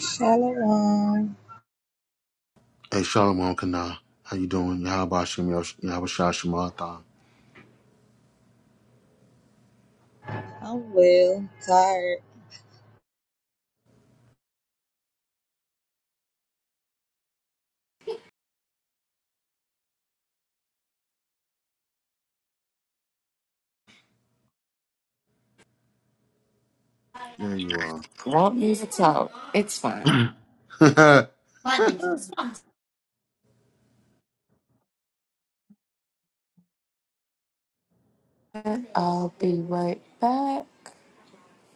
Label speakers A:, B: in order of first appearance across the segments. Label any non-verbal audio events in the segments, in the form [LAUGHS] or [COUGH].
A: Shalom.
B: Hey, Shalom Kana. How you doing? Yahaba Shem Yahaba Shemata.
A: I'm well. Tired.
B: There you are.
C: Won't need to talk. It's fine. I'll be right back.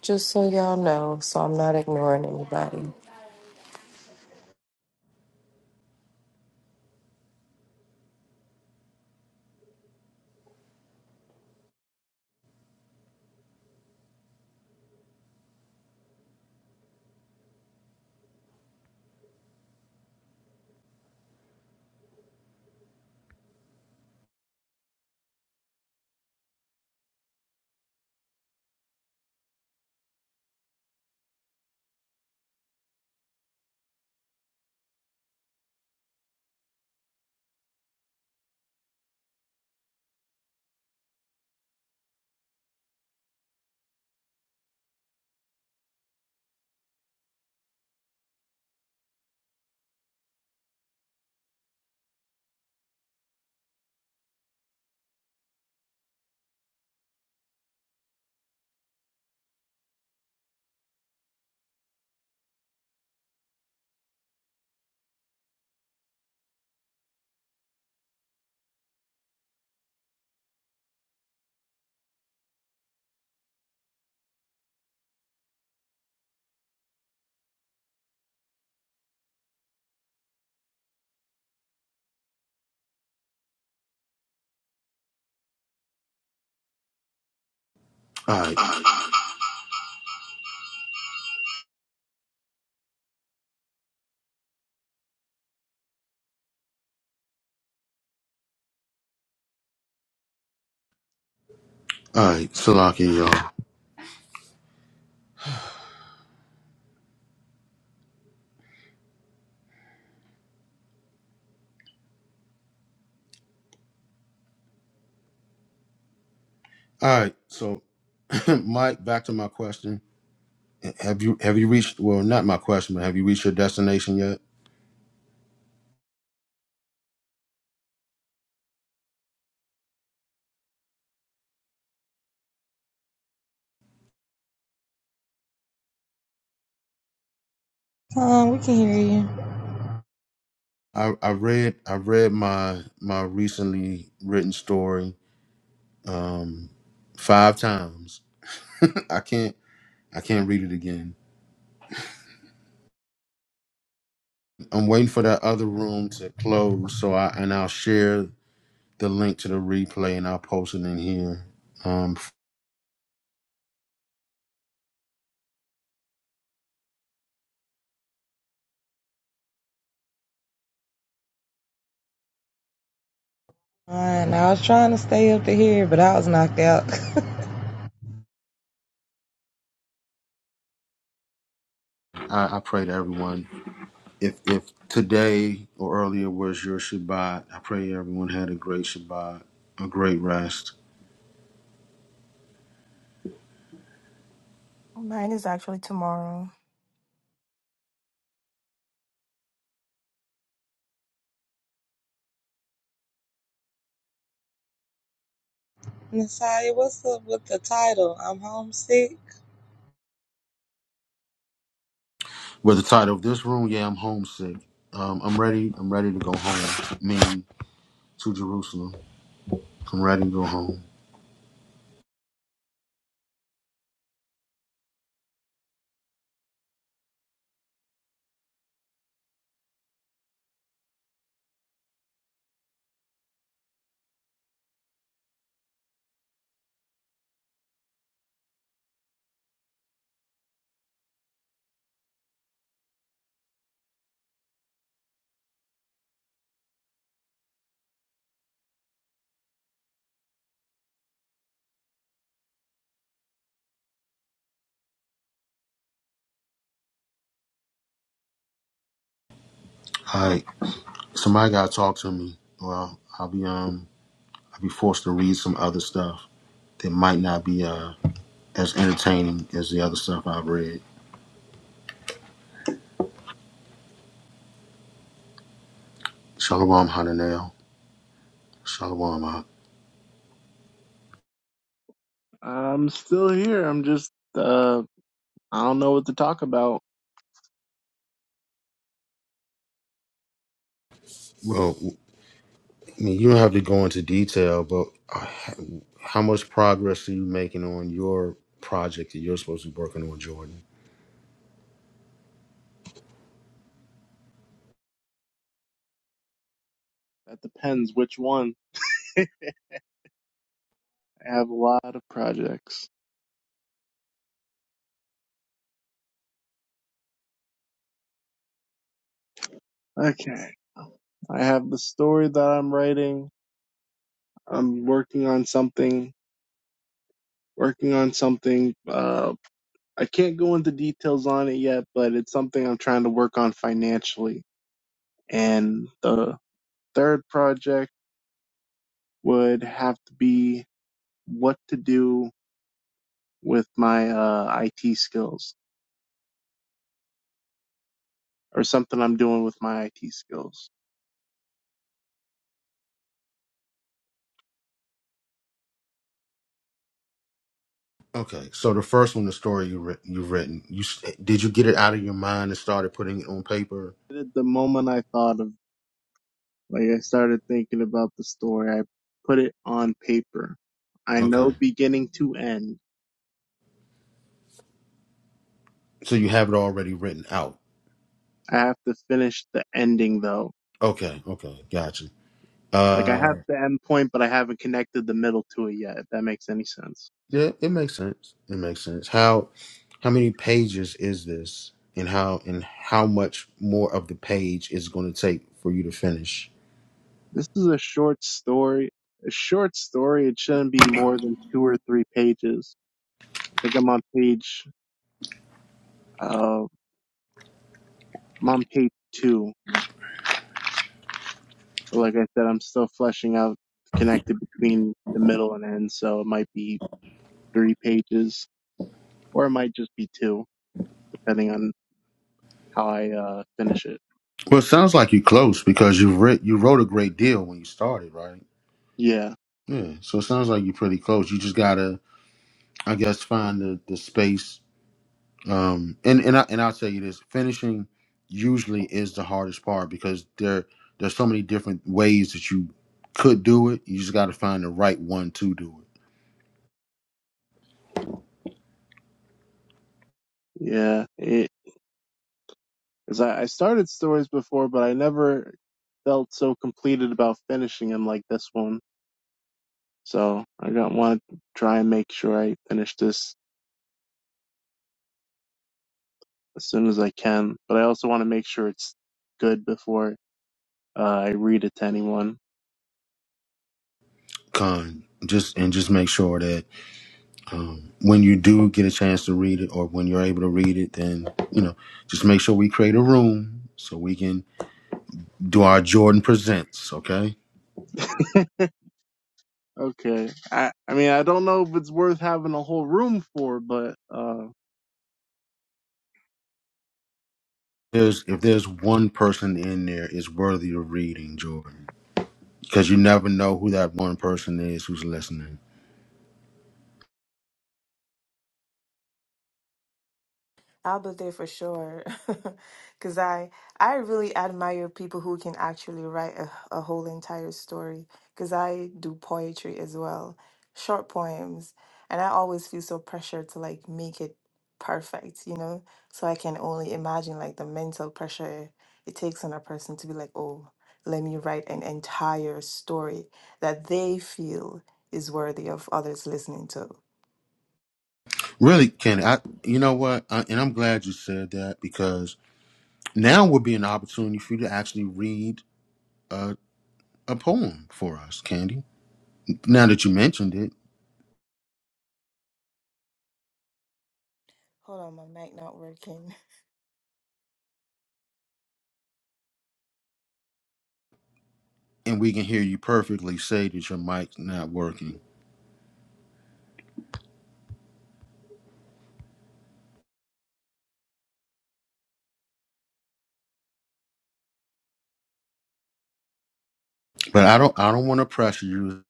C: Just so y'all know, so I'm not ignoring anybody.
B: [COUGHS] [CLEARS THROAT] Alright. Alright. Salaki, y'all. Alright, so [COUGHS] [CLEARS THROAT] Mike, back to my question. Have you have you reached well not my question, but have you reached your destination yet?
A: Tom, we can hear you.
B: I, I read I read my my recently written story um five times. [LAUGHS] I can't I can't read it again. I'm waiting for that other room to close so I and I'll share the link to the replay and I'll post it in here. Um,
A: Fine. I was trying to stay up to here, but I was knocked out.
B: I, I pray to everyone. If if today or earlier was your Shabbat, I pray everyone had a great Shabbat, a great rest.
D: Mine is actually tomorrow.
A: [LAUGHS] Messiah, what's up with the title? I'm homesick.
B: With the title of this room, yeah, I'm homesick. Um, I'm ready. I'm ready to go home. Meaning to Jerusalem. I'm ready to go home. All right, somebody gotta talk to me. Well, I'll be um, I'll be forced to read some other stuff that might not be uh as entertaining as the other stuff I've read. Shalom, Hananel. Shalom. uh,
E: I'm still here. I'm just uh I don't know what to talk about.
B: Well, I mean, you don't have to go into detail, but uh, how much progress are you making on your project that you're supposed to be working on, Jordan?
E: That depends which one. I have a lot of projects. Okay. I have the story that I'm writing. I'm working on something, working on something. Uh I can't go into details on it yet, but it's something I'm trying to work on financially. And the third project would have to be what to do with my uh IT skills. or something I'm doing with my IT skills.
B: Okay, so the first one, the story you writ- you've written, you s- did you get it out of your mind and started putting it on paper?
E: And at the moment I thought of, like, I started thinking about the story, I put it on paper. I
B: Okay,
E: know beginning to end.
B: so you have it already written out.
E: I have to finish the ending though.
B: Okay, okay, gotcha.
E: Like, I have
B: Uh.
E: the end point, but I haven't connected the middle to it yet, if that makes any sense.
B: Yeah, it makes sense. It makes sense. How how many pages is this, and how and how much more of the page is going to take for you to finish?
E: This is a short story. A short story, it shouldn't be more than two or three pages. I think I'm on page, uh, I'm on page two. But like I said, I'm still fleshing out connected between the middle and end, so it might be three pages, or it might just be two, depending on how I uh, finish it.
B: Well, it sounds like you're close because you writ you wrote a great deal when you started, right?
E: Yeah,
B: Yeah. So it sounds like you're pretty close. You just gotta, I guess, find the the space. Um, and and I and I'll tell you this: finishing usually is the hardest part because there there's so many different ways that you could do it. You just got to find the right one to do it.
E: yeah. It, Cause I, I started stories before, but I never felt so completed about finishing them like this one. So I don't want to try and make sure I finish this as soon as I can, but I also want to make sure it's good before uh, I read it to anyone.
B: Con, just and just make sure that um, when you do get a chance to read it, or when you're able to read it, then you know, just make sure we create a room so we can do our Jordan presents. Okay,
E: [LAUGHS] Okay. I I mean I don't know if it's worth having a whole room for, but uh
B: there's if there's one person in there is worthy of reading Jordan, because you never know who that one person is who's listening.
D: I'll be there for sure. [LAUGHS] Cause I I really admire people who can actually write a, a whole entire story. Cause I do poetry as well, short poems, and I always feel so pressured to like make it perfect, you know? So I can only imagine like the mental pressure it takes on a person to be like, "Oh, let me write an entire story that they feel is worthy of others listening to."
B: Really, Kenny, I you know what, I, and I'm glad you said that because now would be an opportunity for you to actually read a, a poem for us, Candy now that you mentioned it,
D: Hold on, my mic not working.
B: and we can hear you perfectly say that your mic's not working. But I don't I don't want to pressure you.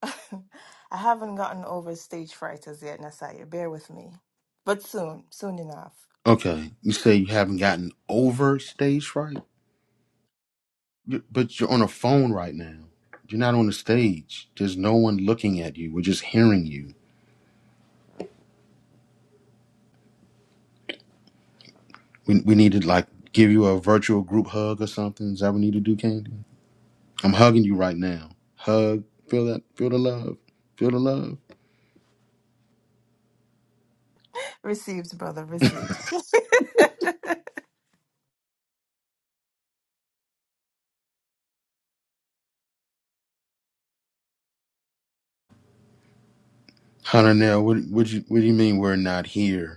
D: [LAUGHS] I haven't gotten over stage fright as yet, Nasaya. Bear with me. But soon, soon enough.
B: Okay, you say you haven't gotten over stage fright, You- but you're on a phone right now. You're not on the stage. There's no one looking at you. We're just hearing you. We we need to like give you a virtual group hug or something. Is that what we need to do, Candy? I'm hugging you right now. Hug. Feel that. Feel the love. Feel the love.
D: Received, brother, received. [LAUGHS]
B: Hunter, now what what you what do you mean we're not here?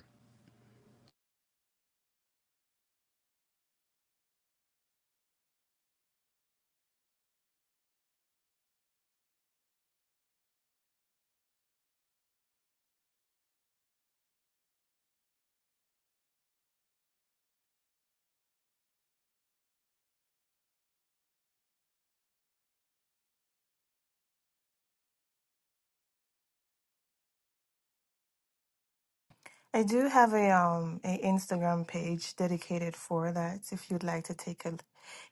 D: I do have a um a Instagram page dedicated for that if you'd like to take a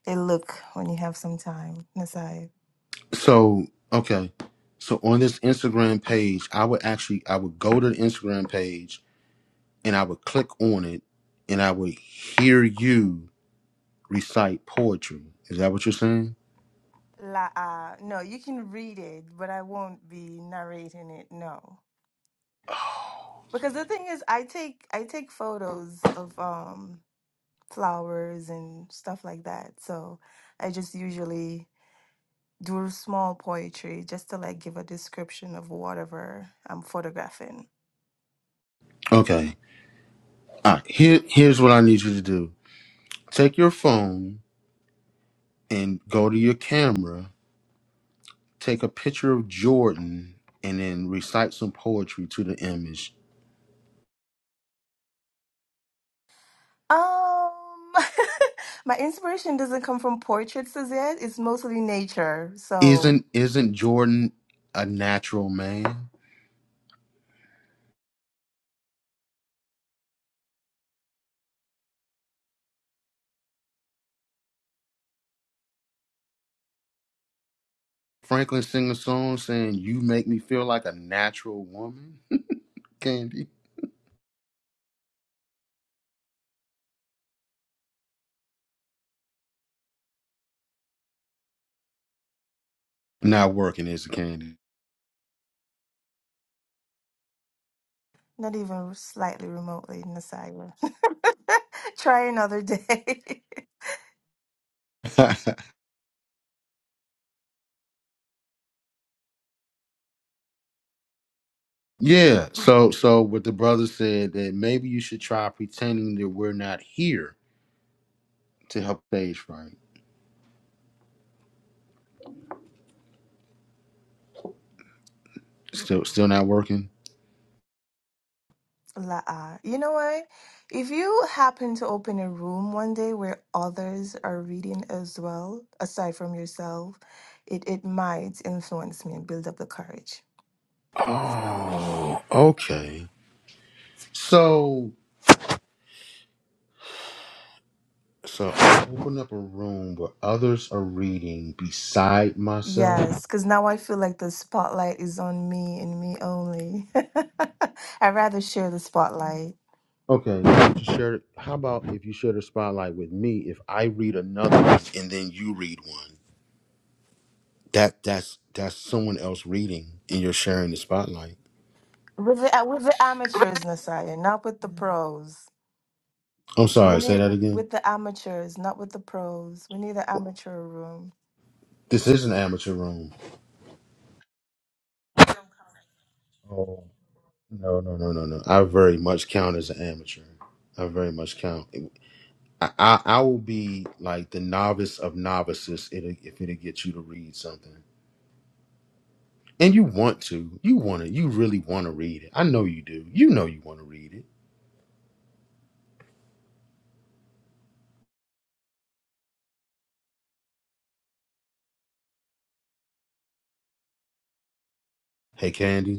D: a look when you have some time, Nasaya.
B: So okay, so on this Instagram page, I would actually I would go to the Instagram page and I would click on it and I would hear you recite poetry. Is that what you're saying?
D: La uh, no, you can read it, but I won't be narrating it, no. Because the thing is I take I take photos of um flowers and stuff like that. So I just usually do small poetry just to like give a description of whatever I'm photographing.
B: Okay. All right. Here here's what I need you to do. Take your phone and go to your camera. Take a picture of Jordan and then recite some poetry to the image.
D: Um [LAUGHS] my inspiration doesn't come from portraits as yet. It's mostly nature. So
B: Isn't isn't Jordan a natural man? Franklin sing a song saying, You make me feel like a natural woman? [LAUGHS] Candy. Not working is a candy.
D: not even slightly remotely Messiah. [LAUGHS] Try another day. [LAUGHS]
B: [LAUGHS] yeah. So so what the brother said that maybe you should try pretending that we're not here to help stage right. Still still not working?
D: La, you know what? If you happen to open a room one day where others are reading as well, aside from yourself, it, it might influence me and build up the courage.
B: Oh, okay. So so I open up a room where others are reading beside myself.
D: Yes, because now I feel like the spotlight is on me and me only. [LAUGHS] I'd rather share the spotlight
B: Okay, to share. How about if you share the spotlight with me? If I read another one and then you read one, that that's that's someone else reading, and you're sharing the spotlight.
D: with the, with the amateurs, Nasaya, not with the pros.
B: I'm
D: We
B: sorry. Say
D: need
B: that again.
D: with the amateurs, not with the pros. We need an amateur room.
B: This is an amateur room. Oh no no no no no! I very much count as an amateur. I very much count. I I, I will be like the novice of novices if it if it'll get you to read something. And you want to. You want to. You really want to read it. I know you do. You know you want to read it. Hey, Candy.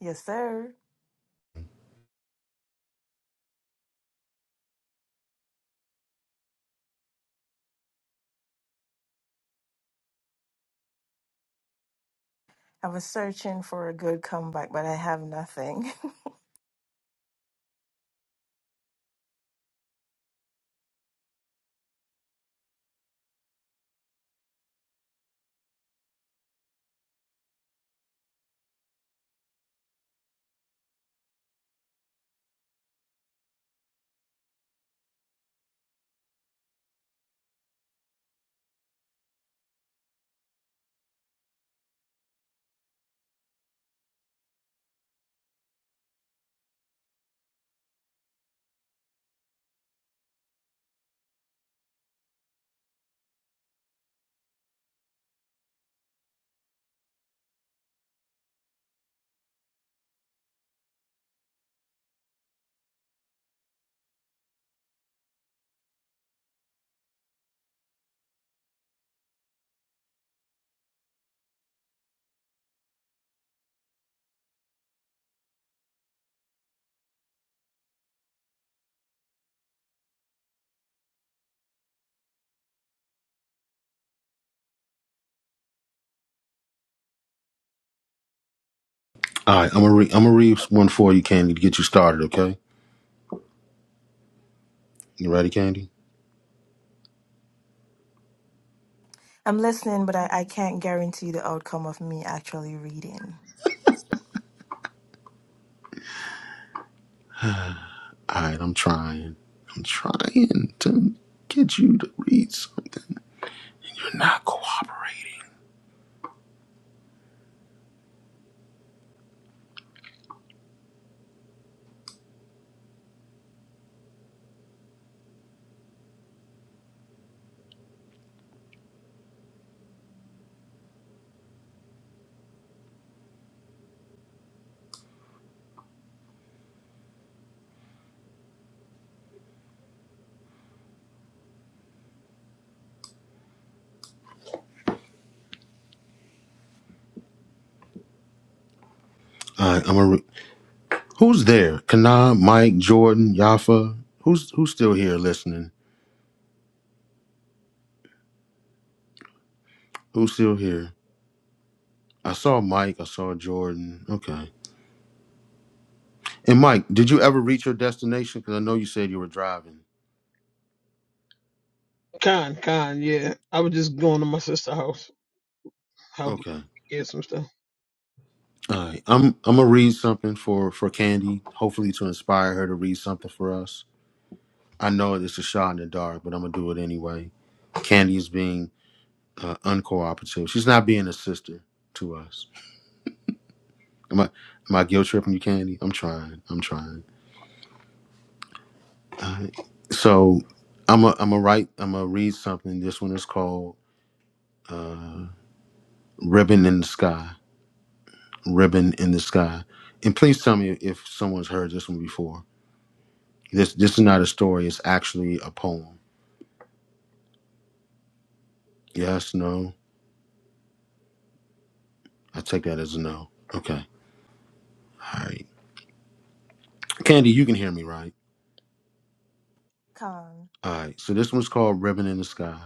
D: Yes, sir. I was searching for a good comeback, but I have nothing.
B: All right, I'm gonna re- I'm gonna read one for you, Candy, to get you started. Okay, you ready, Candy?
D: [LAUGHS] I'm listening, but I, I can't guarantee the outcome of me actually reading.
B: All right, I'm trying. I'm trying to get you to read something. You're not cooperating. All right, I'm gonna. Re- Who's there? Kana, Mike, Jordan, Yafa. Who's who's still here listening? Who's still here? I saw Mike. I saw Jordan. Okay. And Mike, did you ever reach your destination? Because I know you said you were driving.
F: Con, con, yeah. I was just going to my sister's house, help her
B: Okay.
F: get some stuff.
B: All right. I'm I'm gonna read something for for Candy, hopefully to inspire her to read something for us. I know it's a shot in the dark, but I'm gonna do it anyway. Candy is being uh, uncooperative. She's not being a sister to us. Am I am I guilt tripping you, Candy? I'm trying. I'm trying. All right. So I'm a I'm a write. I'm gonna read something. This one is called uh, "Ribbon in the Sky." Ribbon in the sky. And please tell me if someone's heard this one before. This this is not a story. It's actually a poem. Yes. No. I take that as a no. Okay. All right. Candy, you can hear me, right?
D: Con.
B: All right, so this one's called Ribbon in the Sky.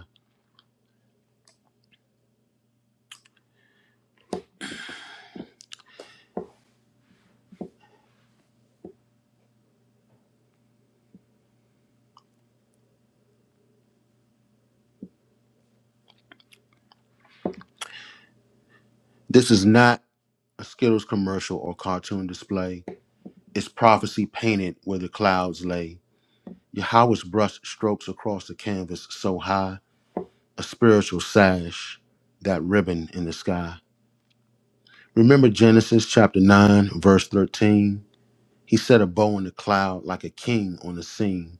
B: This is not a Skittles commercial or cartoon display. It's prophecy painted where the clouds lay. Yahweh's brush strokes across the canvas so high, a spiritual sash, that ribbon in the sky. Remember Genesis chapter 9, verse 13? He set a bow in the cloud like a king on the scene,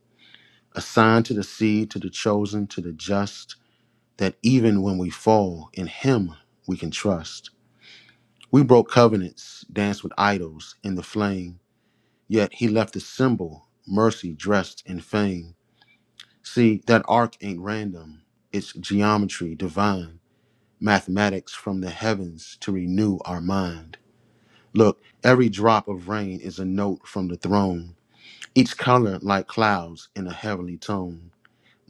B: a sign to the seed, to the chosen, to the just, that even when we fall, in him we can trust. We broke covenants, danced with idols in the flame, yet he left a symbol, mercy dressed in fame. See, that arc ain't random, it's geometry divine, mathematics from the heavens to renew our mind. Look, every drop of rain is a note from the throne, each color like clouds in a heavenly tone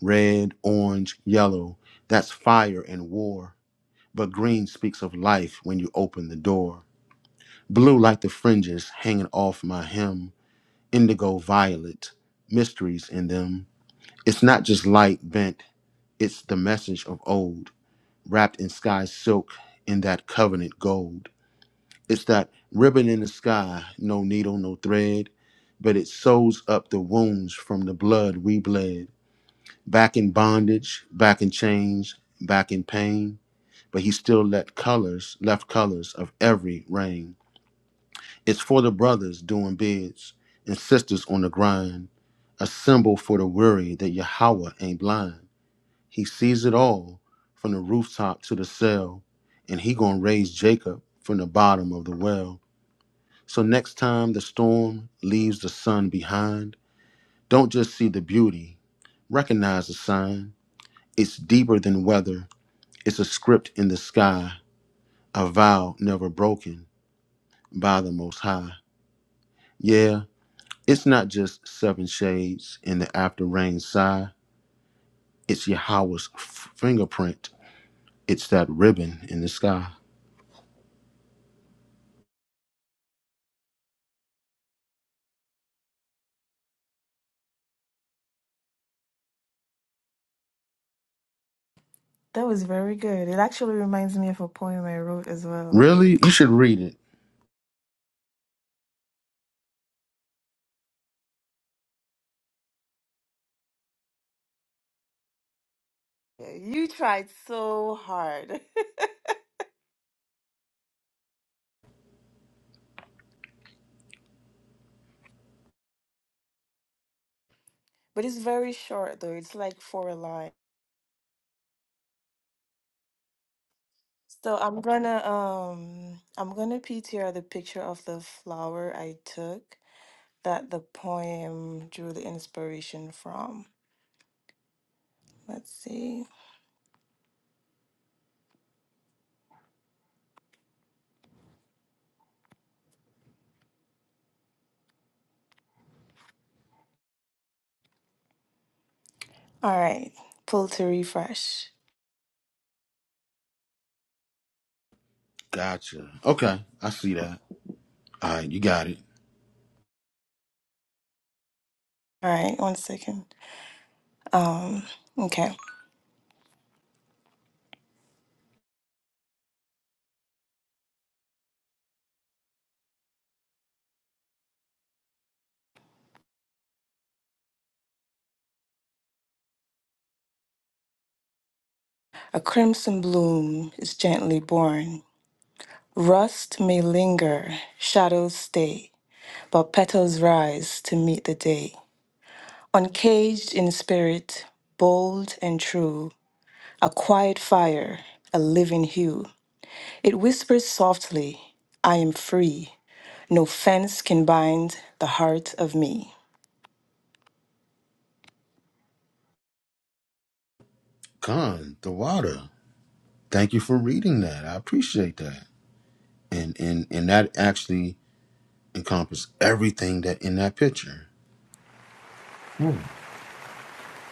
B: red, orange, yellow, that's fire and war. But green speaks of life when you open the door. Blue like the fringes hanging off my hem, indigo violet, mysteries in them. It's not just light bent, it's the message of old, wrapped in sky silk in that covenant gold. It's that ribbon in the sky, no needle, no thread, but it sews up the wounds from the blood we bled. Back in bondage, back in chains, back in pain, but he still let colors, left colors of every rain. It's for the brothers doing bids and sisters on the grind, a symbol for the weary that Yahweh ain't blind. He sees it all from the rooftop to the cell, and he gonna raise Jacob from the bottom of the well. So next time the storm leaves the sun behind, don't just see the beauty, recognize the sign. It's deeper than weather, it's a script in the sky, a vow never broken by the Most High. Yeah. It's not just seven shades in the after rain sigh. It's Yahweh's f- fingerprint. It's that ribbon in the sky.
D: That was very good. It actually reminds me of a poem I wrote as well.
B: Really? You should read it.
D: Yeah, You tried so hard, [LAUGHS] but it's very short though. It's like four lines. So I'm gonna um I'm gonna PTR the picture of the flower I took that the poem drew the inspiration from. Let's see. All right, pull to refresh.
B: Gotcha. Okay, I see that. All right, you got it.
D: All right, one second. Um, okay. A crimson bloom is gently born. Rust may linger, shadows stay, but petals rise to meet the day. Uncaged in spirit, bold and true, a quiet fire, a living hue. It whispers softly, I am free. No fence can bind the heart of me.
B: Con, the water. Thank you for reading that. I appreciate that. And and and that actually encompassed everything that in that picture. Hmm.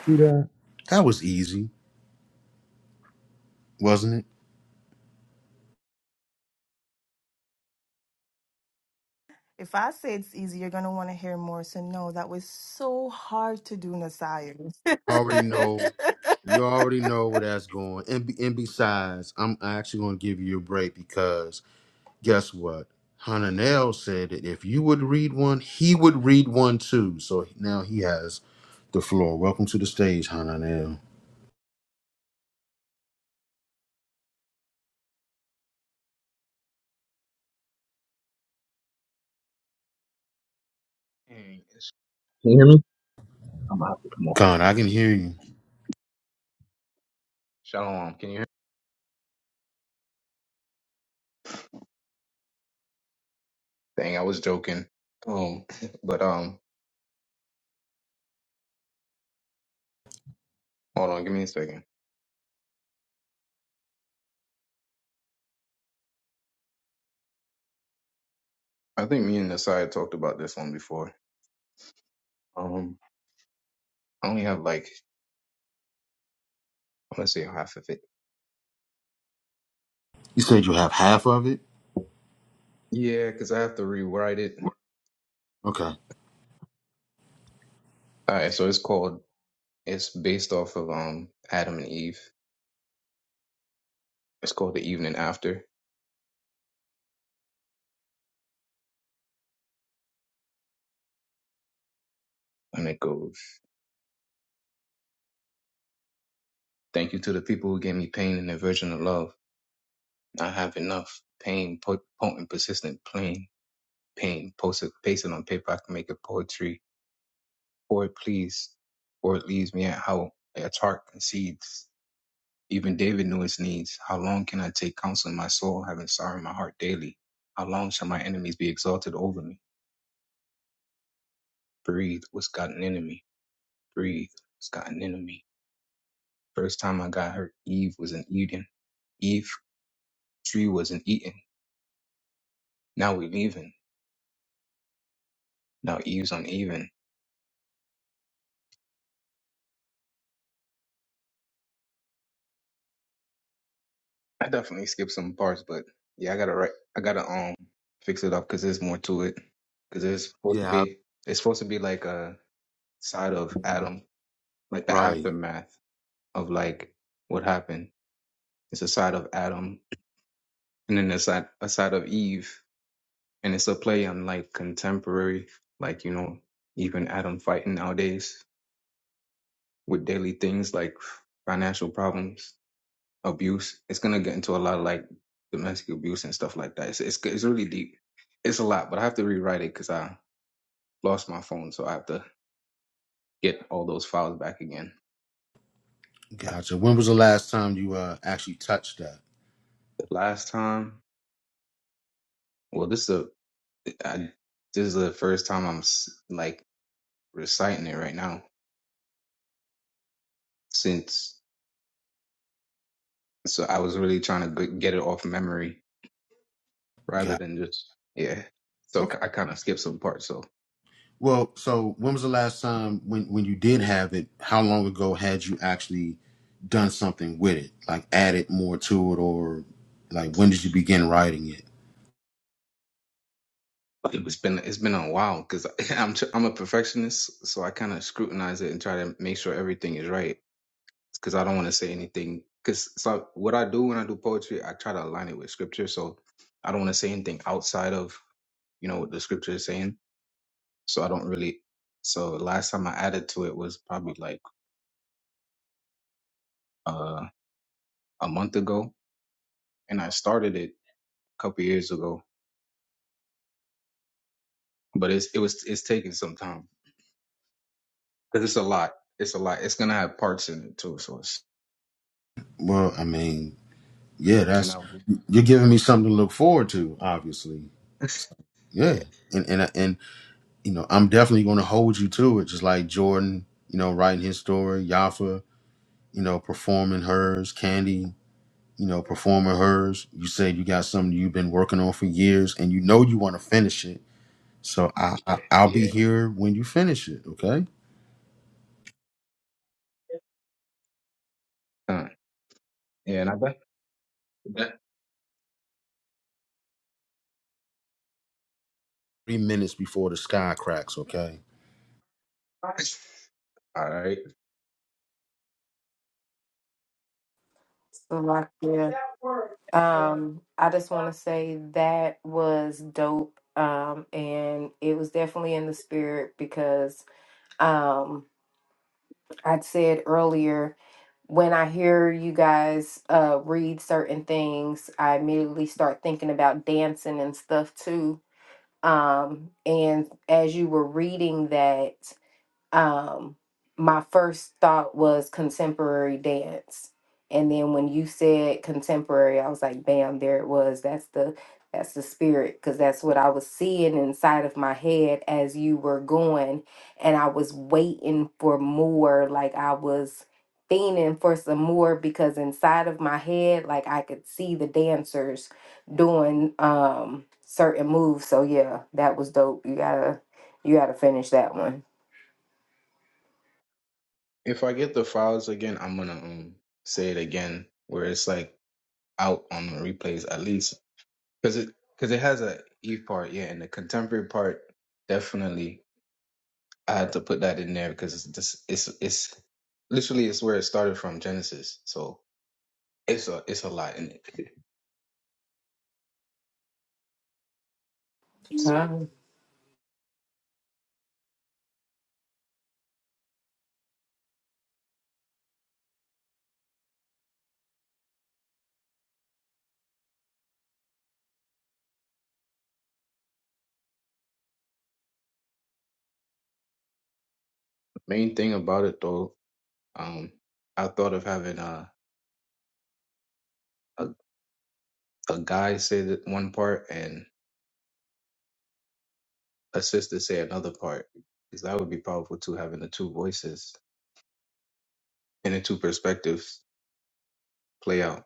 B: See that? That was easy, wasn't it?
D: If I say it's easy, you're gonna want to hear more. So no, that was so hard to do, Nasaya. [LAUGHS]
B: already know you already know where that's going and, be, and besides i'm actually going to give you a break because guess what hananel said that if you would read one he would read one too so now he has the floor welcome to the stage hananel
G: Dang, it's- Can you hear me? I'm gonna have to come off.
B: khan i can hear you
G: Shalom. Can you hear me? Dang, I was joking. Um, [LAUGHS] but um, hold on, give me a second. I think me and Nasai talked about this one before. Um, I only have like I want to say half of it.
B: you said you have half of it
G: Yeah, because I have to rewrite it.
B: okay
G: All right, so it's called. It's based off of um Adam and Eve. It's called The Evening After, and it goes. Thank you to the people who gave me pain and aversion of love. I have enough pain, po- potent, persistent, plain. paint, post it, paste it on paper. I can make it poetry, or it please, or it leaves me at how its heart concedes. Even David knew his needs. How long can I take counsel in my soul, having sorrow in my heart daily? How long shall my enemies be exalted over me? Breathe, what's got an enemy? Breathe, what's got an enemy? First time I got hurt, Eve was in Eden. Eve tree wasn't eaten. Now we leaving. Now Eve's uneven. I definitely skipped some parts, but yeah, I gotta write. I gotta um fix it up because there's more to it. Because it's supposed to
B: yeah
G: be. It's supposed to be like a side of Adam, like the
B: right
G: aftermath of like what happened. It's a side of Adam, and then a side a side of Eve, and it's a play on like contemporary, like you know, even Adam fighting nowadays with daily things like financial problems abuse. It's gonna get into a lot of like domestic abuse and stuff like that. It's it's, it's really deep. It's a lot, but I have to rewrite it because I lost my phone, so I have to get all those files back again.
B: gotcha when was the last time you uh actually touched that
G: The last time, well, this is a I, this is the first time I'm like reciting it right now since so I was really trying to get it off memory rather
B: gotcha
G: than just yeah. So I kind of skipped some parts. So.
B: Well, so when was the last time when when you did have it? How long ago had you actually done something with it? Like added more to it, or like when did you begin writing it?
G: It's been it's been a while because [LAUGHS] I'm tr- I'm a perfectionist, so I kind of scrutinize it and try to make sure everything is right because I don't want to say anything. Because so what I do when I do poetry, I try to align it with scripture, so I don't want to say anything outside of you know what the scripture is saying. So I don't really. So last time I added to it was probably like uh, a month ago, and I started it a couple years ago, but it's it was it's taking some time because it's a lot. It's a lot. It's gonna have parts in it too, so it's
B: Well, I mean, yeah,
G: you
B: that's
G: know.
B: you're giving me something to look forward to, obviously.
G: [LAUGHS] Yeah.
B: Yeah, and and and you know, I'm definitely going to hold you to it, just like Jordan, you know, writing his story, Yafa, you know, performing hers, Candy. You know, performing hers. You said you got something you've been working on for years, and you know you want to finish it So I, I I'll
G: yeah
B: be here when you finish it, okay?
G: uh, yeah and i got that
B: Three minutes before the sky cracks, okay?
G: [LAUGHS] all right
C: So like, yeah. Um, I just want to say that was dope. Um, and it was definitely in the spirit because um, I'd said earlier when I hear you guys uh read certain things, I immediately start thinking about dancing and stuff too. Um, and as you were reading that, um my first thought was contemporary dance and then when you said contemporary i was like bam there it was that's the that's the spirit because that's what i was seeing inside of my head as you were going and i was waiting for more like i was fiending for some more because inside of my head like i could see the dancers doing um certain moves so yeah that was dope you gotta you gotta finish that one
G: if i get the files again i'm gonna um say it again where it's like out on the replays at least because it because it has a e part yeah and the contemporary part definitely I had to put that in there because it's just it's it's literally it's where it started from Genesis. So it's a it's a lot in it. [LAUGHS] Main thing about it though, um, I thought of having a a, a guy say that one part and a sister say another part because that would be powerful too, having the two voices and the two perspectives play out.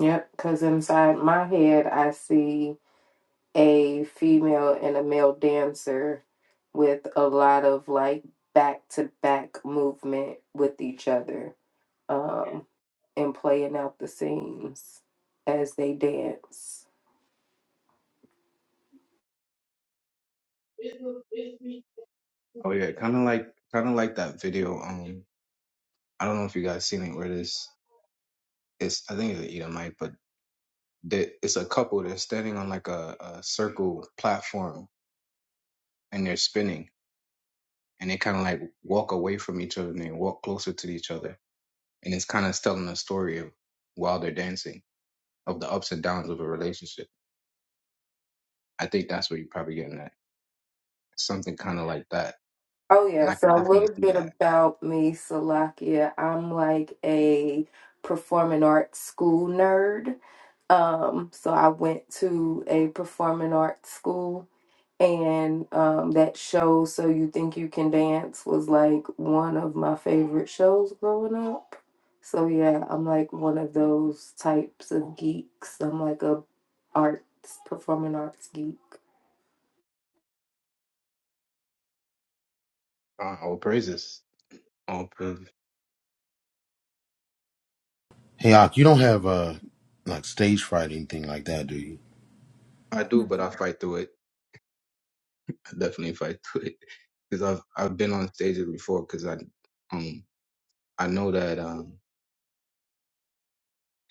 C: Yep, because inside my head, I see a female and a male dancer with a lot of like back to back movement with each other um, and playing out the scenes as they dance.
G: Oh yeah, kind of like kind of like that video. Um, I don't know if you guys seen it where this it's I think it's an Edomite, but that it's a couple that's standing on like a, a circle platform and they're spinning and they kind of like walk away from each other and they walk closer to each other and it's kind of telling a story of while they're dancing of the ups and downs of a relationship i think that's what you're probably getting at something kind of like that
C: Oh,
G: and
C: yeah,
G: i could
C: so a
G: definitely
C: little
G: see
C: bit
G: that
C: about me, Salakia. I'm like a performing arts school nerd. Um, so I went to a performing arts school and um, that show so you think you can dance was like one of my favorite shows growing up so yeah i'm like one of those types of geeks i'm like a arts performing arts geek
G: uh, all praises all praises
B: Hey Ak, you don't have uh like stage fright or anything like that, do you?
G: i do but i fight through it i definitely fight through it because i've i've been on stages before because i um i know that um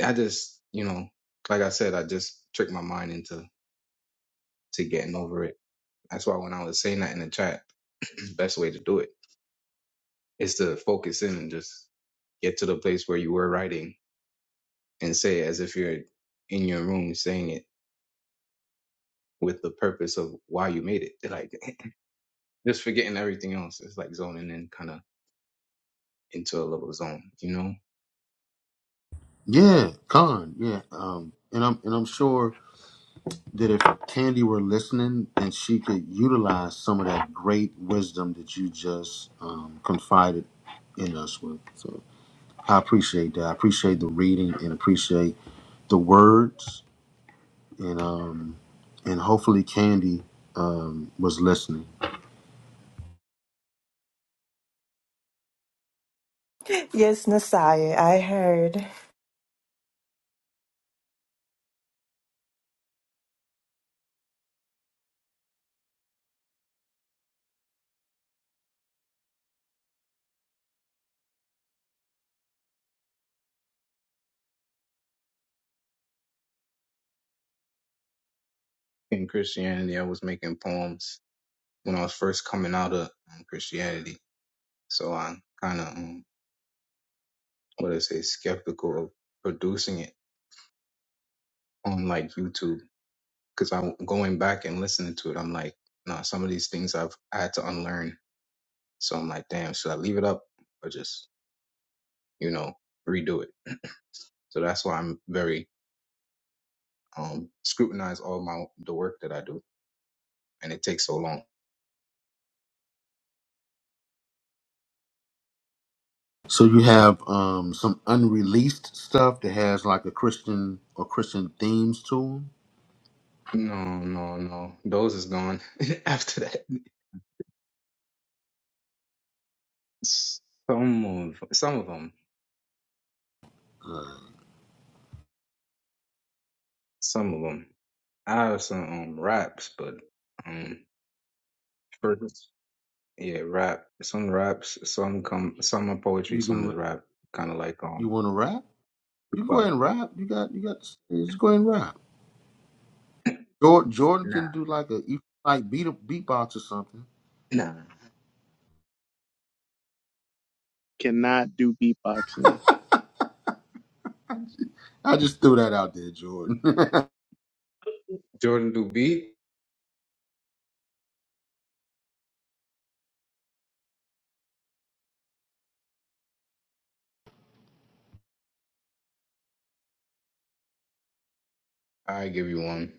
G: I just, you know, like I said, I just tricked my mind into to getting over it. That's why when I was saying that in the chat, [CLEARS THROAT] best way to do it is to focus in and just get to the place where you were writing and say it as if you're in your room saying it with the purpose of why you made it. Like [CLEARS THROAT] [LAUGHS] just forgetting everything else. It's like zoning in kind of into a little zone, you know?
B: Yeah, con, yeah. Um and I'm and I'm sure that if Candy were listening and she could utilize some of that great wisdom that you just um confided in us with. So I appreciate that. I appreciate the reading and appreciate the words and um and hopefully Candy um was listening.
D: yes, Nasaya, I heard.
G: In Christianity, I was making poems when I was first coming out of um, Christianity. So I kind of what I say, skeptical of producing it on like YouTube because I'm going back and listening to it. I'm like, nah, some of these things I've I had to unlearn. So I'm like, damn, should I leave it up or just you know redo it? So that's why I'm very um scrutinize all my the work that I do, and it takes so long.
B: So you have um, some unreleased stuff that has like a Christian or Christian themes to them.
G: No, no, no, those is gone [LAUGHS] after that. Some of some of them, some of them. I have some um, raps, but um, for. Yeah, rap. Some raps, some come, some are poetry,
B: You
G: some
B: can
G: is
B: rap.
G: rap. Kind of like
B: you
G: um,
B: want to rap? You can go
G: but
B: ahead and rap. You got you got the stage. Just go ahead and rap. Jordan, Jordan
G: nah,
B: can do like a like beat beatbox or something.
G: nah.
E: cannot do beatboxing.
B: I just threw that out there, Jordan. [LAUGHS]
G: Jordan do beat. I give you one.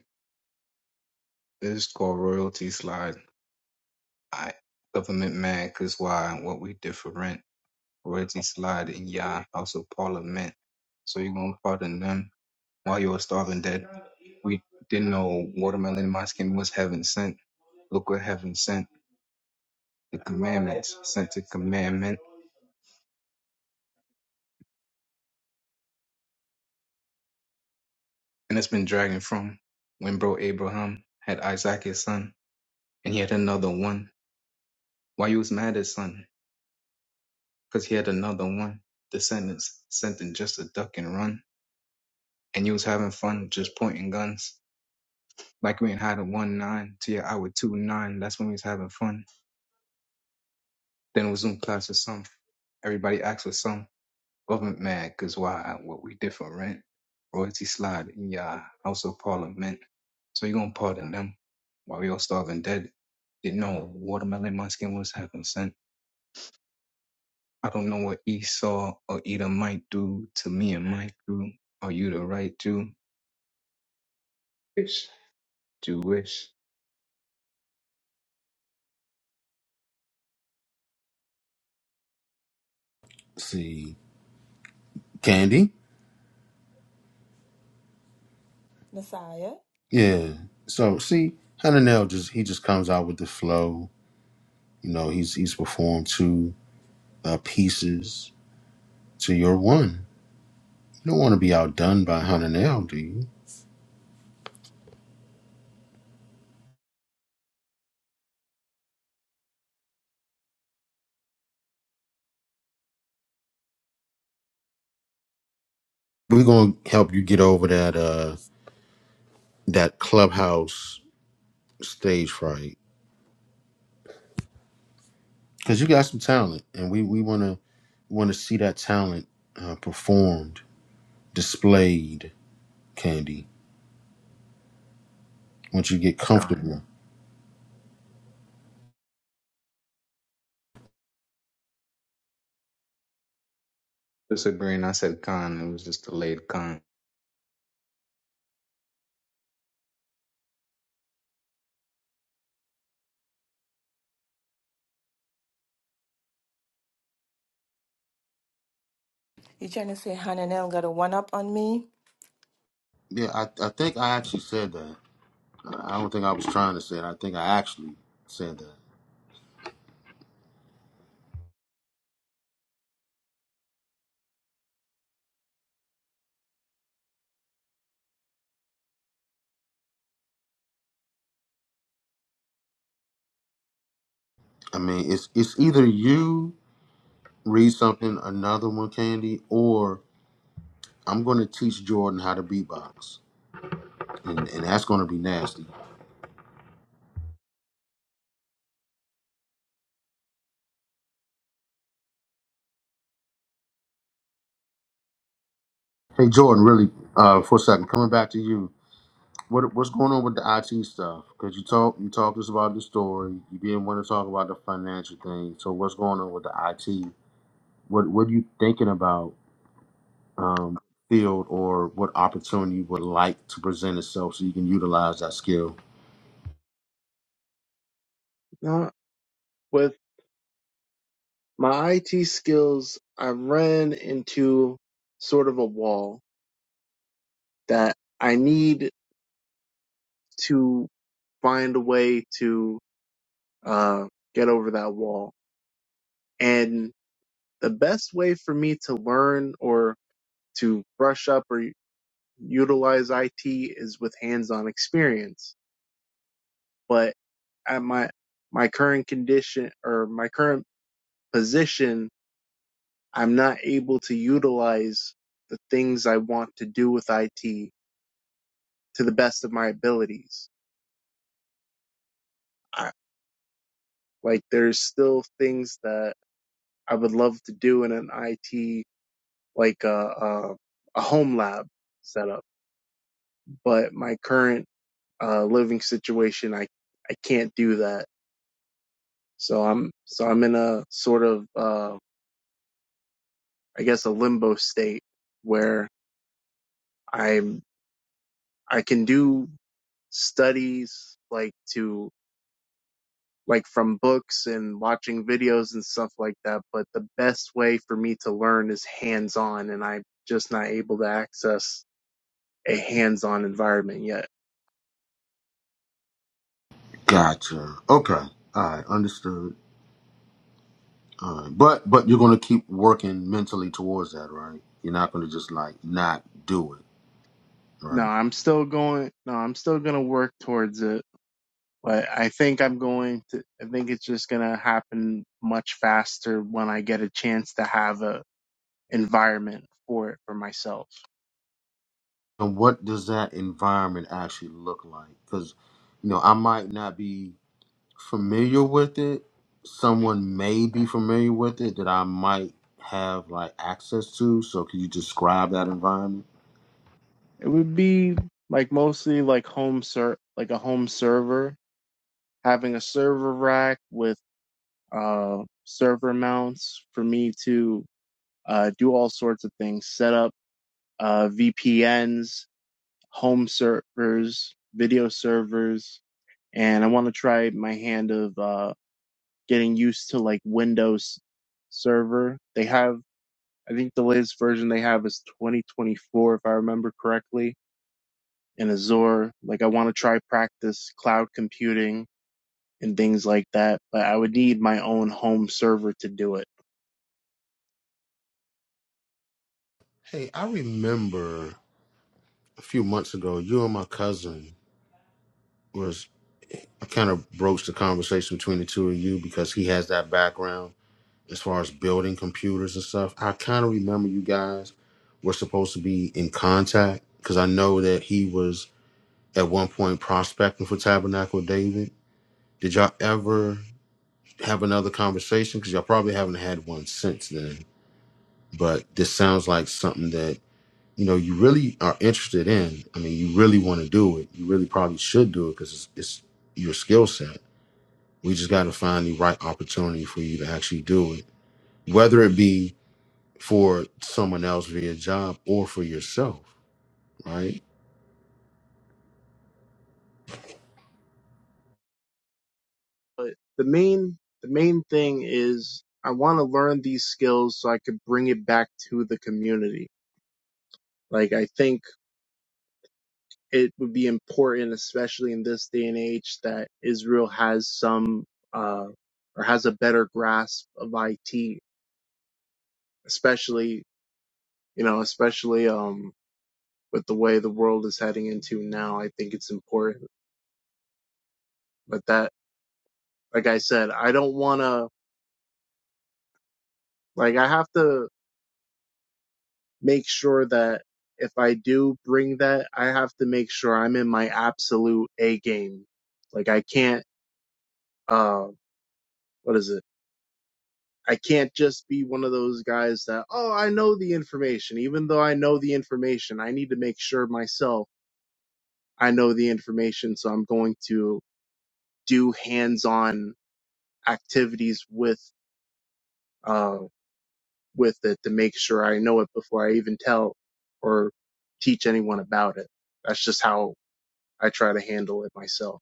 G: This is called royalty slide. I government man, cause why? What we different? Royalty slide and yeah, also parliament. So you gonna pardon them while you were starving dead? We didn't know watermelon in my skin was heaven sent. Look what heaven sent. The commandments sent to commandment. and it's been dragging from when bro Abraham had Isaac his son, and he had another one. Why you was mad at son? Cause he had another one. Descendants sent him just a duck and run, and you was having fun just pointing guns. Like we ain't had a one nine to your hour two nine. That's when we was having fun. Then it was Zoom class with some. Everybody asked for some. Government mad because why? What we different? right? Royalty slide in your House of Parliament. So you gonna pardon them while we all starving dead? Didn't know watermelon my skin was having sent. I don't know what Esau or Edom might do to me and my crew. Are you the right Jew? Ish. Jewish.
B: see, Candy.
D: Nasaya,
B: Yeah. So see, Hananel just he just comes out with the flow. You know, he's he's performed two uh, pieces to your one. You don't want to be outdone by Hananel, do you? We're gonna help you get over that uh that clubhouse stage fright because you got some talent, and we we wanna wanna see that talent uh, performed, displayed, Candy. Once you get
G: Con.
B: comfortable.
G: Disagreeing. I said con. It was just delayed con.
D: you trying to say Hananel got a one up on me?
B: Yeah, I I think I actually said that. I I don't think I was trying to say it. I think I actually said that. I mean, it's it's either you read something, another one, Candy, or I'm gonna teach Jordan how to beatbox, and, and that's gonna be nasty. Hey Jordan, really, uh, for a second, coming back to you. What what's going on with the IT stuff? Because you talk you talked us about the story. You didn't want to talk about the financial thing. So what's going on with the IT? What what are you thinking about um, field or what opportunity you would like to present itself so you can utilize that skill?
E: Not with my IT skills, I ran into sort of a wall that I need to find a way to uh get over that wall. And the best way for me to learn or to brush up or utilize IT is with hands-on experience but at my my current condition or my current position, I'm not able to utilize the things I want to do with IT to the best of my abilities. I, like there's still things that I would love to do in an IT like a a, a home lab setup, but my current uh, living situation, I I can't do that. So I'm so I'm in a sort of uh, I guess a limbo state where I'm I can do studies like to like from books and watching videos and stuff like that, but the best way for me to learn is hands on and I'm just not able to access a hands on environment yet.
B: Gotcha. Okay. All right. Understood. All right. But but you're gonna keep working mentally towards that, right? You're not gonna just like not do it,
E: No,
B: right?
E: I'm still going no, I'm still gonna work towards it. But I think I'm going to I think it's just gonna happen much faster when I get a chance to have a environment for it for myself.
B: and what does that environment actually look like because you know i might not be familiar with it someone may be familiar with it that i might have like access to so can you describe that environment
E: It would be like mostly like home ser like a home server, having a server rack with uh server mounts for me to uh do all sorts of things, set up uh VPNs, home servers, video servers, and I want to try my hand of uh getting used to like Windows server. They have I think the latest version they have is 2024 if I remember correctly In Azure. Like I want to try practice cloud computing and things like that, but I would need my own home server to do it.
B: hey i remember a few months ago you and my cousin was i kind of broached the conversation between the two of you because he has that background as far as building computers and stuff. I kind of remember you guys were supposed to be in contact because I know that he was at one point prospecting for Tabernacle David. Did y'all ever have another conversation? Because y'all probably haven't had one since then. But this sounds like something that you know you really are interested in. I mean, you really want to do it. You really probably should do it because it's, it's your skill set. We just got to find the right opportunity for you to actually do it, whether it be for someone else via job or for yourself, right?
E: But the main the main thing is I want to learn these skills so I could bring it back to the community. Like I think it would be important, especially in this day and age, that Israel has some uh, or has a better grasp of IT, especially you know, especially um with the way the world is heading into now, I think it's important. But that, like I said, I don't want to, like, I have to make sure that if I do bring that, I have to make sure I'm in my absolute A game. Like, I can't, uh, what is it? I can't just be one of those guys that, oh, I know the information. Even though I know the information, I need to make sure myself I know the information. So I'm going to do hands on activities with uh, with it to make sure I know it before I even tell or teach anyone about it. That's just how I try to handle it myself.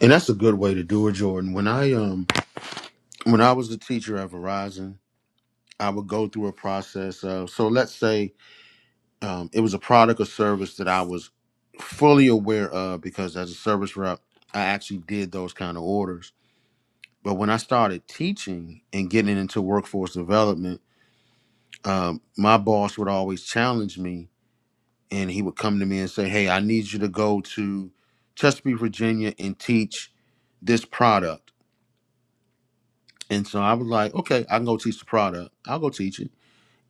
B: And that's a good way to do it, Jordan. When I um when I was a teacher at Verizon, I would go through a process of so let's say um, it was a product or service that I was fully aware of because as a service rep, I actually did those kind of orders. But when I started teaching and getting into workforce development, um, my boss would always challenge me and he would come to me and say, "Hey, I need you to go to Chesapeake, Virginia, and teach this product." And so I was like, "Okay, I can go teach the product. I'll go teach it."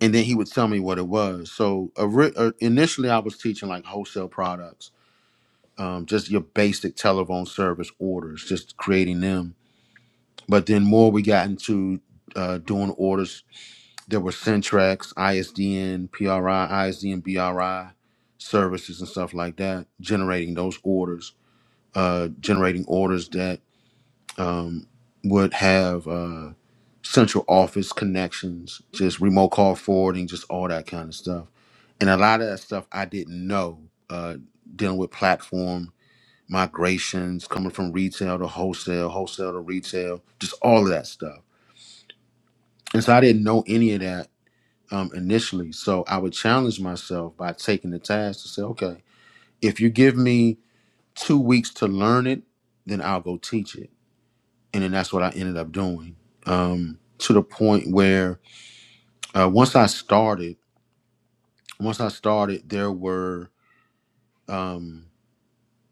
B: And then he would tell me what it was. So ori- uh, initially, I was teaching like wholesale products, um, just your basic telephone service orders, just creating them. But then more we got into uh, doing orders. There were Centrex, ISDN, PRI, ISDN, BRI services and stuff like that, generating those orders uh, generating orders that um, would have uh, central office connections, just remote call forwarding, just all that kind of stuff. And a lot of that stuff I didn't know, uh, dealing with platform migrations, coming from retail to wholesale, wholesale to retail, just all of that stuff. And so I didn't know any of that um, initially. So I would challenge myself by taking the task to say, okay, if you give me two weeks to learn it, then I'll go teach it and then that's what I ended up doing. Um, to the point where uh, once I started, once I started, there were um,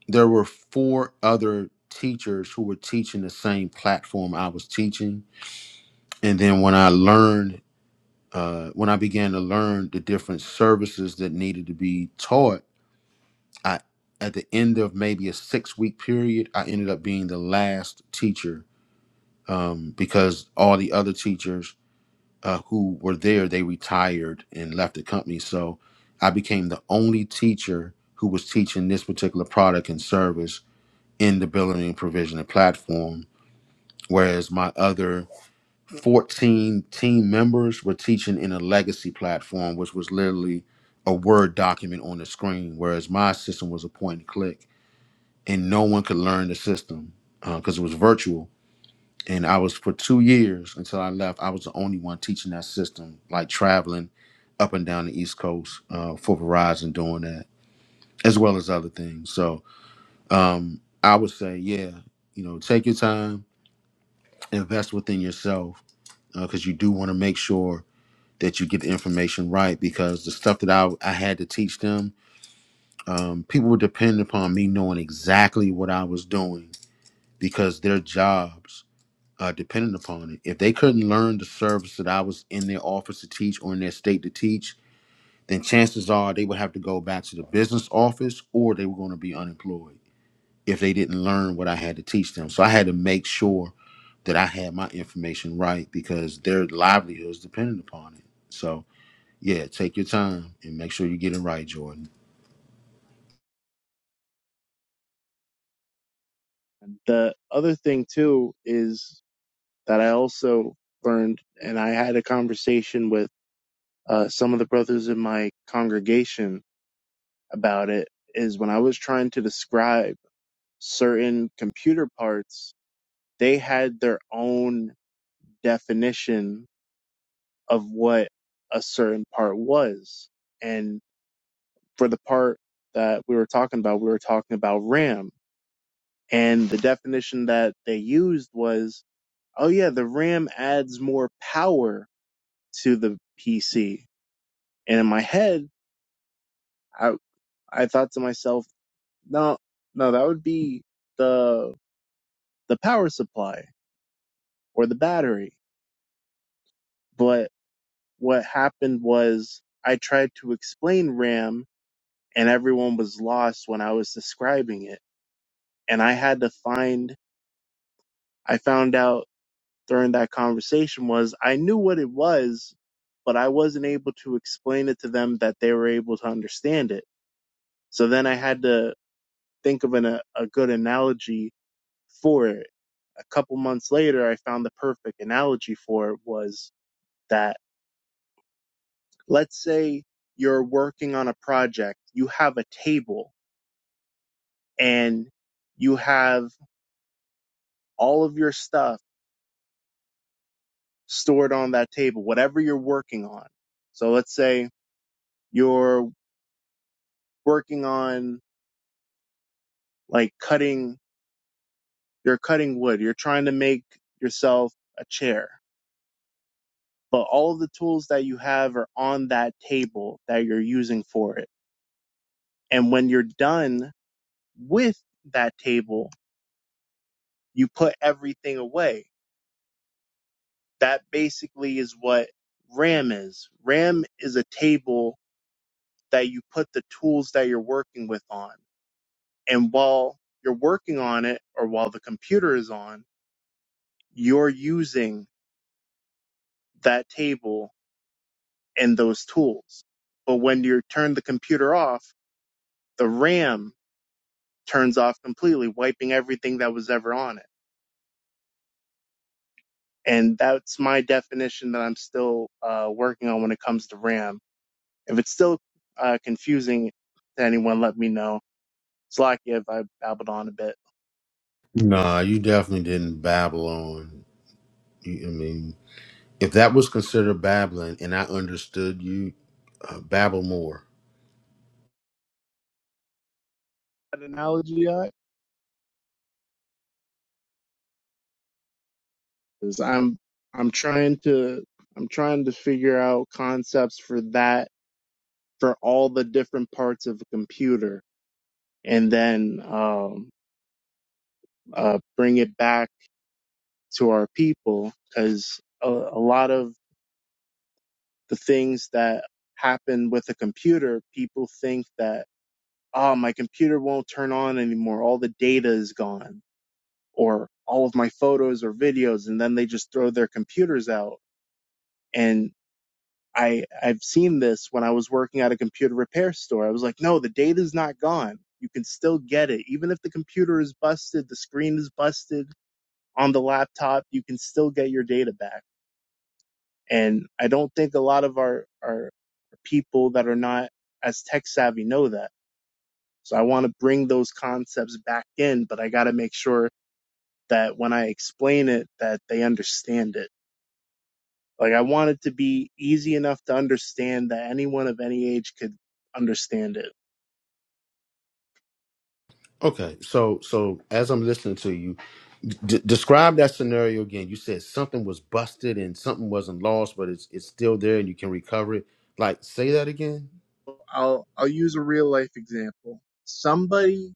B: there were four other teachers who were teaching the same platform I was teaching, and then when I learned. Uh, when I began to learn the different services that needed to be taught, I at the end of maybe a six week period, I ended up being the last teacher um, because all the other teachers uh, who were there, they retired and left the company. So I became the only teacher who was teaching this particular product and service in the billing and provision and platform. Whereas my other 14 team members were teaching in a legacy platform, which was literally a Word document on the screen, whereas my system was a point and click, and no one could learn the system because it was virtual and I was for two years until I left. I was the only one teaching that system, like traveling up and down the East Coast uh, for Verizon, doing that as well as other things. So um, I would say, yeah, you know, take your time, invest within yourself, because you do want to make sure that you get the information right. Because the stuff that I I had to teach them, um, people were depend upon me knowing exactly what I was doing because their jobs. uh, dependent upon it. If they couldn't learn the service that I was in their office to teach or in their state to teach, then chances are they would have to go back to the business office or they were going to be unemployed if they didn't learn what I had to teach them. So I had to make sure that I had my information right because their livelihood is dependent upon it. So yeah, take your time and make sure you get it right, Jordan.
E: And the other thing too is that I also learned and I had a conversation with uh, some of the brothers in my congregation about it is when I was trying to describe certain computer parts, they had their own definition of what a certain part was. and for the part that we were talking about, we were talking about RAM. And the definition that they used was, oh yeah, the RAM adds more power to the PC. And in my head, I, I thought to myself, no, no, that would be the, the power supply or the battery. But what happened was I tried to explain RAM and everyone was lost when I was describing it. And I had to find, I found out during that conversation was I knew what it was, but I wasn't able to explain it to them that they were able to understand it. So then I had to think of an, a, a good analogy for it. A couple months later, I found the perfect analogy for it was that let's say you're working on a project, you have a table and you have all of your stuff stored on that table, whatever you're working on. So let's say you're working on like cutting you're cutting wood you're trying to make yourself a chair but all of the tools that you have are on that table that you're using for it and when you're done with that table you put everything away that basically is what ram is ram is a table that you put the tools that you're working with on and while you're working on it or while the computer is on you're using that table and those tools. But when you turn the computer off, the RAM turns off completely, wiping everything that was ever on it. And that's my definition that I'm still uh, working on when it comes to RAM. If it's still uh, confusing to anyone, let me know. It's lucky if I babbled on a bit.
B: Nah, you definitely didn't babble on. You, I mean, if that was considered babbling and I understood you, uh, babble more
E: That analogy, I, is I'm I'm trying to I'm trying to figure out concepts for that for all the different parts of a computer, and then um, uh, bring it back to our people because a, a lot of the things that happen with a computer, people think that, oh, my computer won't turn on anymore. All the data is gone or all of my photos or videos. And then they just throw their computers out. And I, I've seen this when I was working at a computer repair store. I was like, no, the data's not gone. You can still get it. Even if the computer is busted, the screen is busted on the laptop, you can still get your data back And I don't think a lot of our, our people that are not as tech savvy know that. So I want to bring those concepts back in, but I got to make sure that when I explain it, that they understand it. Like I want it to be easy enough to understand that anyone of any age could understand it.
B: Okay, so so as I'm listening to you, d- describe that scenario again. You said something was busted and something wasn't lost, but it's it's still there and you can recover it. Like say that again.
E: I'll, I'll use a real life example. Somebody,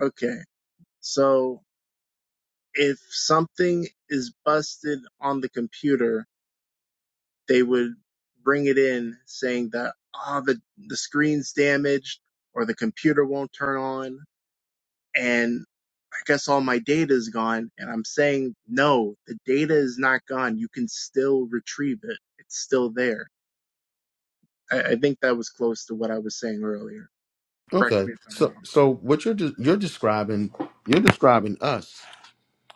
E: okay. So if something is busted on the computer, they would bring it in saying that ah the the screen's damaged or the computer won't turn on and I guess all my data is gone and I'm saying no the data is not gone you can still retrieve it it's still there I, I think that was close to what I was saying earlier correct
B: Okay,
E: me if I'm
B: so
E: wrong
B: so what you're de- you're describing you're describing us.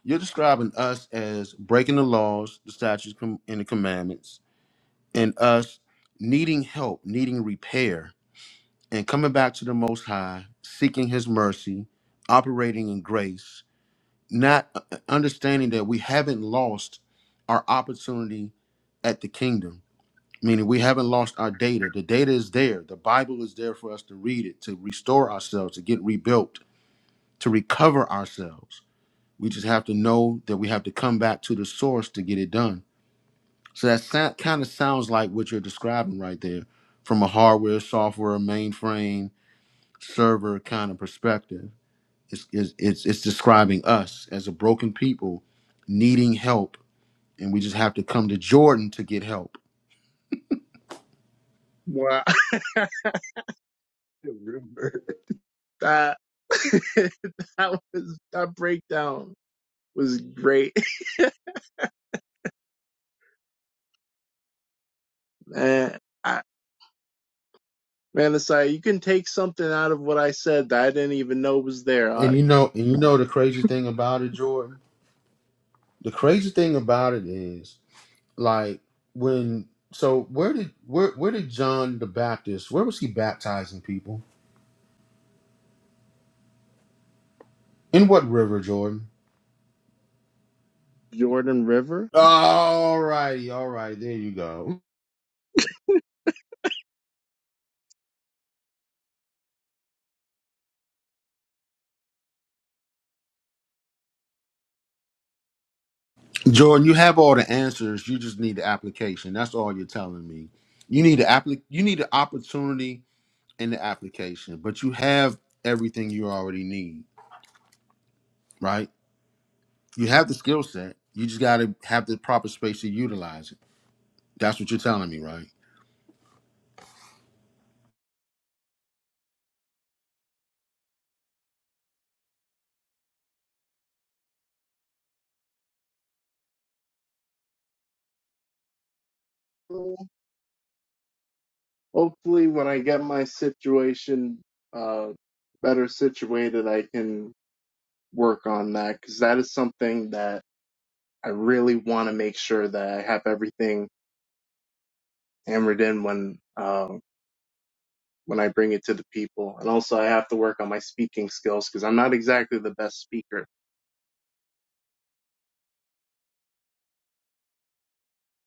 B: You're describing us as breaking the laws, the statutes, com- and the commandments, and us needing help, needing repair, and coming back to the Most High, seeking His mercy, operating in grace not uh, uh, understanding that we haven't lost our opportunity at the kingdom meaning we haven't lost our data the data is there the bible is there for us to read it to restore ourselves to get rebuilt to recover ourselves we just have to know that we have to come back to the source to get it done so that sound, kind of sounds like what you're describing right there from a hardware software mainframe server kind of perspective it's, it's, it's, it's describing us as a broken people needing help, and we just have to come to Jordan to get help.
E: wow [LAUGHS]
G: Remember.
E: that [LAUGHS] that was that breakdown was great [LAUGHS] man I, Man, Asai, you can take something out of what I said that I didn't even know was there.
B: And
E: Uh,
B: you know, and you know the crazy thing about it, Jordan. The crazy thing about it is, like, when so where did where where did John the Baptist? Where was he baptizing people? In what river, Jordan?
E: Jordan River.
B: All righty, all right, there you go. Jordan, you have all the answers. You just need the application. That's all you're telling me. You need an applic- You need an opportunity in the application, but you have everything you already need, right? You have the skill set. You just got to have the proper space to utilize it. That's what you're telling me, right?
E: Hopefully, when I get my situation uh, better situated, I can work on that because that is something that I really want to make sure that I have everything hammered in when um, when I bring it to the people. And also, I have to work on my speaking skills because I'm not exactly the best speaker.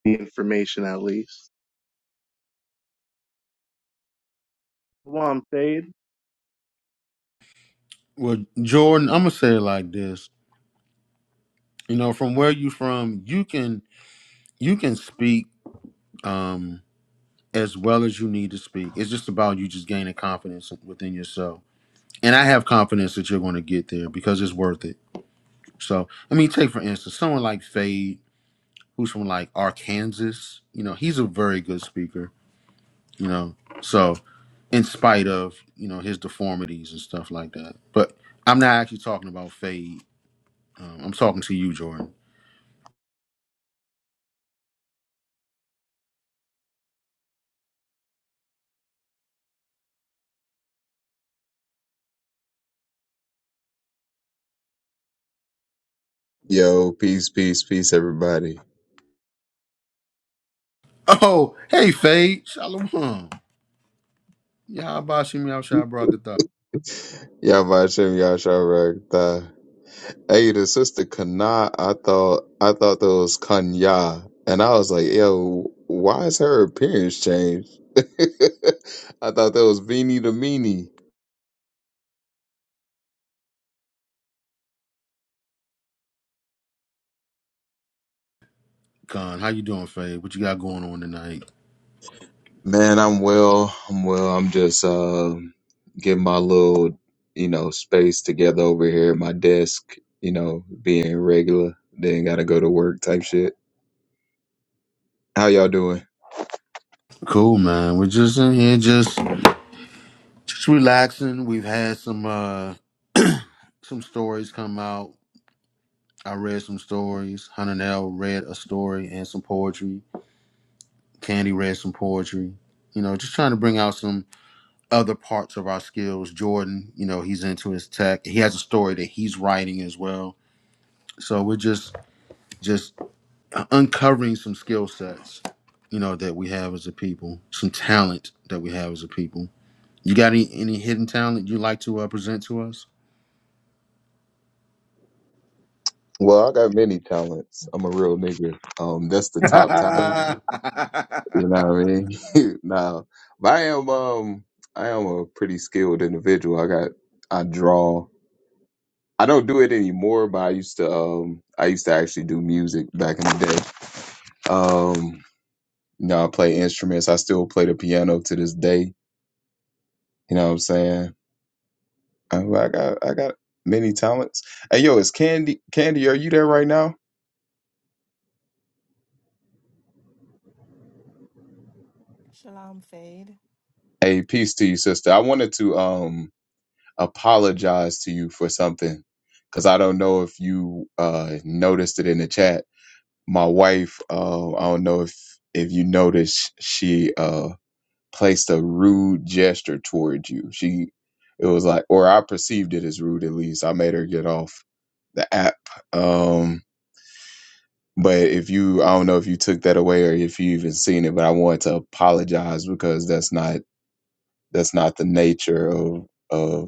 E: The information, at least. Wom Fade.
B: Well, Jordan, I'm gonna say it like this. You know, from where you from, you can you can speak um as well as you need to speak. It's just about you just gaining confidence within yourself. And I have confidence that you're going to get there because it's worth it. So, I mean, take for instance someone like Fade, who's from like Arkansas. You know, he's a very good speaker you know. So in spite of you know his deformities and stuff like that, but I'm not actually talking about Fade. Um, I'm talking to you, Jordan.
H: Yo, peace, peace, peace, everybody.
B: Oh, hey, Fade, Shalom. Yeah, how about you, Meow Shai Barakatha?
H: Y'all watching y'all show Hey, the sister Kana, I thought I thought that was Kanya, and I was like, yo, why is her appearance changed? [LAUGHS] I thought that was Beanie the Meanie.
B: Khan, how you doing, Fade? What you got going on tonight?
H: Man, I'm well. I'm well. I'm just uh, getting my little, you know, space together over here at my desk. You know, being regular, then gotta go to work type shit. How y'all doing?
B: Cool, man. We're just in here, just just relaxing. We've had some uh some stories come out. I read some stories. Hananel read a story and some poetry. Candy read some poetry. You know, just trying to bring out some other parts of our skills. Jordan, you know, he's into his tech. He has a story that he's writing as well. So we're just just uncovering some skill sets, you know, that we have as a people, some talent that we have as a people. You got any, any hidden talent you would like to uh, present to us?
H: Well, I got many talents. I'm a real nigga. Um, that's the top talent.
B: [LAUGHS]
H: You know what I mean? [LAUGHS] Now, but I am um, I am a pretty skilled individual. I got I draw. I don't do it anymore, but I used to um, I used to actually do music back in the day. Um, you know, I play instruments. I still play the piano to this day. You know what I'm saying? I, I got I got many talents. Hey, yo, is Candy Candy? Are you there right now?
D: Shalom, Fade.
H: Hey, peace to you, sister. I wanted to um. apologize to you for something because I don't know if you uh, noticed it in the chat. My wife, uh, I don't know if if you noticed, she uh, placed a rude gesture towards you. She it was like, or I perceived it as rude. At least I made her get off the app. Um, but if you, I don't know if you took that away or if you even seen it. But I wanted to apologize because that's not that's not the nature of of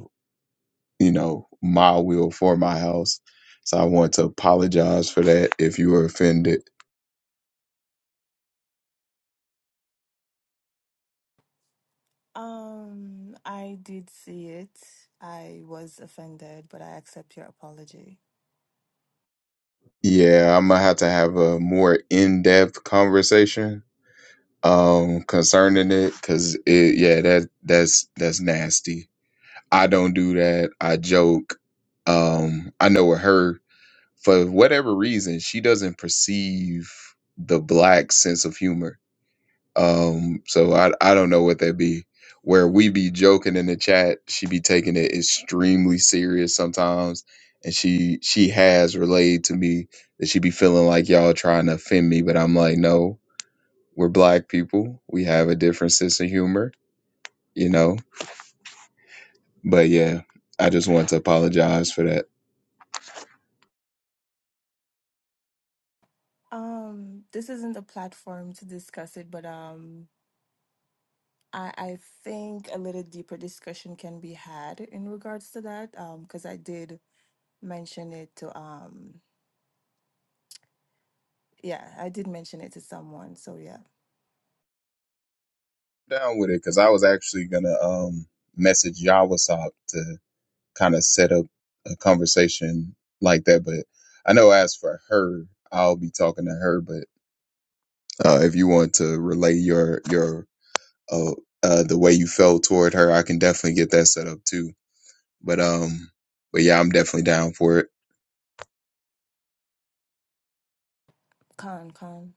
H: you know, my will for my house. So I want to apologize for that if you were offended.
D: Um, I did see it. I was offended, but I accept your apology.
H: Yeah, I'm gonna have to have a more in-depth conversation um concerning it because it yeah, that that's that's nasty. I don't do that. I joke. Um, I know with her, for whatever reason, she doesn't perceive the black sense of humor Um, so I I don't know what that be. Where we be joking in the chat, she be taking it extremely serious sometimes, and she she has relayed to me that she be feeling like y'all trying to offend me, but I'm like, no, we're black people, we have a different sense of humor, you know. But yeah, I just want to apologize for that.
D: Um, this isn't the platform to discuss it, but um, I, I think a little deeper discussion can be had in regards to that, because I did mention it to, um, yeah, I did mention it to someone. So, yeah.
H: down with it because I was actually gonna um message Yawasop to kind of set up a conversation like that, but I know as for her, I'll be talking to her. But uh, if you want to relay your your uh, uh the way you felt toward her, I can definitely get that set up too. But um, but yeah, I'm definitely down for it.
D: Con, con.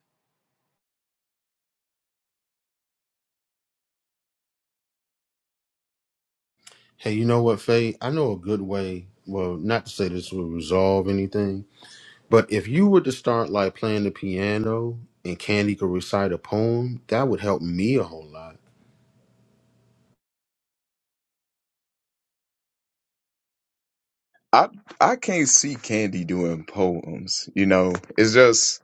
B: Hey, you know what, Faye? I know a good way. Well, not to say this will resolve anything, But if you were to start like playing the piano and Candy could recite a poem, that would help me a whole lot.
H: I I can't see Candy doing poems. You know, it's just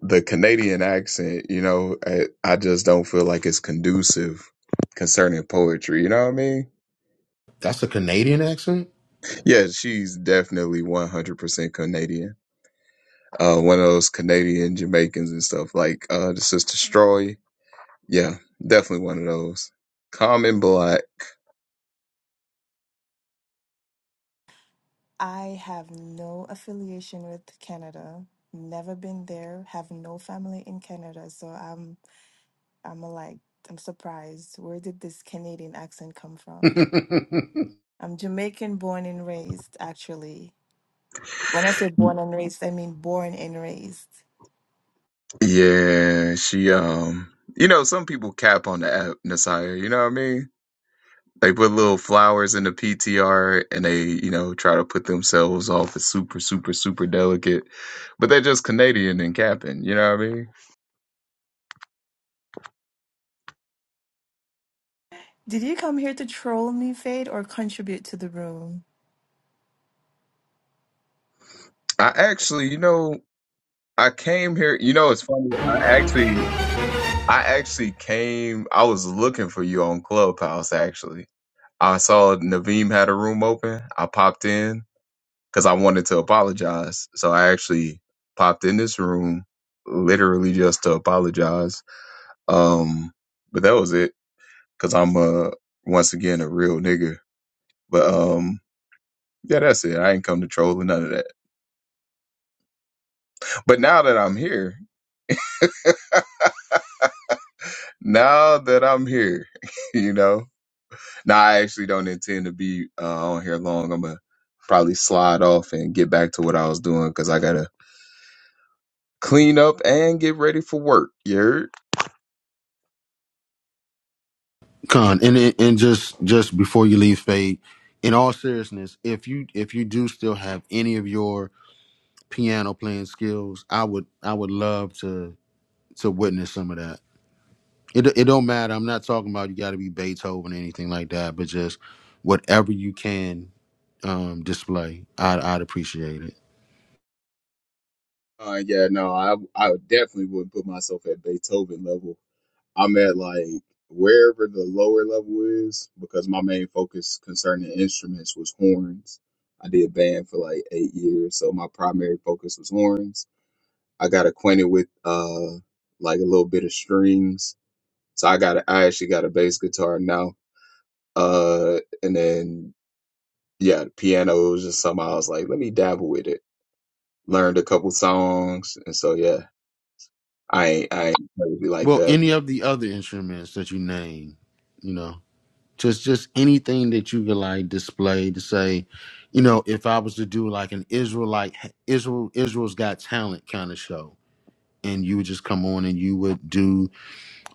H: the Canadian accent. You know, I, I just don't feel like it's conducive concerning poetry. You know what I mean?
B: That's a Canadian accent.
H: Yeah, she's definitely 100% Canadian. Uh, one of those Canadian Jamaicans and stuff like uh, the sister Stroy. Yeah, definitely one of those. Common black.
D: I have no affiliation with Canada. Never been there. Have no family in Canada. So I'm, I'm like, I'm surprised. Where did this Canadian accent come
B: [LAUGHS]
D: from? I'm Jamaican born and raised, actually. When I say born and raised, I mean born and raised.
H: Yeah, she um, you know, some people cap on the app, Nasiah, you know what I mean? They put little flowers in the PTR and they, you know, try to put themselves off as super, super, super delicate. But they're just Canadian and capping, you know what I mean?
D: Did you come here to troll me, Fade, or contribute to the room?
H: I actually, you know, I came here, you know, it's funny. I actually I actually came I was looking for you on Clubhouse actually. I saw Naveem had a room open. I popped in because I wanted to apologize. So I actually popped in this room literally just to apologize. Um, but that was it because I'm uh once again a real nigga. But um, yeah, that's it. I ain't come to troll or none of that. But now that I'm here, now that I'm here, [LAUGHS] you know, now I actually don't intend to be uh, on here long. I'm gonna probably slide off and get back to what I was doing because I gotta clean up and get ready for work. Yeah.
B: Con and and and just just before you leave, Fade. In all seriousness, if you if you do still have any of your piano playing skills, I would I would love to to witness some of that. It it don't matter. I'm not talking about you got to be Beethoven or anything like that, but just whatever you can um, display, I'd I'd appreciate it.
H: Uh, yeah, no, I I definitely wouldn't put myself at Beethoven level. I'm at like wherever the lower level is because my main focus concerning instruments was horns. I did band for like eight years, so my primary focus was horns. I got acquainted with uh like a little bit of strings, so I got a, I actually got a bass guitar now. Uh, and then yeah, piano was just something I was like, let me dabble with it. Learned a couple songs, and so yeah. I I be like
B: Well,
H: that.
B: any of the other instruments that you name, you know, just just anything that you could like display to say, you know, if I was to do like an Israelite Israel Israel's Got Talent kind of show, and you would just come on and you would do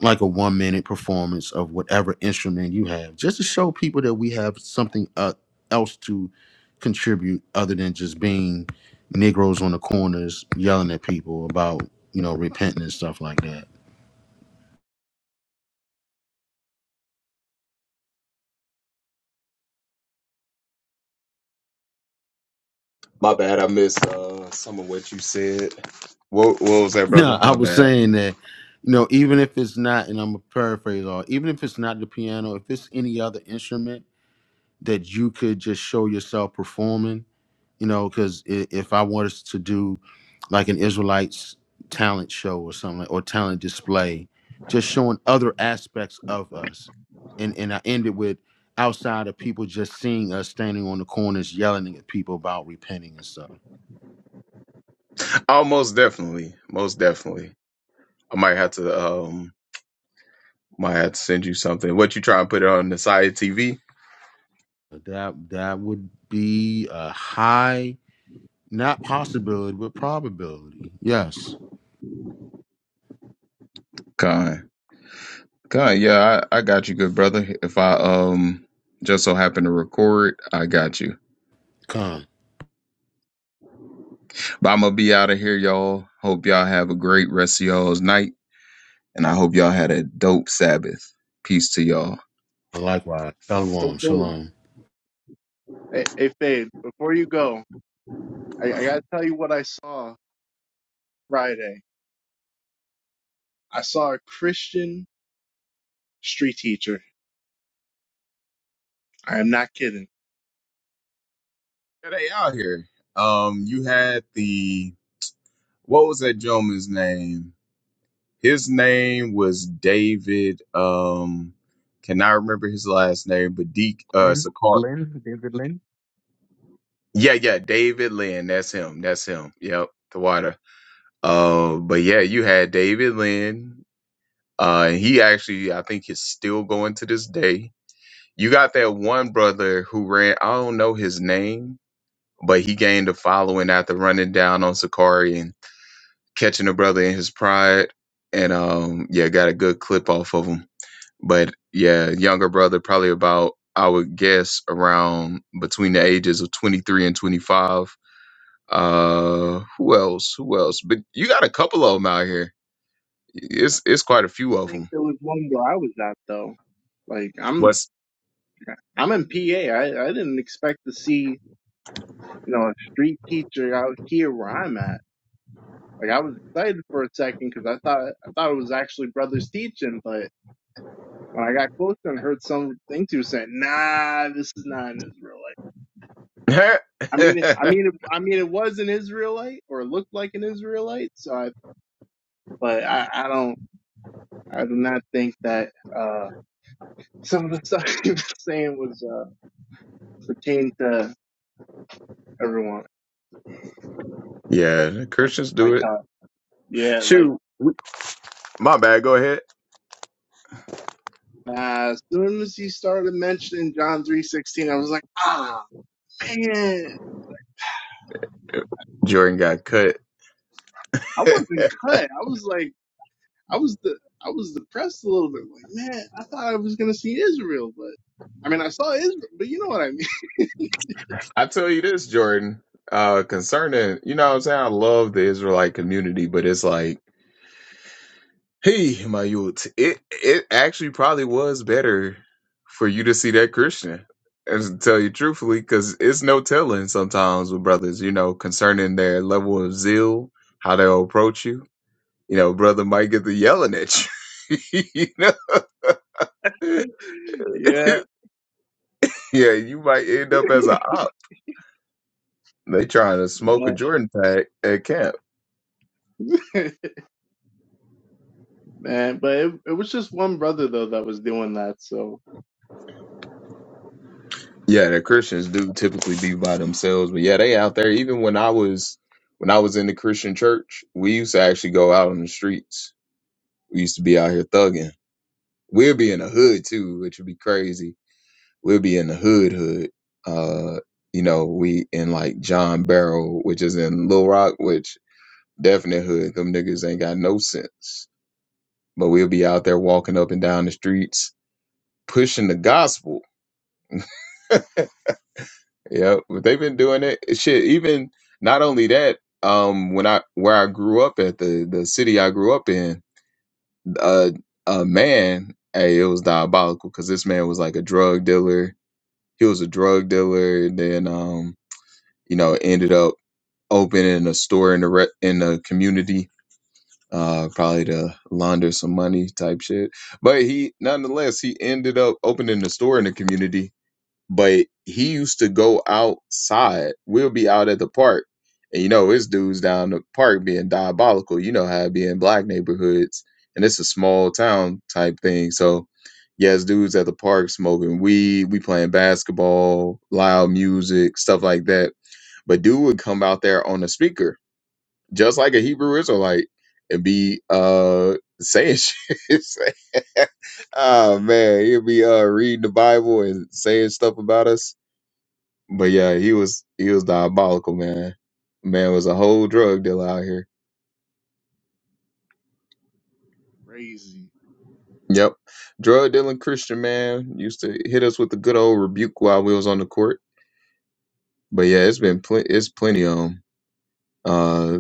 B: like a one minute performance of whatever instrument you have, just to show people that we have something uh, else to contribute other than just being Negroes on the corners yelling at people about you know repenting and stuff like that.
H: My bad. I missed uh, some of what you said. What what was
B: [LAUGHS]
H: that,
B: No,
H: brother?
B: I
H: My
B: was
H: bad.
B: saying that, you know, even if it's not, and I'm gonna paraphrase all, even if it's not the piano, if it's any other instrument that you could just show yourself performing, you know, because if I wanted to do like an Israelites talent show or something, or talent display, just showing other aspects of us, and and I ended with outside of people just seeing us standing on the corners yelling at people about repenting and stuff.
H: Oh, most definitely, most definitely. I might have to um might have to send you something. What you try and put it on the side TV?
B: That that would be a high Not possibility, but probability. Yes.
H: Con con. Yeah, I, I got you, good brother. If I um just so happen to record, I got you.
B: Come.
H: But I'm gonna be out of here, y'all. Hope y'all have a great rest of y'all's night, and I hope y'all had a dope Sabbath. Peace to y'all.
B: Likewise.
E: Hey,
B: Shalom.
E: Fade.
B: Shalom.
E: Hey, hey Fade, before you go, I, I gotta tell you what I saw Friday. I saw a Christian street teacher. I am not kidding.
H: Yeah, they out here. Um, you had the what was that gentleman's name? His name was David. Um, cannot remember his last name, but Deke uh
G: Lynn,
H: Sakar.
G: Lynn, David Lynn.
H: Yeah, yeah, David Lynn. That's him. That's him. Yep, the water. Uh, but yeah, you had David Lynn. Uh, and he actually, I think, is still going to this day. You got that one brother who ran. I don't know his name but he gained a following after running down on Sakari and catching a brother in his pride. And um, yeah, got a good clip off of him. But yeah, younger brother, probably about I would guess around between the ages of twenty three and twenty five. Uh, who else? Who else? But you got a couple of them out here. It's it's quite a few
E: I
H: of
E: think
H: them.
E: there was one where I was at though. Like I'm
H: What's
E: I'm in PA. I, I didn't expect to see, you know, a street teacher out here where I'm at. Like I was excited for a second because I thought I thought it was actually brothers teaching, but when I got closer and heard some things he was saying, nah, this is not an Israelite.
H: [LAUGHS] yeah?
E: I mean, it- I mean, it- I mean, it was an Israelite or looked like an Israelite. So, I, but I, I don't, I do not think that uh, some of the stuff [LAUGHS] he was saying was uh, pertained to everyone.
H: The
E: Like,
H: Christians
E: like,
H: do it.
E: uh, yeah, like
H: Shoot, my bad. Go ahead.
E: nah, as soon as he started mentioning John three sixteen, I was like, ah, man,
H: Jordan got cut.
E: I
H: [LAUGHS]
E: wasn't cut. I was like, I was the, I was depressed a little bit. Like, man, I thought I was gonna see Israel, but I mean, I saw Israel, but you know what I mean?
H: I tell you this, Jordan, uh, concerning, you know what I'm saying? I love the Israelite community, but it's like, hey, my youth, it, it actually probably was better for you to see that Christian. And to tell you truthfully, because it's no telling sometimes with brothers, you know, concerning their level of zeal, how they'll approach you. You know, brother might get to yelling at you. [LAUGHS] you know? [LAUGHS]
E: [LAUGHS] yeah,
H: yeah, you might end up as a op. They trying to
E: man.
H: smoke a Jordan tag at camp.
E: [LAUGHS] man. But it, it was just one brother though that was doing that, so
H: Yeah, the
E: uh,
H: Christians do typically be by themselves, but yeah, they out there. Even when I was when I was in the Christian church, we used to actually go out on the streets. We used to be out here thugging. We'd be in the hood too, which would be crazy. We'd be in the hood hood. Uh, you know, we in like John Barrow, which is in Little Rock, which definite hood. Them niggas ain't got no sense. But we'll be out there walking up and down the streets, pushing the gospel Yep, they've been doing it. eh, Shit, even not only that, um, when I where I grew up at the the city I grew up in, uh, a man, hey, it was diabolical because this man was like a drug dealer. He was a drug dealer, and then um, you know, ended up opening a store in the re- in the community, uh, probably to launder some money type shit. But he, nonetheless, he ended up opening a store in the community, but he used to go outside. We'll be out at the park, and you know his dudes down the park being diabolical. You know how it be in black neighborhoods, and it's a small town type thing. So, yes, dudes at the park smoking weed, we playing basketball, loud music, stuff like that. But dude would come out there on a speaker, just like a Hebrew Israelite, and be uh saying [LAUGHS] shit. oh man, he'd be uh reading the Bible and saying stuff about us but yeah, he was he was diabolical, man. Man was a whole drug dealer out here.
E: crazy.
H: Yep, drug dealing Christian man used to hit us with the good old rebuke while we was on the court. But yeah, it's been pl- it's plenty of 'em. Uh,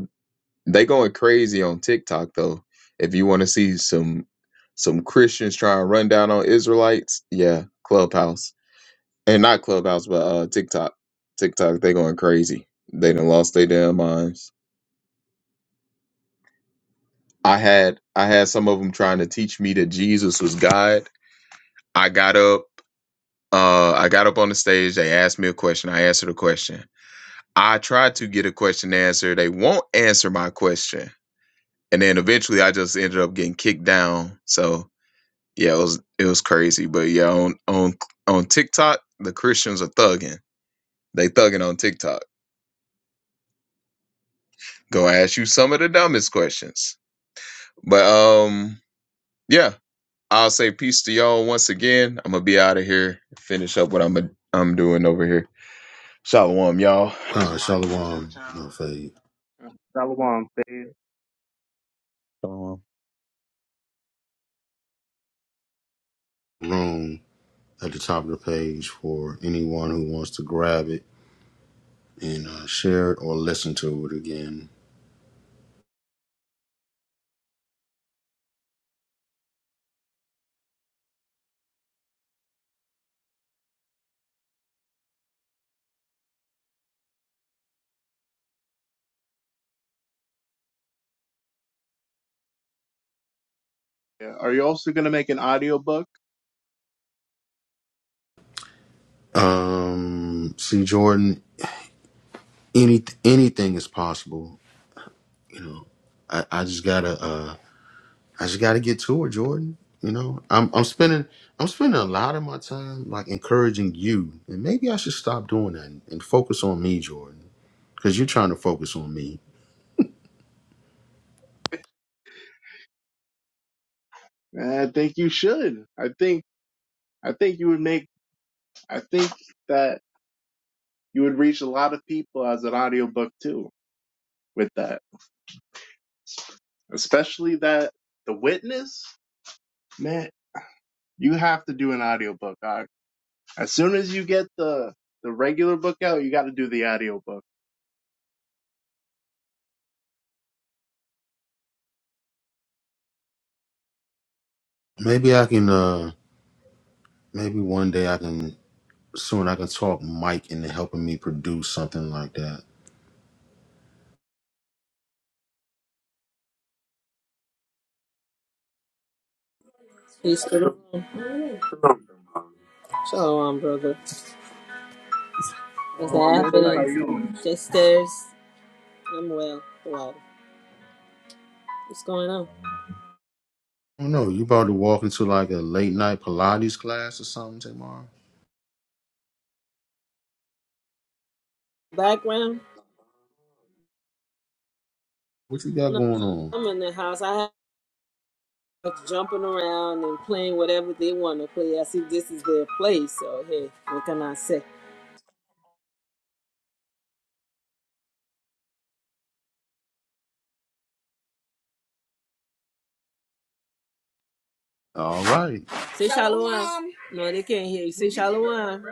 H: they going crazy on TikTok though. If you want to see some some Christians trying to run down on Israelites, yeah, Clubhouse and not Clubhouse, but uh TikTok. TikTok, they going crazy. They done lost their damn minds. I had I had some of them trying to teach me that Jesus was God. I got up. Uh, I got up on the stage. They asked me a question. I answered a question. I tried to get a question answered. They won't answer my question, and then eventually I just ended up getting kicked down. So yeah, it was it was crazy. But yeah, on on on TikTok, the Christians are thugging. They thugging on TikTok. Go ask you some of the dumbest questions. But um, yeah, I'll say peace to y'all once again. I'm gonna be out of here. Finish up what I'm I'm doing over here. Shalom, y'all.
B: Come. Shalom. Of a
E: Uh, Shalom, fam.
G: Um,
B: room at the top of the page for anyone who wants to grab it and uh, share it or listen to it again.
E: Yeah. Are you also gonna make an audiobook?
B: Um. See, Jordan. Any anything is possible. You know. I, I just gotta. uh, I just got to get to it, Jordan. You know, I'm I'm spending I'm spending a lot of my time like encouraging you, and maybe I should stop doing that and, and focus on me, Jordan, because you're trying to focus on me.
E: Man, I think you should. I think I think you would make. I think that you would reach a lot of people as an audiobook too with that, especially that the witness. Man, you have to do an audiobook. Dog. As soon as you get the the regular book out, you got to do the audiobook.
B: Maybe I can, uh maybe one day I can soon I can talk Mike into helping me produce something like that.
I: Peace to the room. Shalom, brother. What's Shalom,
E: Well, sis, how you
I: happening? you
E: doing?
I: Just stairs. I'm well. Well, what's going on?
G: um,
B: I don't know. You about to walk into like a late night Pilates class or something tomorrow?
I: Background?
B: What you got
I: No,
B: going on?
I: I'm in the house. I have jumping around and playing whatever they want to play. I see this is their place, so hey, what can I say?
B: All right.
I: Say shalom. Shalom. No, they can't hear you. Say shalom.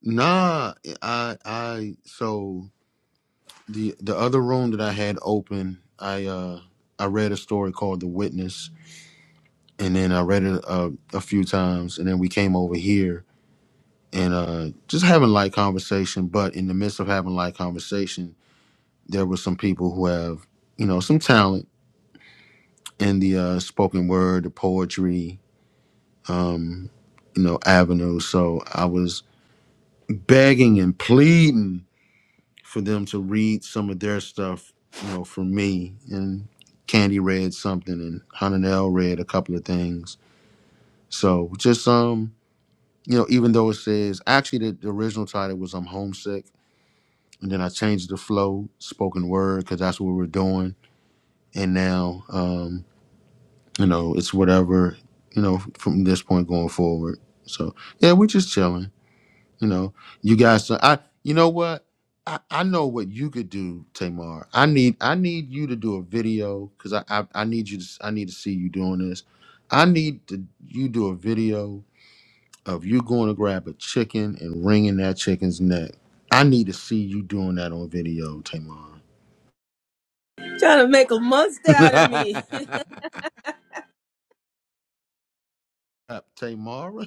B: Nah, I I so. the the other room that I had open, I uh I read a story called The Witness, and then I read it uh, a few times, and then we came over here and uh just having light conversation. But in the midst of having light conversation, there were some people who have you know some talent in the uh, spoken word, the poetry, um, you know, avenue. So I was begging and pleading for them to read some of their stuff, you know, for me. And Candy read something and Hananel read a couple of things. So just um, you know, even though it says actually the, the original title was I'm homesick and then I changed the flow, spoken word, because that's what we're doing. And now um, you know, it's whatever, you know, from this point going forward. So yeah, we're just chilling. You know, you guys. I. You know what? I, I know what you could do, Tamar. I need I need you to do a video because I, I I need you to I need to see you doing this. I need to you do a video of you going to grab a chicken and wringing that chicken's neck. I need to see you doing that on video, Tamar.
I: Trying to make a monster out of me. [LAUGHS]
B: [LAUGHS] Tamara.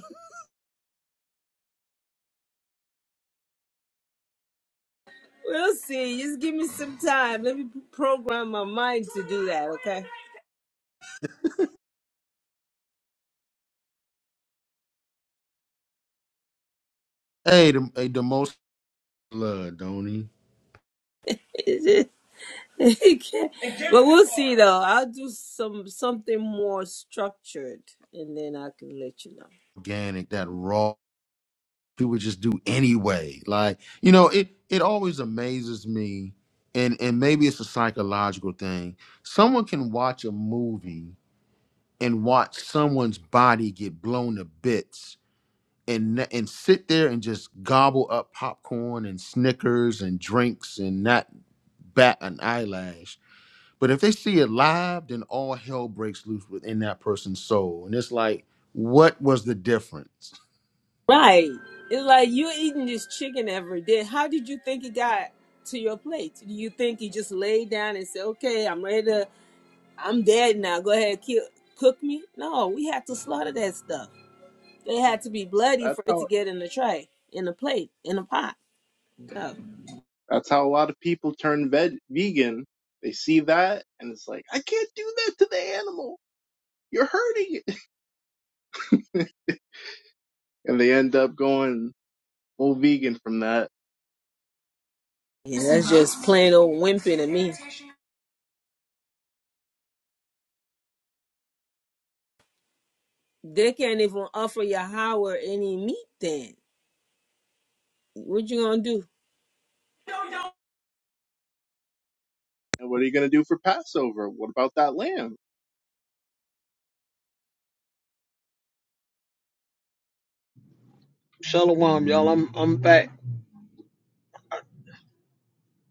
I: We'll see. Just give me some time. Let me program my mind to do that, okay?
B: Hey, the, hey, the most blood, don't he?
I: [LAUGHS] but we'll see though. I'll do some something more structured, and then I can let you know.
B: Organic, that raw. people would just do anyway. Like, you know, it it always amazes me, and and maybe it's a psychological thing. Someone can watch a movie and watch someone's body get blown to bits and n- and sit there and just gobble up popcorn and Snickers and drinks and not bat an eyelash. But if they see it live, then all hell breaks loose within that person's soul. And it's like, what was the difference?
I: Right? It's like you are eating this chicken every day. How did you think it got to your plate? Do you think you just laid down and said, "Okay, I'm ready to. I'm dead now. Go ahead, kill, cook me"? No, we had to slaughter that stuff. It had to be bloody
E: That's
I: for it to
E: how
I: get in the tray, in the plate, in the pot. So,
E: That's how a lot of people turn ve- vegan. They see that and it's like, I can't do that to the animal. You're hurting it. [LAUGHS] And they end up going full vegan from that.
I: yeah, that's just plain old wimping to me. They can't even offer Yahweh any meat then. What you gonna do?
E: And what are you going to do for Passover? What about that lamb?
F: Shalom, y'all. I'm I'm back.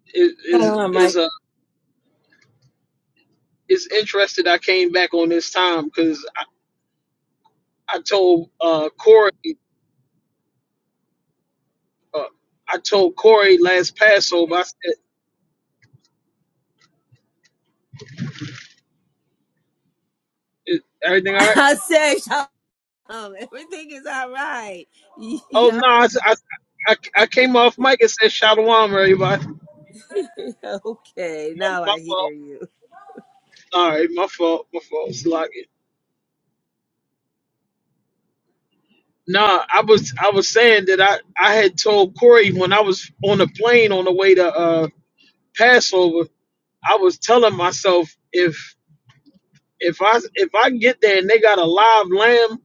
F: It is
I: Shalom,
F: is
I: Mike.
F: uh it's interested I came back on this time because I, I told uh Corey uh, I told Corey last Passover I said "Is
I: [LAUGHS]
F: everything all right.
I: I said, Shalom, everything is all right. [LAUGHS]
F: Oh no,
I: Yeah.
F: I, s- I I I came off mic and said shalom, everybody. [LAUGHS]
I: [LAUGHS] okay,
F: My,
I: now
F: my
I: I hear
F: fault.
I: you.
F: All right, my fault. My fault. Slack. No, I was I was saying that I I had told Corey when I was on the plane on the way to uh Passover, I was telling myself if if I if I get there and they got a live lamb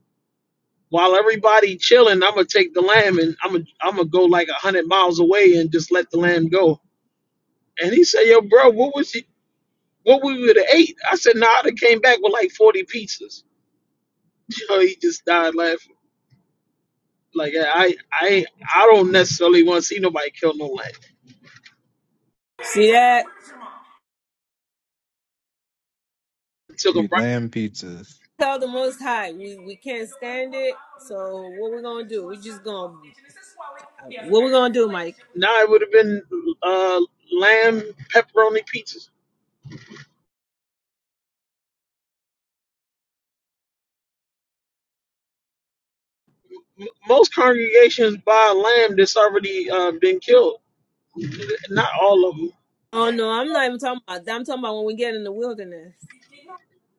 F: while everybody chilling, I'm gonna take the lamb and I'm gonna I'm gonna go like a hundred miles away and just let the lamb go. And he said, "Yo, bro, what was he, what we would have ate?" I said, "Nah, I'd have came back with like forty pizzas." [LAUGHS] You know, he just died laughing. Like I I I don't necessarily want to see nobody kill no lamb.
I: See that?
F: Took a
G: be lamb pizzas.
I: Tell the Most High, we, we can't stand it. So what we gonna do? we just gonna, what we gonna do, Mike?
F: Now it would have been uh, lamb pepperoni pizzas. M- Most congregations buy lamb that's already uh, been killed. Not all of them.
I: Oh no, I'm not even talking about that. I'm talking about when we get in the wilderness.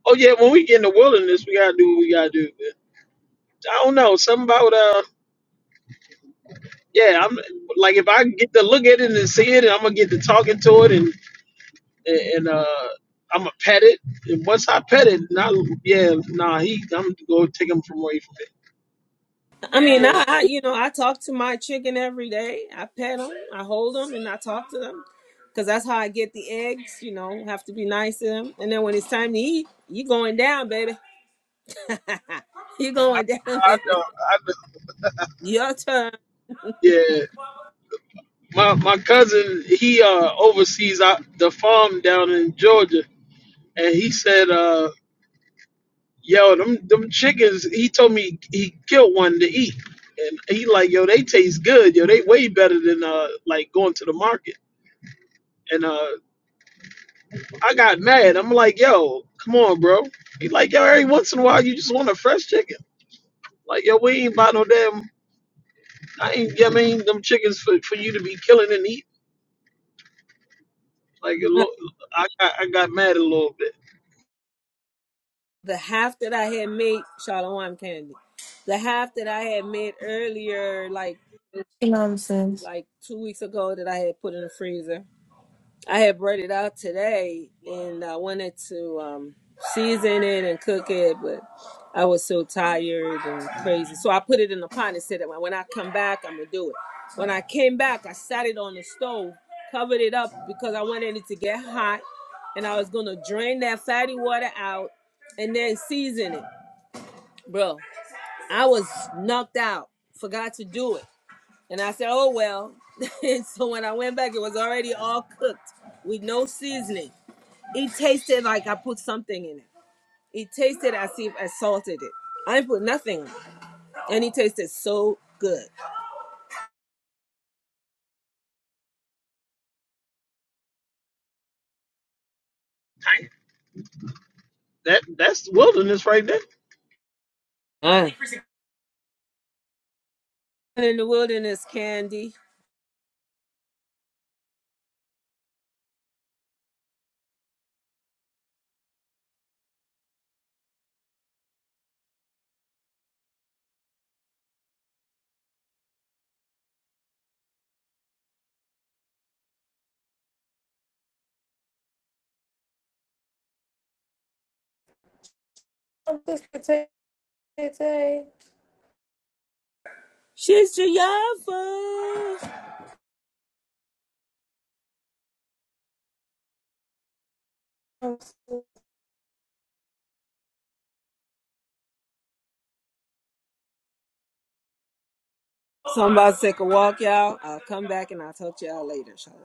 F: Oh yeah, when we get in the wilderness, we gotta do what we gotta do. But I don't know. Something about uh, yeah. I'm like if I get to look at it and see it, and I'm gonna get to talking to it, and and uh, I'm gonna pet it. And once I pet it, not yeah, nah. He, I'm gonna go take him from away from it.
I: I mean,
F: Yeah.
I: I, I you know I talk to my chicken every day. I pet them, I hold them, and I talk to them because that's how I get the eggs. You know, have to be nice to them. And then when it's time to eat, you going down, baby. [LAUGHS] you
F: I
I: going down, [LAUGHS]
F: I
I: baby.
F: know, I
I: Your turn.
F: know. my my cousin he uh oversees uh, the farm down in Georgia, and he said, uh, "Yo, them them chickens." He told me he killed one to eat, and he like, "Yo, they taste good. Yo, they way better than uh like going to the market." And uh, I got mad. I'm like, "Yo, come on, bro." He like, "Yo, every once in a while, you just want a fresh chicken." Like, yo, we ain't buy no damn. I ain't. I mean, them chickens for, for you to be killing and eating. Like, a little,
I: But
F: I got I got mad a little bit.
I: The half that I had made, Shalom Candy. The half that I had made earlier, like
D: Nonsense.
I: like two weeks ago, that I had put in the freezer. I had bread it out today, and I wanted to um, season it and cook it, but I was so tired and crazy. So I put it in the pot and said that when I come back, I'm gonna do it. When I came back, I sat it on the stove, covered it up because I wanted it to get hot, and I was gonna drain that fatty water out and then season it. Bro, I was knocked out, forgot to do it, and I said, "Oh well." [LAUGHS] and so when I went back, it was already all cooked with no seasoning. It tasted like I put something in it. It tasted as if I salted it. I put nothing on it. And it tasted so good.
F: that that's wilderness right there.
I: Mm. In the wilderness candy. She's Jayava. So I'm about to take a walk, y'all. I'll come back and I'll talk to y'all later, inshallah.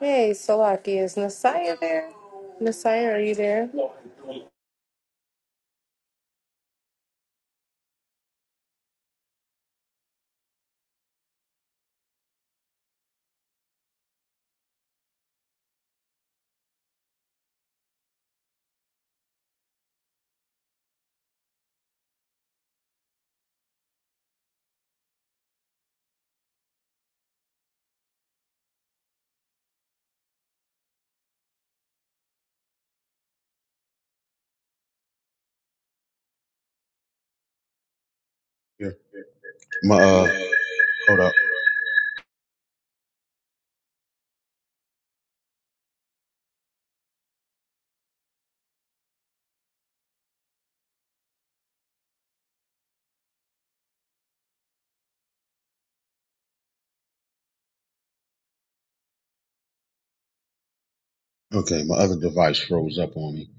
C: hey salaki is nasaya there nasaya are you there
J: Yeah. My uh, hold up. Okay, my other device froze up on me.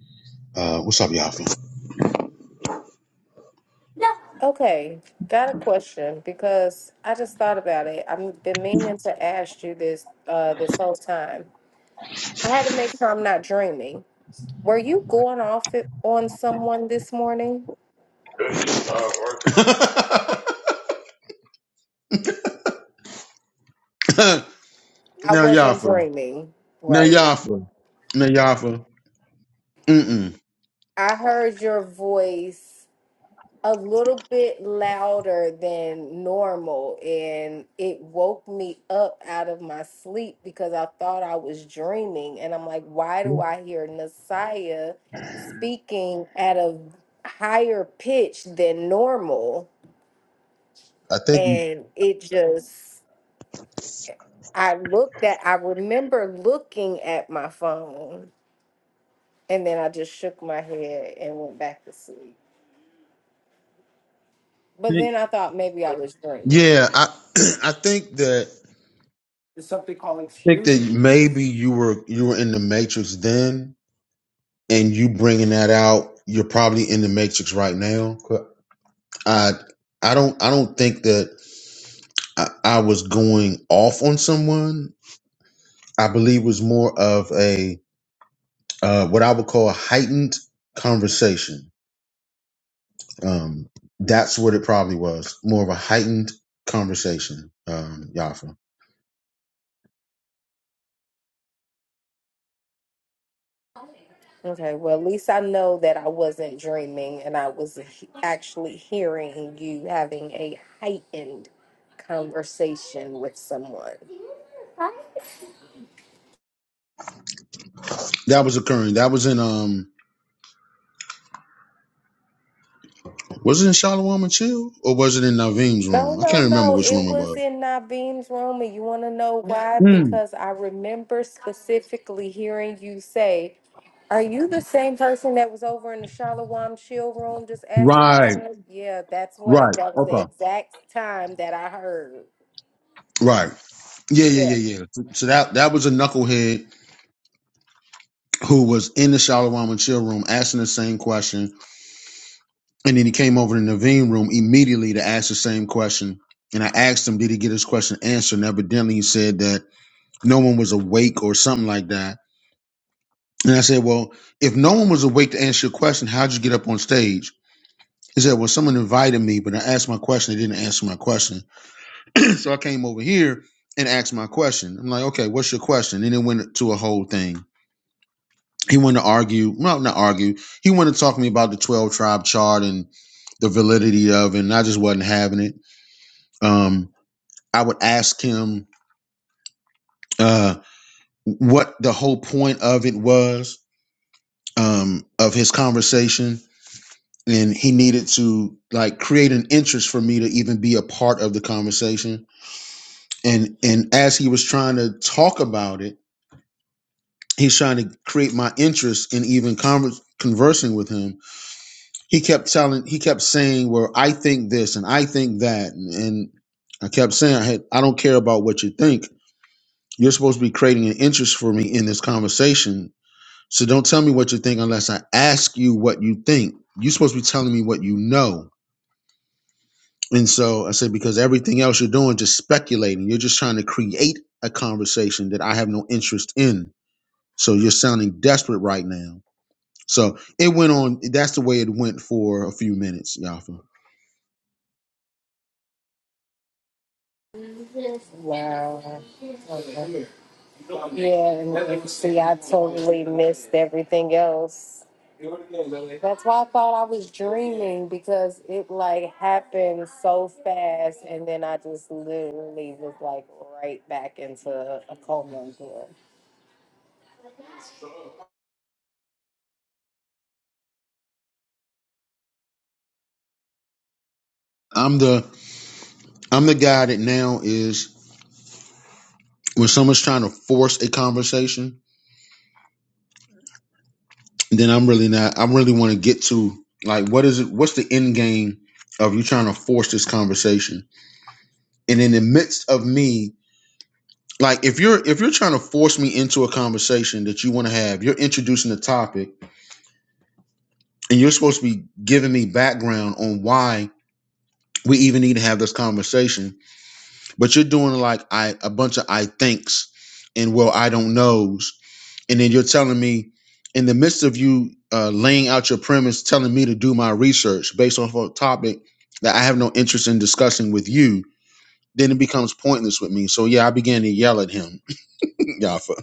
J: Uh, what's up, Yafa?
C: okay got a question because i just thought about it i've been meaning to ask you this uh this whole time I had to make sure I'm not dreaming. Were you going off it on someone this morning?
J: Oh, [LAUGHS]
C: I
J: now
C: wasn't
J: Yafa.
C: dreaming.
J: Now
C: Right.
J: Yafa. Now Yafa. Mm
C: I heard your voice a little bit louder than normal, and it woke me up out of my sleep because I thought I was dreaming. And I'm like, why do
J: mm.
C: I hear Messiah speaking at a higher pitch than normal?
J: I think.
C: And it just I looked at, I remember looking at my phone and then I just shook my head and went back to sleep. But then I thought maybe I was dreaming.
J: Yeah, I [CLEARS THROAT] I think that I
C: There's something called
J: think
C: Excuse
J: that
C: Me.
J: maybe you were you were in the Matrix then, and you bringing that out. You're probably in the Matrix right now. I I don't I don't think that I, I was going off on someone. I believe was more of a uh, what I would call a heightened conversation. Um, that's what it probably was, more of a heightened conversation. Um, Yafa,
C: Okay, well, at least I know that I wasn't dreaming and I was he- actually hearing you having a heightened conversation with someone.
J: that was occurring. That was in um, was it in Shalom and Chill or was it in Naveem's
C: No,
J: room? I
C: no,
J: can't remember
C: no.
J: which
C: It
J: room it
C: was
J: was.
C: in Naveen's room. And you want to know why?
J: Hmm.
C: Because I remember specifically hearing you say, Are you the same person that was over in the Shalawam chill room just asking those
J: Right,
C: things? Yeah, that's what I,
J: right,
C: that was the
J: okay,
C: exact time that I heard.
J: right. Yeah,
C: Yeah.
J: yeah, yeah, yeah. So so that that was a knucklehead who was in the Shalom and Chill room asking the same question And then he came over to the Naveen room immediately to ask the same question. And I asked him, did he get his question answered? And evidently he said that no one was awake or something like that. And I said, well, if no one was awake to answer your question, how'd you get up on stage? He said, well, someone invited me, but I asked my question. They didn't answer my question. [CLEARS THROAT] so I came over here and asked my question. I'm like, okay, what's your question? And it went to a whole thing. He wanted to argue, well, not argue. He wanted to talk to me about the 12 tribe chart and the validity of it. And I just wasn't having it. Um, I would ask him uh, what the whole point of it was um, of his conversation, and he needed to like create an interest for me to even be a part of the conversation. And and as he was trying to talk about it, he's trying to create my interest in even conver- conversing with him. He kept telling, he kept saying, "Well, I think this and I think that," and, and I kept saying, "Hey, I don't care about what you think." You're supposed to be creating an interest for me in this conversation. So don't tell me what you think unless I ask you what you think. You're supposed to be telling me what you know. And so I said, because everything else you're doing, just speculating. You're just trying to create a conversation that I have no interest in. So you're sounding desperate right now. So it went on. That's the way it went for a few minutes, Yafa.
C: Wow. Okay. Yeah, and you see, I totally missed everything else. That's why I thought I was dreaming because it like happened so fast, and then I just literally was like right back into a coma.
J: I'm the I'm the guy that now is when someone's trying to force a conversation, then I'm really not. I really want to get to like what is it? What's the end game of you trying to force this conversation? And in the midst of me like if you're if you're trying to force me into a conversation that you want to have you're introducing the topic and you're supposed to be giving me background on why we even need to have this conversation but you're doing like i a bunch of i thinks and well i don't knows and then you're telling me in the midst of you uh, laying out your premise telling me to do my research based off of a topic that i have no interest in discussing with you then it becomes pointless with me so yeah i began to yell at him [LAUGHS] yeah so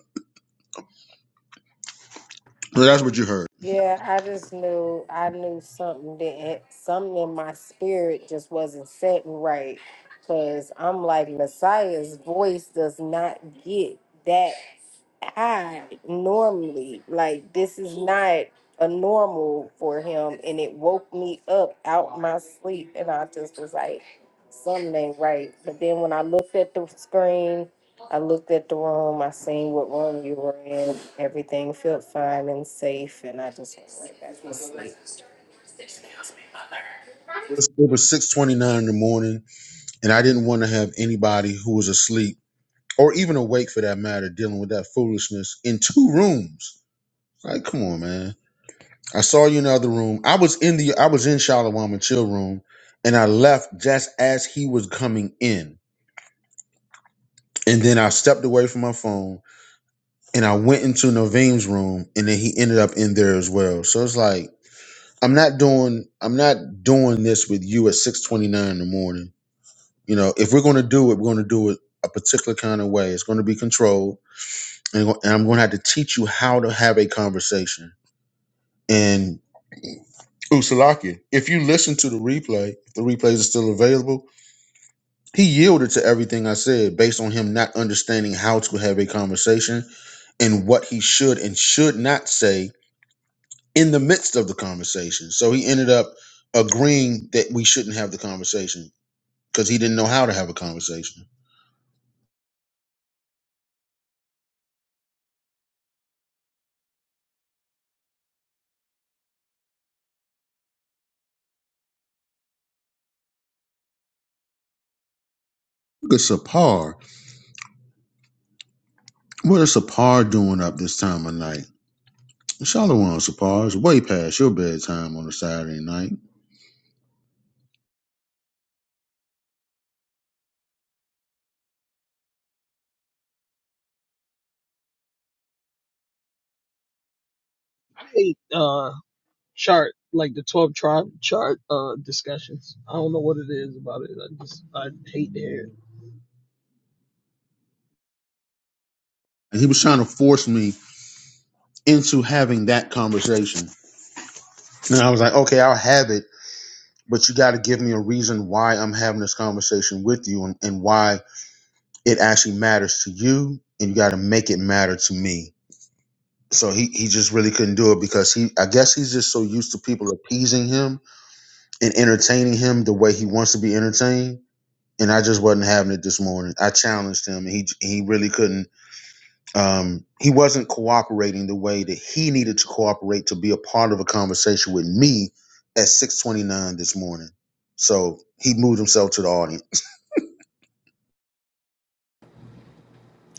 J: that's what you heard
C: Yeah, I just knew I knew something that something in my spirit just wasn't setting right. Cause I'm like Messiah's voice does not get that high normally. Like this is not a normal for him. And it woke me up out my sleep. And I just was like, something ain't right. But then when I looked at the screen, I looked at the room, I seen what room you were in. Everything felt fine and safe, and I just went right back to sleep.
J: was- it was six twenty nine in the morning, and I didn't want to have anybody who was asleep or even awake for that matter dealing with that foolishness in two rooms. Like, come on, man. I saw you in the other room. I was in the I was in Shalawama chill room, and I left just as he was coming in. And then I stepped away from my phone and I went into Naveen's room, and then he ended up in there as well. So it's like I'm not doing I'm not doing this with you at six twenty nine in the morning You know, if we're going to do it, we're going to do it a particular kind of way. It's going to be controlled, and, I'm going to have to teach you how to have a conversation. And Usalaki, if you listen to the replay, if the replays are still available, he yielded to everything I said based on him not understanding how to have a conversation and what he should and should not say in the midst of the conversation. So he ended up agreeing that we shouldn't have the conversation because he didn't know how to have a conversation. Look at Sapar. What is Sapar doing up this time of night? Shalom, Sapar. It's way past your bedtime on a Saturday night.
F: I hate uh chart like the twelve tribe chart uh discussions. I don't know what it is about it. I just I hate to hear it.
J: And he was trying to force me into having that conversation. And I was like, okay, I'll have it, but you got to give me a reason why I'm having this conversation with you and, and why it actually matters to you and you got to make it matter to me so he, he just really couldn't do it because he i guess he's just so used to people appeasing him and entertaining him the way he wants to be entertained and i just wasn't having it this morning i challenged him and he he really couldn't um he wasn't cooperating the way that he needed to cooperate to be a part of a conversation with me at 629 this morning so he moved himself to the audience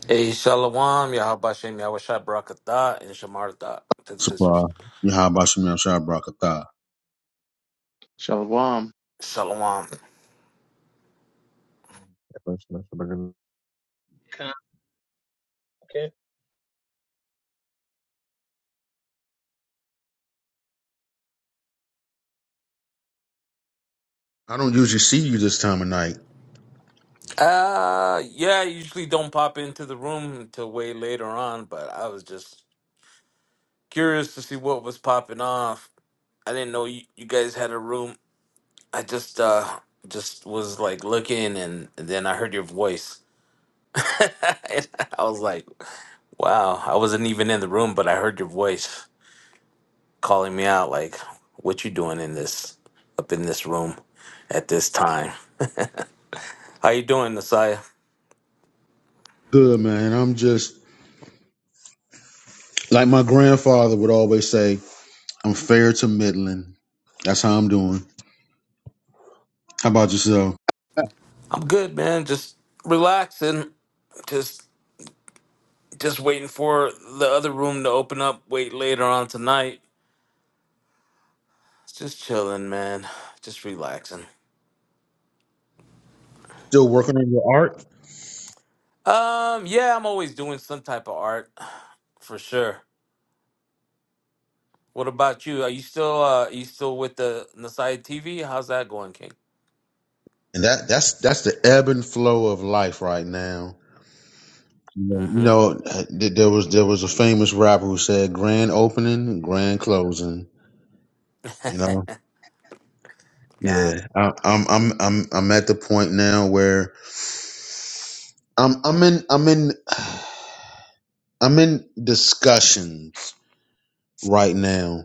K: Hey, Shalom, Yahabashem, Yahweh Shai, Barakatah, and Shamar Dot to the
J: Supply.
K: sisters.
J: Yahabashim Yashar Brakatah.
E: Shalom.
K: Shalom.
F: Kind of, okay.
J: I don't usually see you this time of night.
K: Uh, yeah, I usually don't pop into the room until way later on, but I was just curious to see what was popping off. I didn't know you, you guys had a room. I just, uh, just was like looking and, and then I heard your voice. [LAUGHS] and I was like, wow, I wasn't even in the room, but I heard your voice. calling me out like what you doing in this up in this room at this time how you doing nasaya
J: Good man. I'm just like my grandfather would always say, I'm fair to middling. That's how I'm doing. How about yourself?
K: i'm good man just relaxing just just waiting for the other room to open up wait later on tonight just chilling man just relaxing
J: still working on your art
K: um yeah i'm always doing some type of art for sure what about you are you still uh are you still with the nasaya tv how's that going king
J: and that that's that's the ebb and flow of life right now you know
K: mm-hmm
J: uh, th- there was there was a famous rapper who said grand opening grand closing you know
K: [LAUGHS]
J: yeah I, i'm i'm i'm i'm at the point now where i'm i'm in i'm in [SIGHS] i'm in discussion right now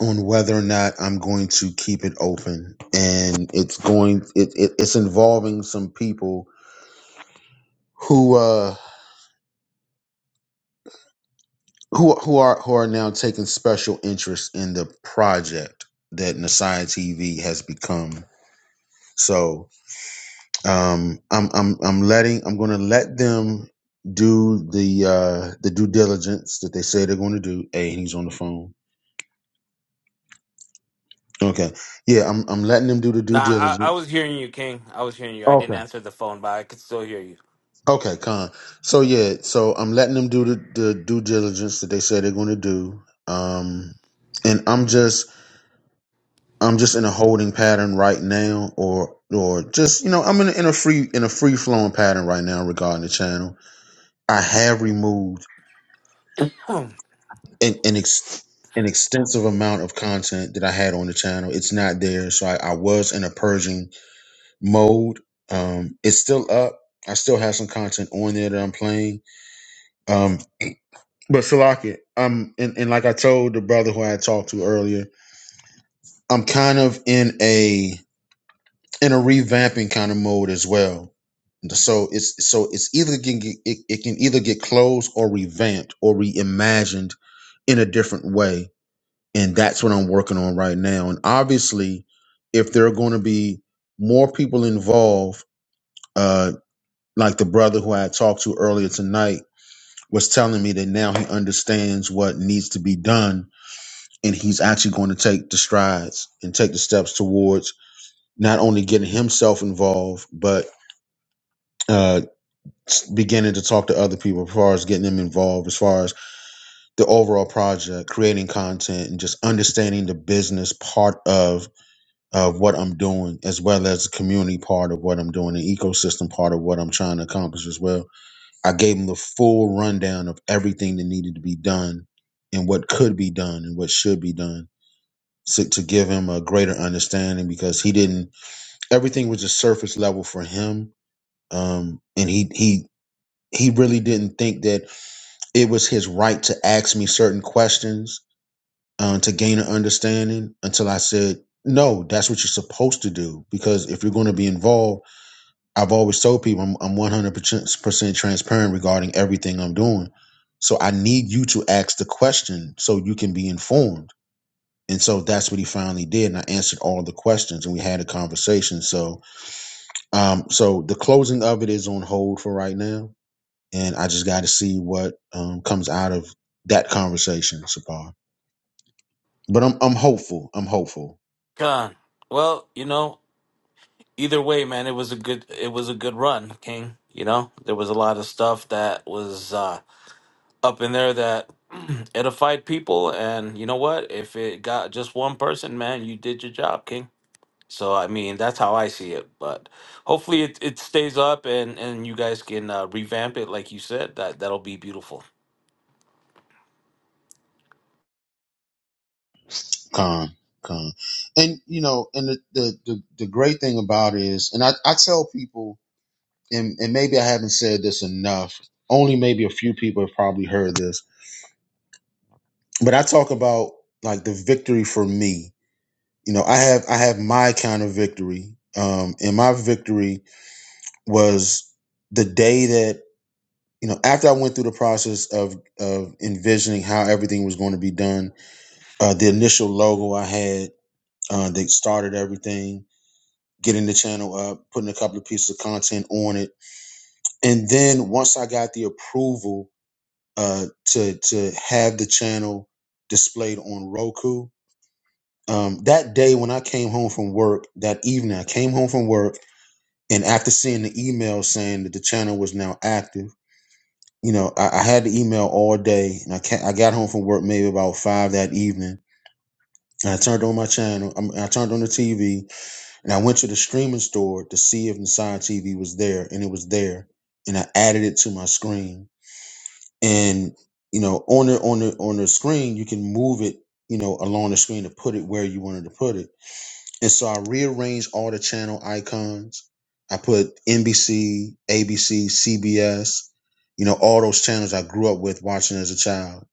J: on whether or not i'm going to keep it open and it's going it, it it's involving some people who uh who who are who are now taking special interest in the project that Nasai TV has become. So um, I'm I'm I'm letting I'm going to let them do the uh, the due diligence that they say they're going to do. Hey, he's on the phone. Okay, yeah, I'm I'm letting them do the due
K: Nah, I, I
J: diligence.
K: was hearing you, King. I was hearing you. I didn't
J: Okay.
K: answer the phone, but I could still hear you.
J: Okay, con. So yeah, so I'm letting them do the, the due diligence that they say they're going to do. Um, and I'm just I'm just in a holding pattern right now, or or just you know I'm in a, in a free in a free flowing pattern right now regarding the channel. I have removed
K: Oh,
J: an an, ex, an extensive amount of content that I had on the channel. It's not there, so I, I was in a purging mode. Um, it's still up. I still have some content on there that I'm playing. Um, but Salaki, I'm and, and like I told the brother who I had talked to earlier, I'm kind of in a in a revamping kind of mode as well. So it's so it's either can get, it, it can either get closed or revamped or reimagined in a different way, and that's what I'm working on right now. And obviously, if there are going to be more people involved, uh, like the brother who I had talked to earlier tonight was telling me that now he understands what needs to be done, and he's actually going to take the strides and take the steps towards not only getting himself involved, but uh, s- beginning to talk to other people as far as getting them involved as far as the overall project creating content and just understanding the business part of of what i'm doing as well as the community part of what i'm doing the ecosystem part of what i'm trying to accomplish as well i gave them the full rundown of everything that needed to be done and what could be done and what should be done so, to give him a greater understanding because he didn't everything was just surface level for him um and he he he really didn't think that It was his right to ask me certain questions um, to gain an understanding until I said, no, that's what you're supposed to do. Because if you're going to be involved, I've always told people I'm, I'm 100% transparent regarding everything I'm doing. So I need you to ask the question so you can be informed. And so that's what he finally did. And I answered all the questions and we had a conversation. So, um, so the closing of it is on hold for right now and I just got to see what um, comes out of that conversation, Sapar. But I'm I'm hopeful. I'm hopeful.
K: God. [CLEARS THROAT] Well, you know, either way, man, it was a good it was a good run, King. You know, there was a lot of stuff that was uh, up in there that [CLEARS THROAT] edified people, and you know what? If it got just one person, man, you did your job, King. So I mean, that's how I see it. But hopefully, it, it stays up, and and you guys can uh, revamp it, like you said. That that'll be beautiful.
J: Calm, calm. And you know, and the the the, the great thing about it is, and I, I tell people, and and maybe I haven't said this enough. Only maybe a few people have probably heard this, but I talk about like the victory for me. You know, I have I have my kind of victory, um, and my victory was the day that you know, after I went through the process of of envisioning how everything was going to be done, uh, the initial logo I had uh, that started everything, getting the channel up, putting a couple of pieces of content on it, and then once I got the approval uh, to to have the channel displayed on Roku, um, that day when I came home from work, that evening I came home from work, and after seeing the email saying that the channel was now active. you know, I, I had the email all day, and I can I got home from work maybe about five that evening, and I turned on my channel. I, I turned on the TV, and I went to the streaming store to see if Nissan TV was there, and it was there, and I added it to my screen. And you know, on the on the on the screen, you can move it, you know, along the screen to put it where you wanted to put it. And so I rearranged all the channel icons. I put NBC, ABC, CBS, you know, all those channels I grew up with watching as a child.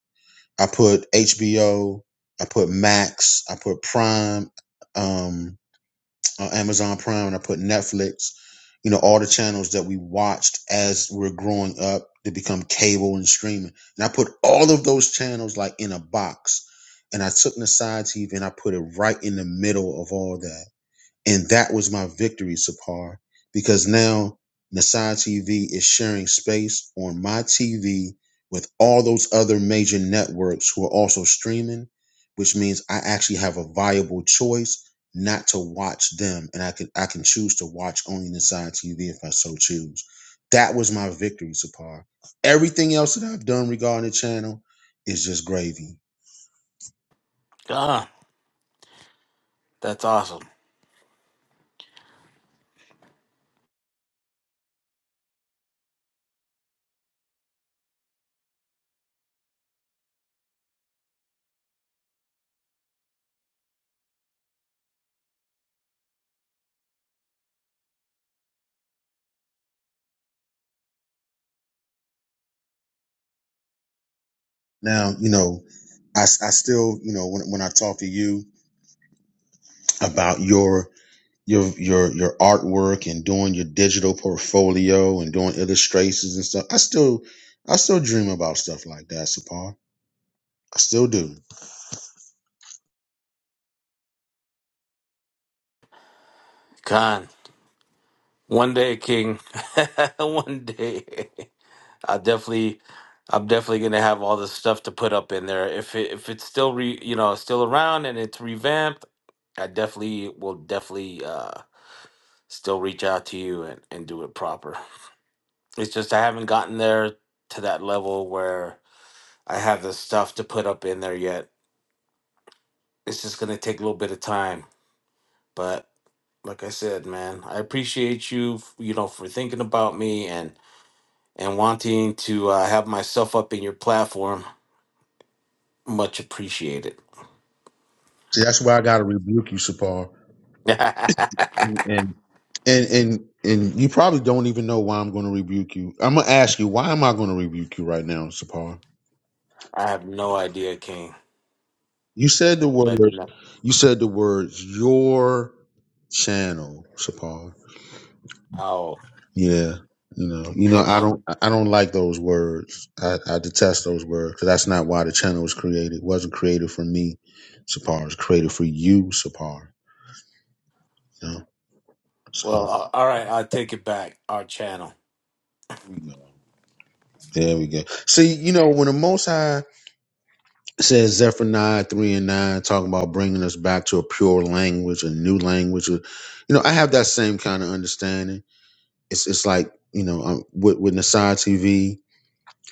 J: I put HBO, I put Max, I put Prime, um, uh, Amazon Prime, and I put Netflix, you know, all the channels that we watched as we are growing up to become cable and streaming. And I put all of those channels like in a box. And I took Nasai TV and I put it right in the middle of all that and that was my victory, Sapar, because now Nasai TV is sharing space on my TV with all those other major networks who are also streaming, which means I actually have a viable choice not to watch them. And I can I can choose to watch only Nasai TV if I so choose. That was my victory, Sapar. Everything else that I've done regarding the channel is just gravy.
K: God, that's awesome.
J: Now, you know, I, I still, you know, when, when I talk to you about your your your your artwork and doing your digital portfolio and doing illustrations and stuff. I still I still dream about stuff like that, Sapar. I still do.
K: God. One day, King. [LAUGHS] One day. I definitely I'm definitely gonna have all this stuff to put up in there. If it if it's still re you know, still around and it's revamped, I definitely will definitely uh still reach out to you and, and do it proper. It's just I haven't gotten there to that level where I have the stuff to put up in there yet. It's just gonna take a little bit of time. But like I said, man, I appreciate you, f- you know, for thinking about me and. and wanting to uh, have myself up in your platform. Much appreciated.
J: See, that's why I gotta rebuke you, Sapar.
K: [LAUGHS] I
J: And and and and you probably don't even know why I'm gonna rebuke you. I'm gonna ask you, why am I gonna rebuke you right now, Sapar?
K: have no idea, King.
J: You said the
K: Let me
J: words
K: know.
J: you said the words your channel, Sapar.
K: Oh,
J: Yeah, you know, you know, I
K: okay.
J: don't, I don't like those words. I, I detest those words because that's not why the channel was created. It wasn't created for me, Sapar. It was created for you, Sapar. You know,
K: Well,
J: so
K: uh, all right. I'll take it back. Our channel.
J: we go. there we go. See, you know, when the Most High says Zephaniah three and nine, talking about bringing us back to a pure language, a new language, uh, you know, I have that same kind of understanding. It's, it's like you know, um, with with Nasai TV.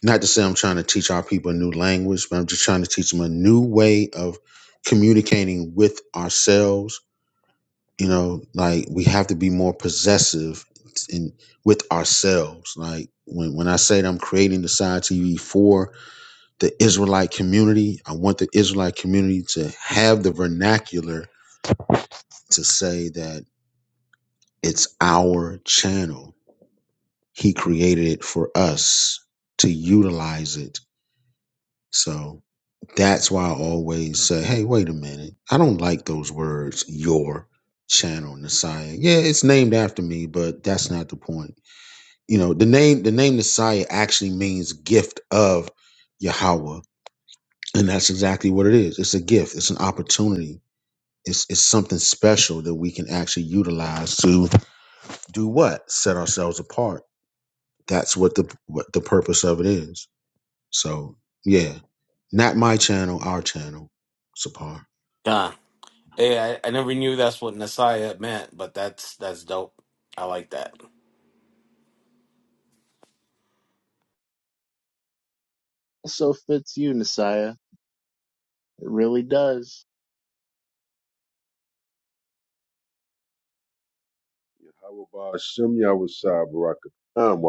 J: Not to say I'm trying to teach our people a new language, but I'm just trying to teach them a new way of communicating with ourselves. You know, like we have to be more possessive in with ourselves. Like when, when I say that I'm creating the side TV for the Israelite community, I want the Israelite community to have the vernacular to say that it's our channel. He created it for us to utilize it. So That's why I always say, hey, wait a minute. I don't like those words, your channel, Nasiah. Yeah, it's named after me, but that's not the point. You know, the name the name Nasiah actually means gift of Yahweh. And that's exactly what it is. It's a gift, it's an opportunity. It's it's something special that we can actually utilize to do what? Set ourselves apart. That's what the what the purpose of it is. So yeah. Not my channel, our channel. Sapar.
K: Done. Hey, I, I never knew that's what Nasaya meant, but that's that's dope. I like that.
E: Also fits you, Messiah. It really does.
L: Yahweh Ba Yahweh Shai Barak Atah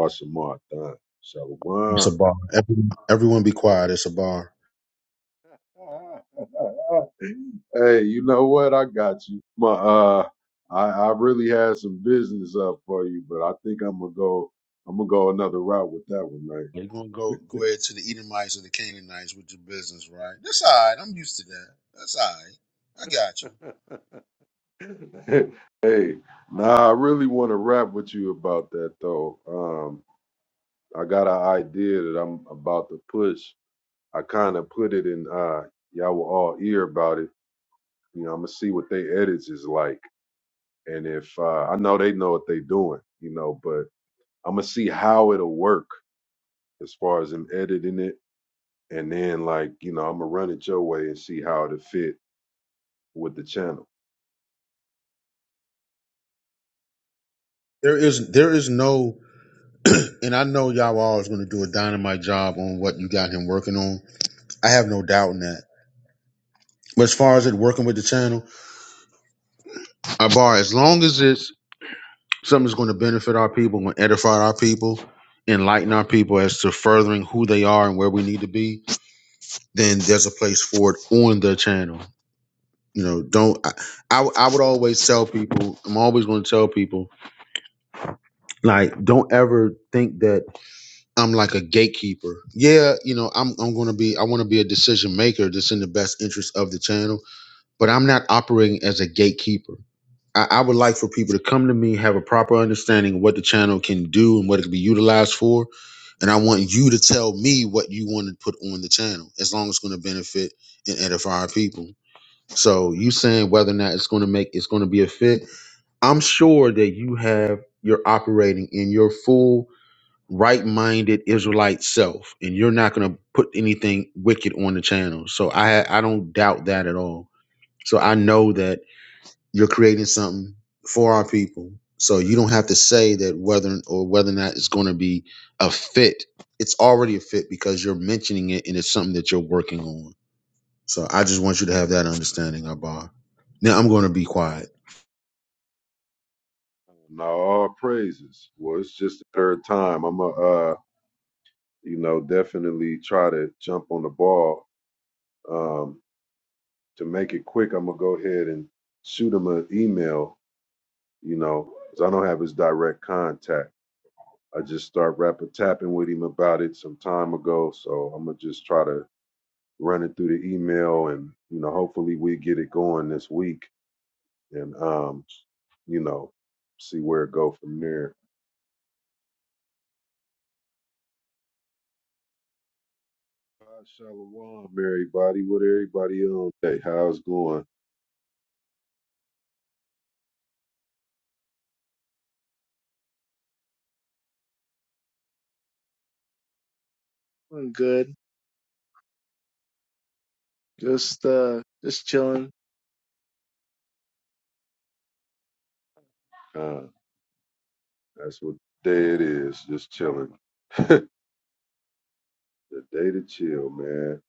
J: It's a
L: Shalom.
J: bar. Everyone, everyone be quiet. It's a bar.
L: [LAUGHS] hey, you know what? I got you. My uh I, I really had some business up for you, but I think I'm gonna go I'm gonna go another route with that one,
J: You're gonna go go ahead to the Edomites or the Canaanites with your business, right? That's all right. I'm used to that. That's all right. I got you.
L: man. [LAUGHS] hey, nah, I really wanna rap with you about that though. Um I got an idea that I'm about to push. I kinda put it in uh y'all were all ear about it You know, I'm gonna see what they edits is like, and if uh, I know they know what they doing, you know, but I'm gonna see how it'll work as far as them editing it, and then like you know, I'm gonna run it your way and see how it'll fit with the channel.
J: There is there is no [CLEARS THROAT] and I know Yahweh is gonna do a dynamite job on what you got him working on. I have no doubt in that. But as far as it working with the channel, I bar as long as it's something that's gonna benefit our people, gonna edify our people, enlighten our people as to furthering who they are and where we need to be, then there's a place for it on the channel. You know, don't I, I I would always tell people, I'm always going to tell people like don't ever think that I'm like a gatekeeper. Yeah, you know, I'm I'm going to be I want to be a decision maker that's in the best interest of the channel, but I'm not operating as a gatekeeper. I, I would like for people to come to me, have a proper understanding of what the channel can do and what it can be utilized for, and I want you to tell me what you want to put on the channel as long as it's going to benefit and edify our people so you saying whether or not it's going to make it's going to be a fit? I'm sure that you have you're operating in your full right-minded Israelite self, and you're not going to put anything wicked on the channel. So I I don't doubt that at all. So I know that you're creating something for our people. So you don't have to say that whether or whether or not it's going to be a fit. It's already a fit because you're mentioning it, and it's something that you're working on. So I just want you to have that understanding, Abba. Now I'm going to be quiet.
L: Now all praises. Well, it's just the third time. I'm gonna uh, you know, definitely try to jump on the ball. Um, to make it quick, I'm gonna go ahead and shoot him an email. You know, 'cause I don't have his direct contact I just start rapper tapping with him about it some time ago. So I'm gonna just try to run it through the email, and you know, hopefully we get it going this week, and um, you know, see where it go from there. Uh, Shalom, everybody. What everybody on Hey, How's going?
E: I'm good. Just, uh, just chilling.
L: Uh, that's what day it is. Just chilling. The day to chill, man.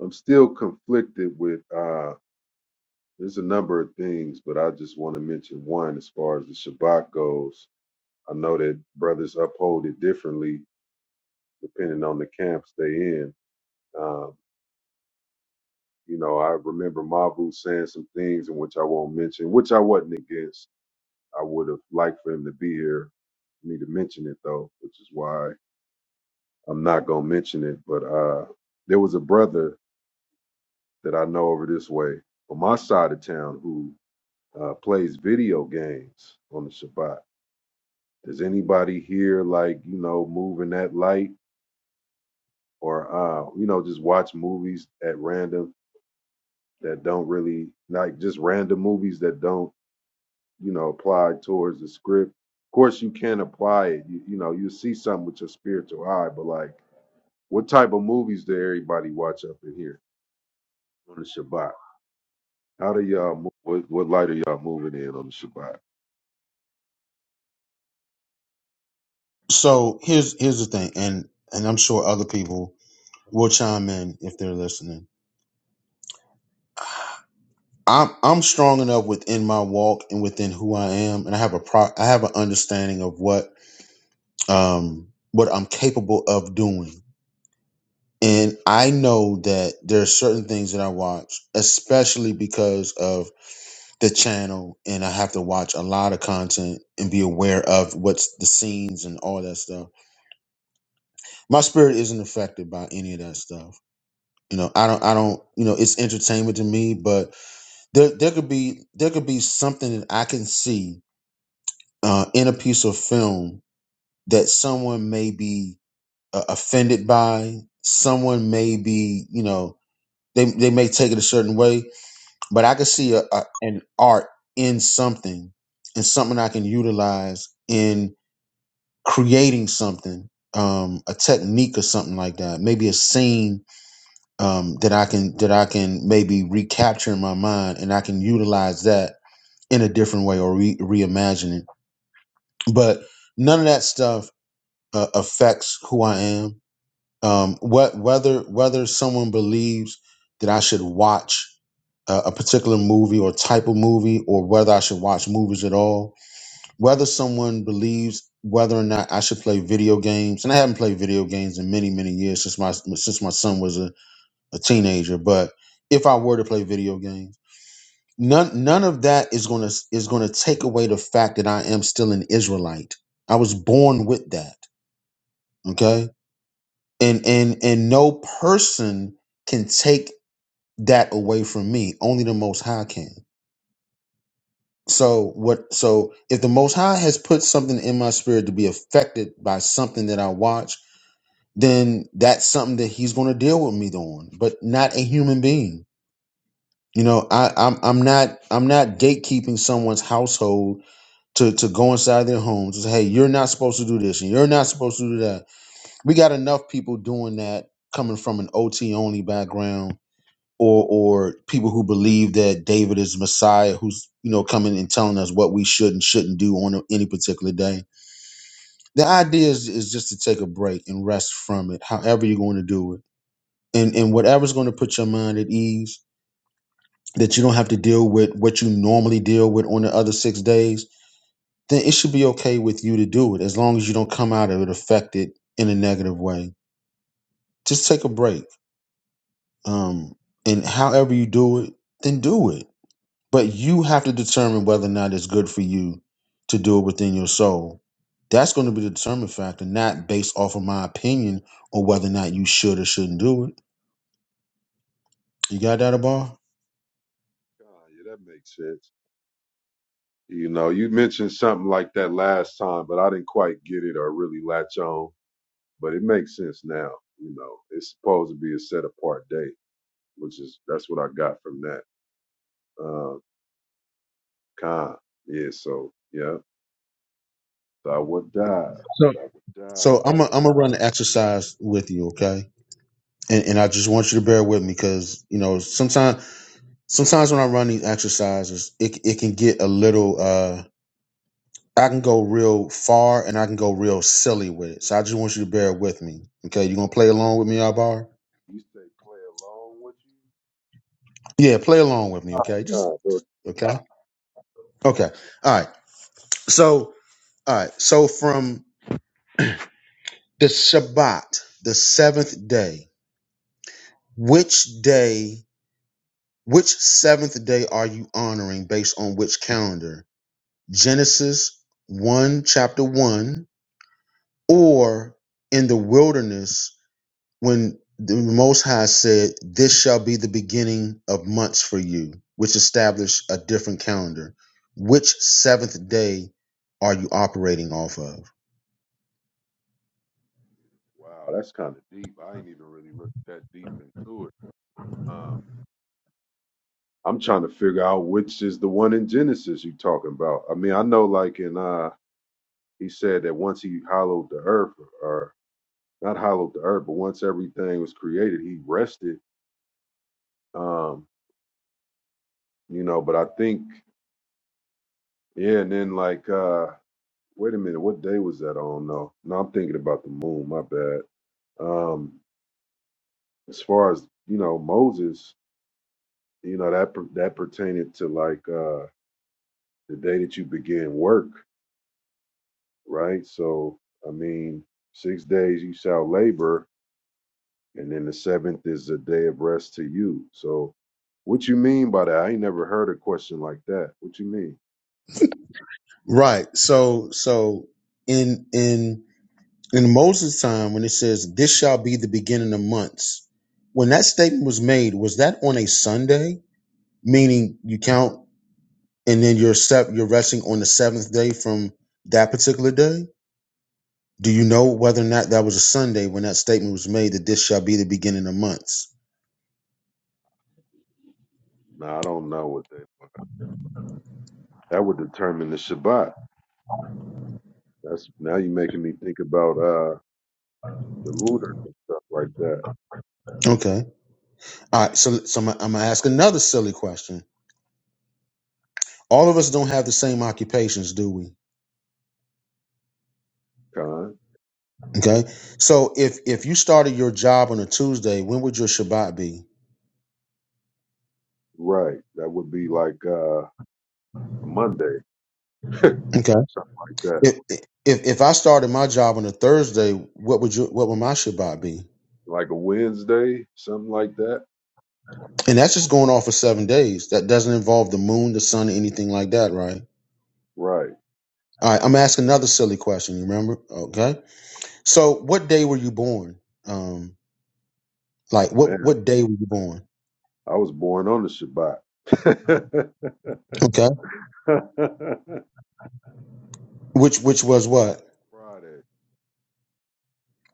L: I'm still conflicted with uh. There's a number of things, but I just want to mention one as far as the Shabbat goes I know that brothers uphold it differently depending on the camps they in. Um, you know, I remember Mavu saying some things in which I won't mention, which I wasn't against. I would have liked for him to be here, me to mention it though, which is why I'm not gonna mention it. But uh, there was a brother that I know over this way on my side of town who uh, plays video games on the Shabbat. Does anybody here like you know moving that light? or uh, you know, just watch movies at random that don't really like just random movies that don't, you know, apply towards the script. Of course, you can apply it. You, you know, you see something with your spiritual eye, but like, what type of movies do everybody watch up in here on the Shabbat? How do y'all move? What, what light are y'all moving in on the Shabbat?
J: So here's here's the thing, and and I'm sure other people will chime in if they're listening. I'm I'm strong enough within my walk and within who I am, and I have a pro I have an understanding of what um what I'm capable of doing. And I know that there are certain things that I watch, especially because of the channel, and I have to watch a lot of content and be aware of what's the scenes and all that stuff my spirit isn't affected by any of that stuff. You know, I don't, I don't, you know, it's entertainment to me, but there, there could be, there could be something that I can see uh, in a piece of film that someone may be uh, offended by. Someone may be, you know, they, they may take it a certain way, but I could see a, a, an art in something and something I can utilize in creating something, um, a technique or something like that, maybe a scene um, that I can that I can maybe recapture in my mind, and I can utilize that in a different way or re- reimagine it. But none of that stuff uh, affects who I am. Um, what whether whether someone believes that I should watch a, a particular movie or type of movie, or whether I should watch movies at all, whether someone believes whether or not I should play video games, and I haven't played video games in many many years since my since my son was a a teenager, but if I were to play video games, none none of that is going to is going to take away the fact that I am still an Israelite. I was born with that, okay? And and and no person can take that away from me. Only the most high can. So what so if the most high has put something in my spirit to be affected by something that I watch, then that's something that he's going to deal with me on, but not a human being You know, I, I'm I'm not I'm not gatekeeping someone's household to to go inside their homes and say, hey, you're not supposed to do this and you're not supposed to do that. We got enough people doing that coming from an OT only background or or people who believe that David is Messiah who's you know coming and telling us what we should and shouldn't do on a- any particular day. The idea is, is just to take a break and rest from it, however you're going to do it. And and whatever's going to put your mind at ease that you don't have to deal with what you normally deal with on the other six days, then it should be okay with you to do it as long as you don't come out of it affected in a negative way. Just take a break. Um, and however you do it, then do it. But you have to determine whether or not it's good for you to do it within your soul. That's going to be the determining factor, not based off of my opinion or whether or not you should or shouldn't do it. You got that, Abar?
L: Oh, yeah, that makes sense. You know, you mentioned something like that last time, but I didn't quite get it or really latch on. But it makes sense now. You know, it's supposed to be a set apart day, which is that's what I got from that. Uh, Khan. Yeah. So yeah, thou would die.
J: So
L: Thou would die. Thou
J: So I'm i I'm
L: would
J: gonna
L: die.
J: run the exercise with you, okay? and, and I just want you to bear with me because you know sometimes sometimes when I run these exercises, it it can get a little. uh I can go real far and I can go real silly with it. So I just want you to bear with me. Okay, you gonna play along with me, Albar?
L: You say play along with you.
J: Yeah, play along with me. Okay, just
L: Uh, but-
J: okay, okay. All right. So all right. So from the Shabbat, the seventh day, which day? Which seventh day are you honoring based on which calendar? Genesis 1, chapter 1, or in the wilderness when the Most High said, This shall be the beginning of months for you, which established a different calendar. Which seventh day are you operating off of?
L: wow, that's kind of deep. I ain't even really looked that deep into it. Um, I'm trying to figure out which is the one in Genesis you talking about. I mean, I know like in uh, he said that once he hollowed the earth. not hollowed the earth, but once everything was created, he rested. Um, you know, but I think, yeah, and then like uh wait a minute, what day was that? I don't know. No, I'm thinking about the moon, my bad. Um, as far as, you know, Moses, you know, that per- that pertained to like uh the day that you begin work, right? So I mean, six days you shall labor and then the seventh is a day of rest to you. So, what you mean by that? I ain't never heard a question like that. What you mean?
J: Right. So, so in, in, in Moses' time, when it says, This shall be the beginning of months, when that statement was made, was that on a Sunday? Meaning you count and then you're sep- you're resting on the seventh day from that particular day. Do you know whether or not that was a Sunday when that statement was made that this shall be the beginning of months?
L: No, I don't know what they. That would determine the Shabbat. That's now you're making me think about uh the lunar and stuff like that.
J: Okay. All right. So, so I'm, gonna- I'm gonna ask another silly question. All of us don't have the same occupations, do we?
L: Con
J: Okay. So if if you started your job on a Tuesday, when would your Shabbat be?
L: right? That would be like uh a Monday,
J: Okay.
L: something like that,
J: If if if I started my job on a Thursday, what would your what would my Shabbat be?
L: like a Wednesday, something like that.
J: And that's just going off for seven days. That doesn't involve the moon, the sun, anything like that, right?
L: Right,
J: All right, I'm asking another silly question. You remember? Okay. So, what day were you born? Um, like what
L: man.
J: what day were you born?
L: I was born on the Shabbat.
J: Okay.
L: [LAUGHS]
J: Which which was what?
L: Friday.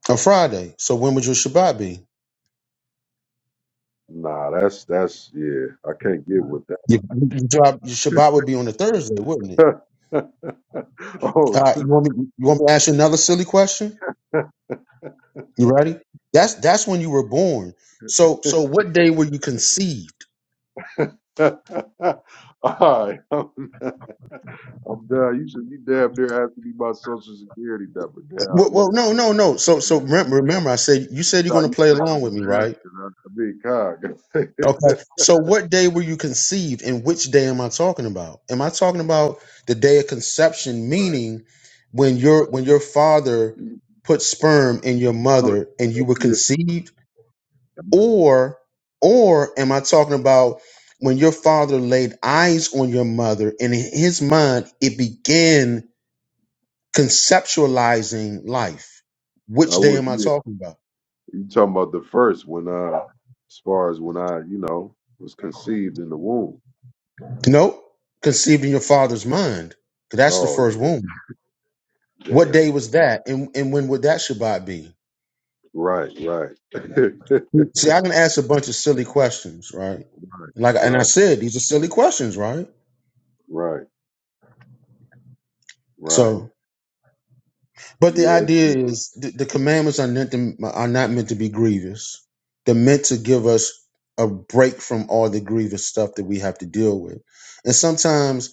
J: A Friday. So when would your Shabbat be?
L: Nah, that's that's yeah. I can't get with
J: Your, your, Shabbat, your Shabbat would be on a Thursday, wouldn't it?
L: that. [LAUGHS] oh,
J: All right. You want me? You want me to ask you another silly question? You ready? That's that's when you were born. So so what day were you conceived?
L: [LAUGHS] all right. [LAUGHS] I'm, I'm down. You should be damn near asking me my social security number now.
J: Well,
L: Yeah,
J: well no
L: you
J: no
L: should
J: no.
L: do
J: So so
L: that.
J: remember, remember I said you said you're
L: No,
J: going to
L: you
J: play along
L: should
J: with me, right?
L: think I'm just asking. I, I mean,
J: Okay.
L: God.
J: So what day were you conceived and which day am I talking about? Am I talking about the day of conception meaning when your when your father put sperm in your mother and you were
L: [LAUGHS] yeah,
J: conceived or or am I talking about when your father laid eyes on your mother and in his mind it began conceptualizing life? Which
L: I
J: day
L: would.
J: am I
L: Yeah.
J: talking about?
L: You talking about the first when I, as far as when I, you know, was conceived in the womb.
J: Nope. Conceived in your father's mind. 'Cause That's the
L: Oh
J: first
L: yeah,
J: womb. What day
L: damn.
J: was that? And and when would that Shabbat be?
L: Right, right. [LAUGHS]
J: See, I can ask a bunch of silly questions, right?
L: Right,
J: Like and I
L: right,
J: said, these are silly questions, right?
L: right. right.
J: So, but the
L: Yeah, it's
J: idea
L: just
J: is the, the commandments are meant to, are not meant to be grievous. They're meant to give us a break from all the grievous stuff that we have to deal with. And sometimes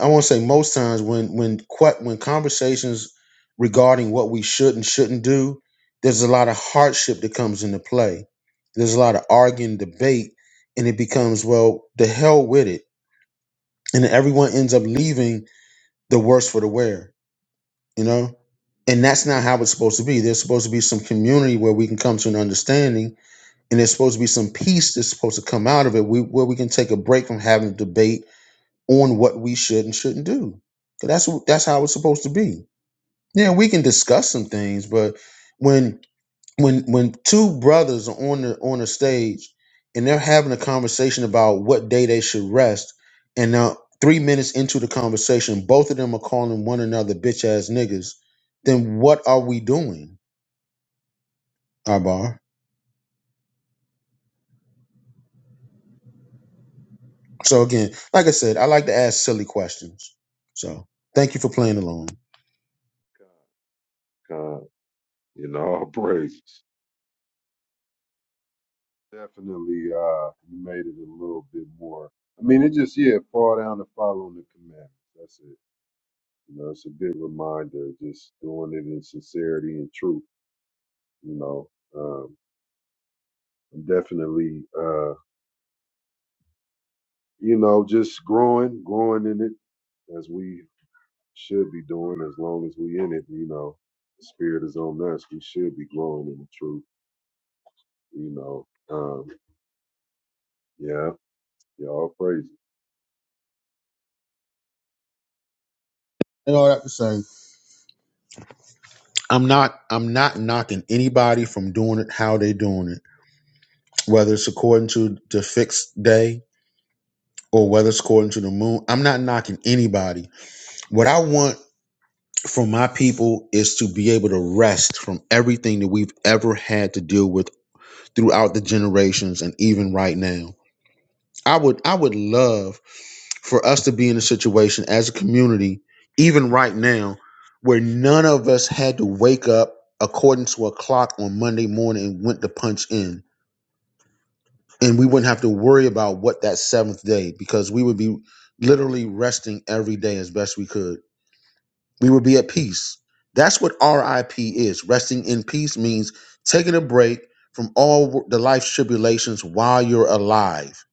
J: I want to say most times when when que- when conversations regarding what we should and shouldn't do, there's a lot of hardship that comes into play. There's a lot of arguing, debate, and it becomes well, the hell with it, and everyone ends up leaving the worse for the wear, you know. And that's not how it's supposed to be. There's supposed to be some community where we can come to an understanding, and there's supposed to be some peace that's supposed to come out of it. We, where we can take a break from having a debate on what we should and shouldn't do. 'Cause That's that's how it's supposed to be. Yeah, we can discuss some things, but when when when two brothers are on the on the stage and they're having a conversation about what day they should rest, and now three minutes into the conversation, both of them are calling one another bitch ass niggas, then what are we doing, Arbar? So again, like I said, I like to ask silly questions. So thank you for playing along.
L: kind, kind, you know, [LAUGHS] all praises. Definitely, uh, you made it a little bit more. I mean, it just, yeah, fall down to following the commandments. That's it. You know, it's a good reminder, just doing it in sincerity and truth, you know. Um, I'm definitely, uh, you know, just growing, growing in it as we should be doing as long as we in it, you know. The spirit is on us. We should be growing in the truth you know. Um, yeah, y'all crazy.
J: And all that to say. I'm not I'm not knocking anybody from doing it how they doing it, whether it's according to the fixed day or whether it's according to the moon. I'm not knocking anybody. What I want from my people is to be able to rest from everything that we've ever had to deal with throughout the generations and even right now. I would I would love for us to be in a situation as a community, even right now, where none of us had to wake up according to a clock on Monday morning and went to punch in. And we wouldn't have to worry about what that seventh day, because we would be literally resting every day as best we could. We would be at peace. That's what RIP is. Resting in peace means taking a break from all the life tribulations while you're alive.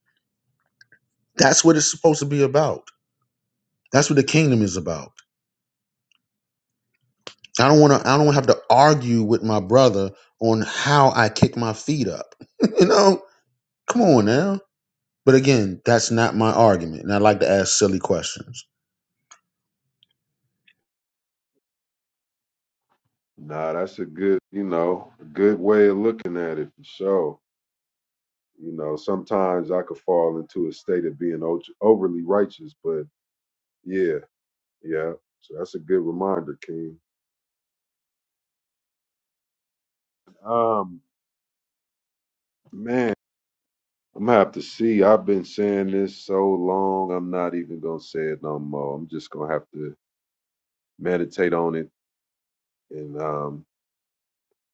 J: That's what it's supposed to be about. That's what the kingdom is about. I don't want to. I don't have to argue with my brother on how I kick my feet up. [LAUGHS] you know, come on now. But again, that's not my argument, and I like to ask silly questions.
L: Nah, that's a good, you know, a good way of looking at it for sure. You know, sometimes I could fall into a state of being o- overly righteous, but yeah, yeah. So that's a good reminder, King. Um, man, I'm gonna have to see. I've been saying this so long, I'm not even gonna say it no more. I'm just gonna have to meditate on it and um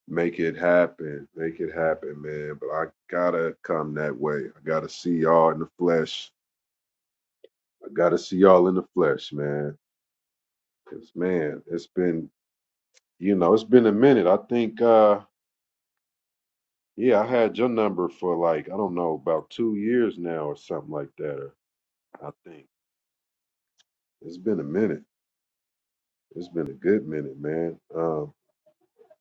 L: Make it happen. Make it happen, man. But I gotta come that way. I gotta see y'all in the flesh. I gotta see y'all in the flesh, man. Cause man, it's been you know, it's been a minute. I think uh yeah, I had your number for like, I don't know, about two years now or something like that. Or I think. It's been a minute. It's been a good minute, man. Um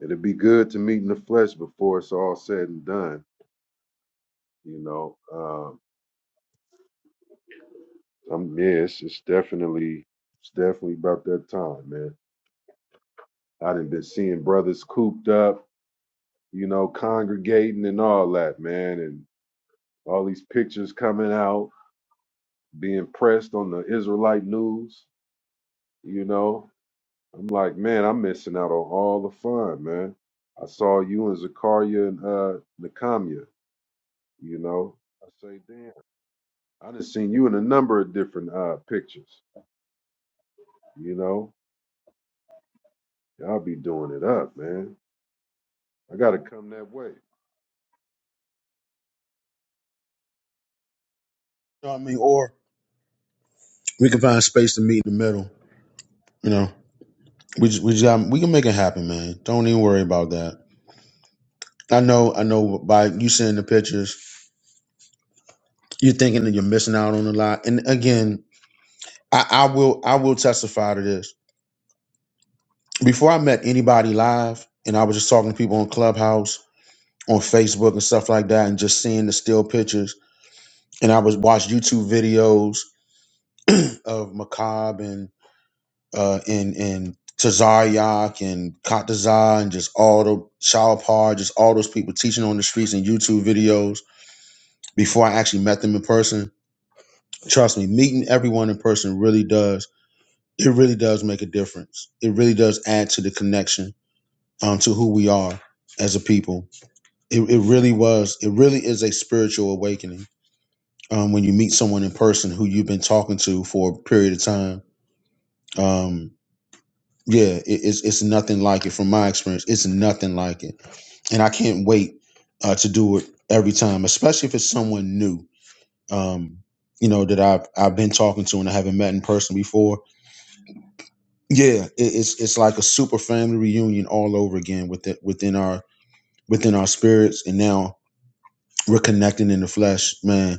L: it'd be good to meet in the flesh before it's all said and done, you know. Um, I'm yeah, it's, it's definitely it's definitely about that time, man. I done been seeing brothers cooped up, you know, congregating and all that, man, and all these pictures coming out, being pressed on the Israelite news, you know. I'm like, man, I'm missing out on all the fun, man. I saw you and Zakaria and uh Nakamia, you know. I say, damn, I done seen you in a number of different uh pictures, you know. Y'all be doing it up, man. I gotta come that way.
J: You know what I mean? Or we can find space to meet in the middle. You know, we just, we just got, we can make it happen, man. Don't even worry about that. I know, I know. By you seeing the pictures, you're thinking that you're missing out on a lot. And again, I, I will, I will testify to this. Before I met anybody live, and I was just talking to people on Clubhouse on Facebook and stuff like that, and just seeing the still pictures. And I was watched YouTube videos [CLEARS THROAT] of Macab and uh and and Tazaryak and Katazar and just all the Shalpar, just all those people teaching on the streets and YouTube videos before I actually met them in person. Trust me, meeting everyone in person really does. It really does make a difference. It really does add to the connection um, to who we are as a people. It, it really was. It really is a spiritual awakening um, when you meet someone in person who you've been talking to for a period of time. Um, yeah, it, it's it's nothing like it from my experience. It's nothing like it, and I can't wait uh, to do it every time, especially if it's someone new. Um, you know that I've I've been talking to and I haven't met in person before. Yeah, it, it's it's like a super family reunion all over again with the, within our within our spirits, and now we're connecting in the flesh, man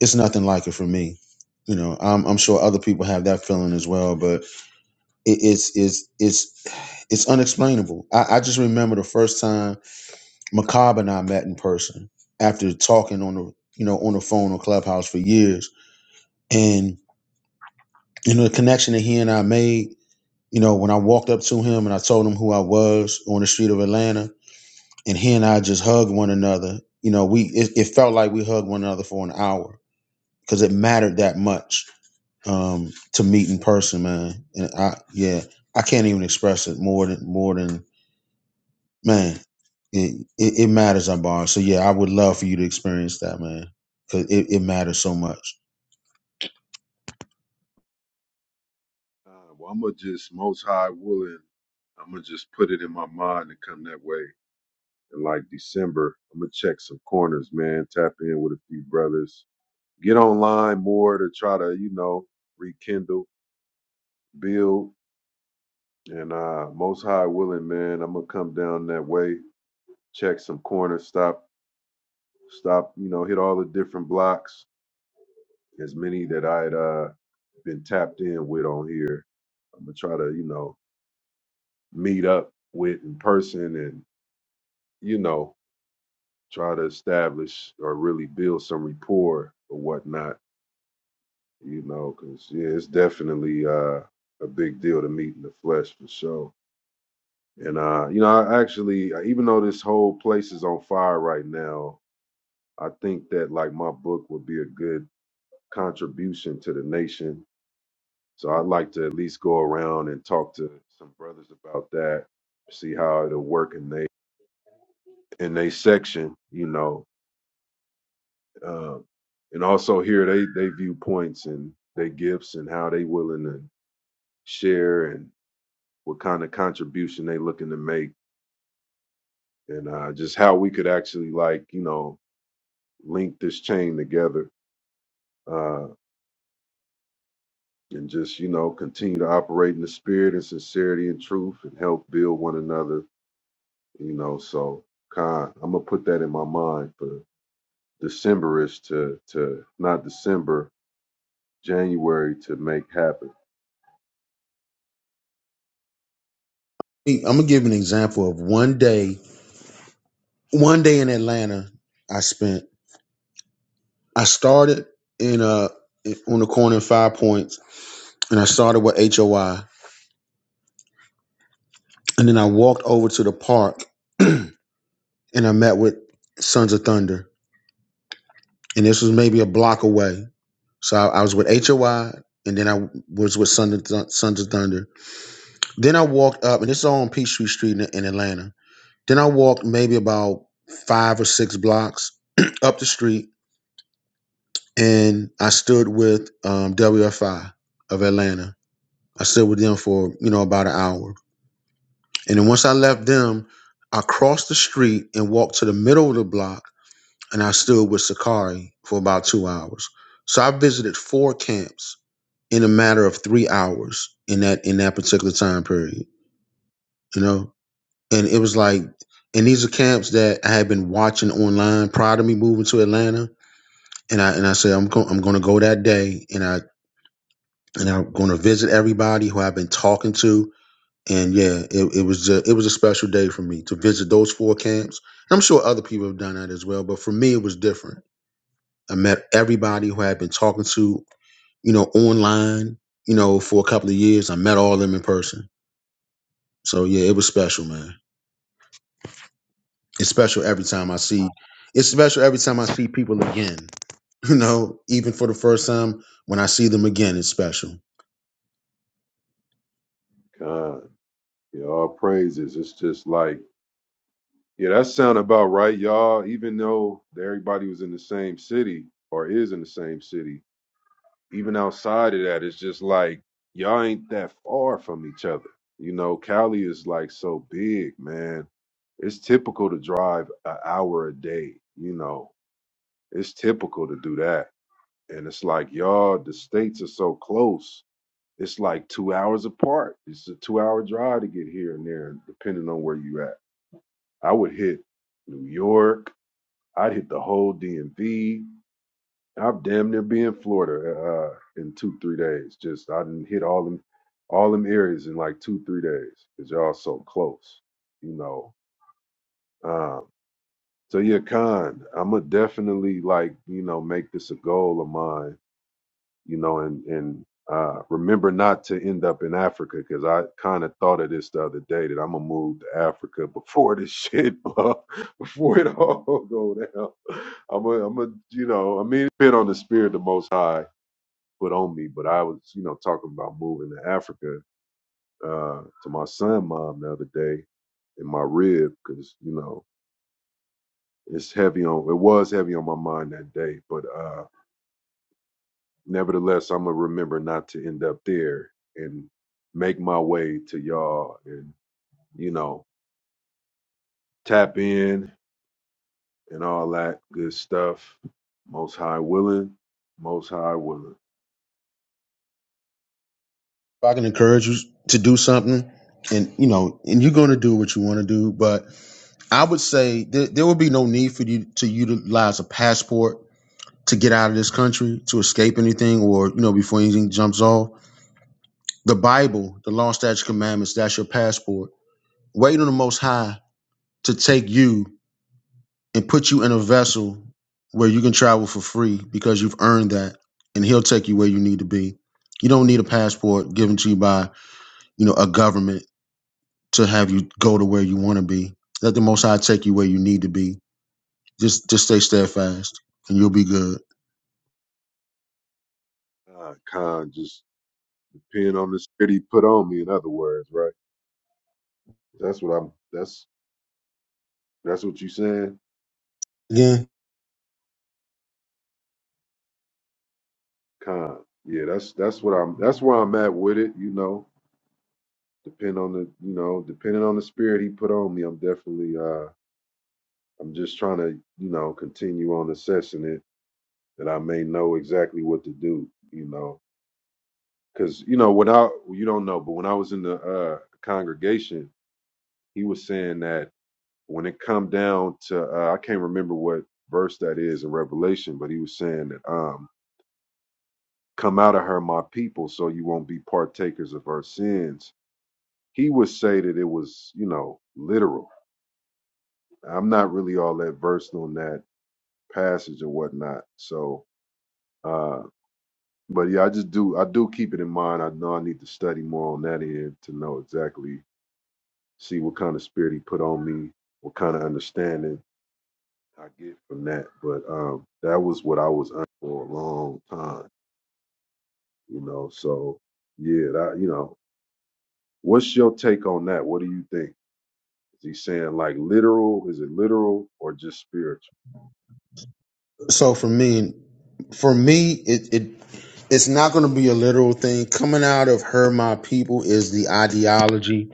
J: it's nothing like it for me. You know, I'm, I'm sure other people have that feeling as well, but it, it's it's it's it's unexplainable. I, I just remember the first time Macabre and I met in person after talking on the you know on the phone or Clubhouse for years, and you know the connection that he and I made. You know, when I walked up to him and I told him who I was on the street of Atlanta, and he and I just hugged one another. You know, we it, it felt like we hugged one another for an hour because it mattered that much um, to meet in person, man. And I, yeah, I can't even express it more than more than man. It it, it matters, I bar. So yeah, I would love for you to experience that, man, because it, it matters so much.
L: Uh, well, I'm gonna just most high willing. I'm gonna just put it in my mind to come that way. And like December, I'm gonna check some corners, man. Tap in with a few brothers. Get online more to try to, you know, rekindle, build. And uh, most high willing, man. I'm gonna come down that way. Check some corners. Stop, stop. You know, hit all the different blocks. As many that I had uh, been tapped in with on here. I'm gonna try to, you know, meet up with in person and you know try to establish or really build some rapport or whatnot, you know, because yeah, it's definitely uh, a big deal to meet in the flesh for sure. And uh, you know, I actually, uh, even though this whole place is on fire right now, I think that like my book would be a good contribution to the nation. So I'd like to at least go around and talk to some brothers about that, see how it'll work in they in they section, you know, Um, and also here they they viewpoints and their gifts and how they willing to share and what kind of contribution they looking to make and uh, just how we could actually like you know link this chain together uh, and just you know continue to operate in the spirit and sincerity and truth and help build one another you know so Khan, I'm gonna put that in my mind for Decemberish to to not December January to make happen.
J: I'm gonna give an example of one day. One day in Atlanta, I spent. I started in uh on the corner in Five Points, and I started with HOI, and then I walked over to the park, [CLEARS THROAT] and I met with Sons of Thunder, and this was maybe a block away So I, I was with HOI, and then I was with Sons of, Thun- Sons of Thunder. Then I walked up, and this is all on Peachtree Street in, in Atlanta. Then I walked maybe about five or six blocks [CLEARS THROAT] up the street, and I stood with um, WFI of Atlanta. I stood with them for you know about an hour, and then once I left them, I crossed the street and walked to the middle of the block, and I stood with Sakari for about two hours. So I visited four camps in a matter of three hours in that in that particular time period you know and it was like and these are camps that i had been watching online prior to me moving to atlanta and i and i said i'm, go- I'm going to go that day and i and i'm going to visit everybody who i've been talking to and yeah it, it was a, it was a special day for me to visit those four camps and i'm sure other people have done that as well but for me it was different i met everybody who i had been talking to you know online you know for a couple of years i met all of them in person So yeah, it was special, man. It's special every time I see. It's special every time I see people again. [LAUGHS] You know, even for the first time when I see them again, it's special. If
L: Khan. Yeah, all praises. It's just like, yeah, that sound about right, y'all. Even though everybody was in the same city or is in the same city, even outside of that, it's just like y'all ain't that far from each other. You know, Cali is like so big, man. It's typical to drive an hour a day. You know, it's typical to do that. And it's like, y'all, the states are so close. It's like two hours apart. It's a two hour drive to get here and there, depending on where you at. I would hit New York. I'd hit the whole DMV. I'm damn near be in Florida uh, in two three days. Just I didn't hit all them all them areas in like two three days because y'all so close, you know. Um, so yeah, Khan, I'm gonna definitely like you know make this a goal of mine you know, and and uh, remember not to end up in Africa because I kind of thought of this the other day that I'm gonna move to Africa before this [LAUGHS] shit, blow- before it all [LAUGHS] go down. I'm a, I'm a, you know, I mean, it depend on the spirit the Most High put on me, but I was, you know, talking about moving to Africa uh, to my son, mom, the other day in my rib because you know it's heavy on. It was heavy on my mind that day, but. uh Nevertheless, I'm gonna remember not to end up there and make my way to y'all and you know tap in and all that good stuff. Most high willing, most high willing.
J: I can encourage you to do something, and you know, and you're going to do what you want to do, but I would say th- there would be no need for you to utilize a passport to get out of this country to escape anything, or you know, before anything jumps off. The Bible, the law, statutes, commandments—that's your passport. Wait on the Most High to take you and put you in a vessel where you can travel for free because you've earned that and he'll take you where you need to be you don't need a passport given to you by you know a government to have you go to where you want to be let the most high take you where you need to be just just stay steadfast and you'll be good
L: Uh, kind just depend on the spirit he put on me. In other words, right? That's what I'm. That's that's what you saying.
J: again
L: Kind. Yeah, that's that's what I'm. That's where I'm at with it. You know, depend on the you know depending on the spirit he put on me. I'm definitely uh I'm just trying to, you know, continue on assessing it that I may know exactly what to do, you know. Because, you know, when I, you don't know, but when I was in the uh, congregation, he was saying that when it come down to, uh, I can't remember what verse that is in Revelation, but he was saying that, um, come out of her, my people, so you won't be partakers of her sins. He would say that it was, you know, literal. I'm not really all that versed on that passage or whatnot. So, uh, But yeah, I just do I do keep it in mind. I know I need to study more on that end to know exactly see what kind of spirit he put on me, what kind of understanding I get from that. But um that was what I was under for a long time, you know. So yeah, that you know, what's your take on that? What do you think? Is he saying like literal? Is it literal or just spiritual?
J: so for me for me it, it it's not going to be a literal thing coming out of her my people is the ideology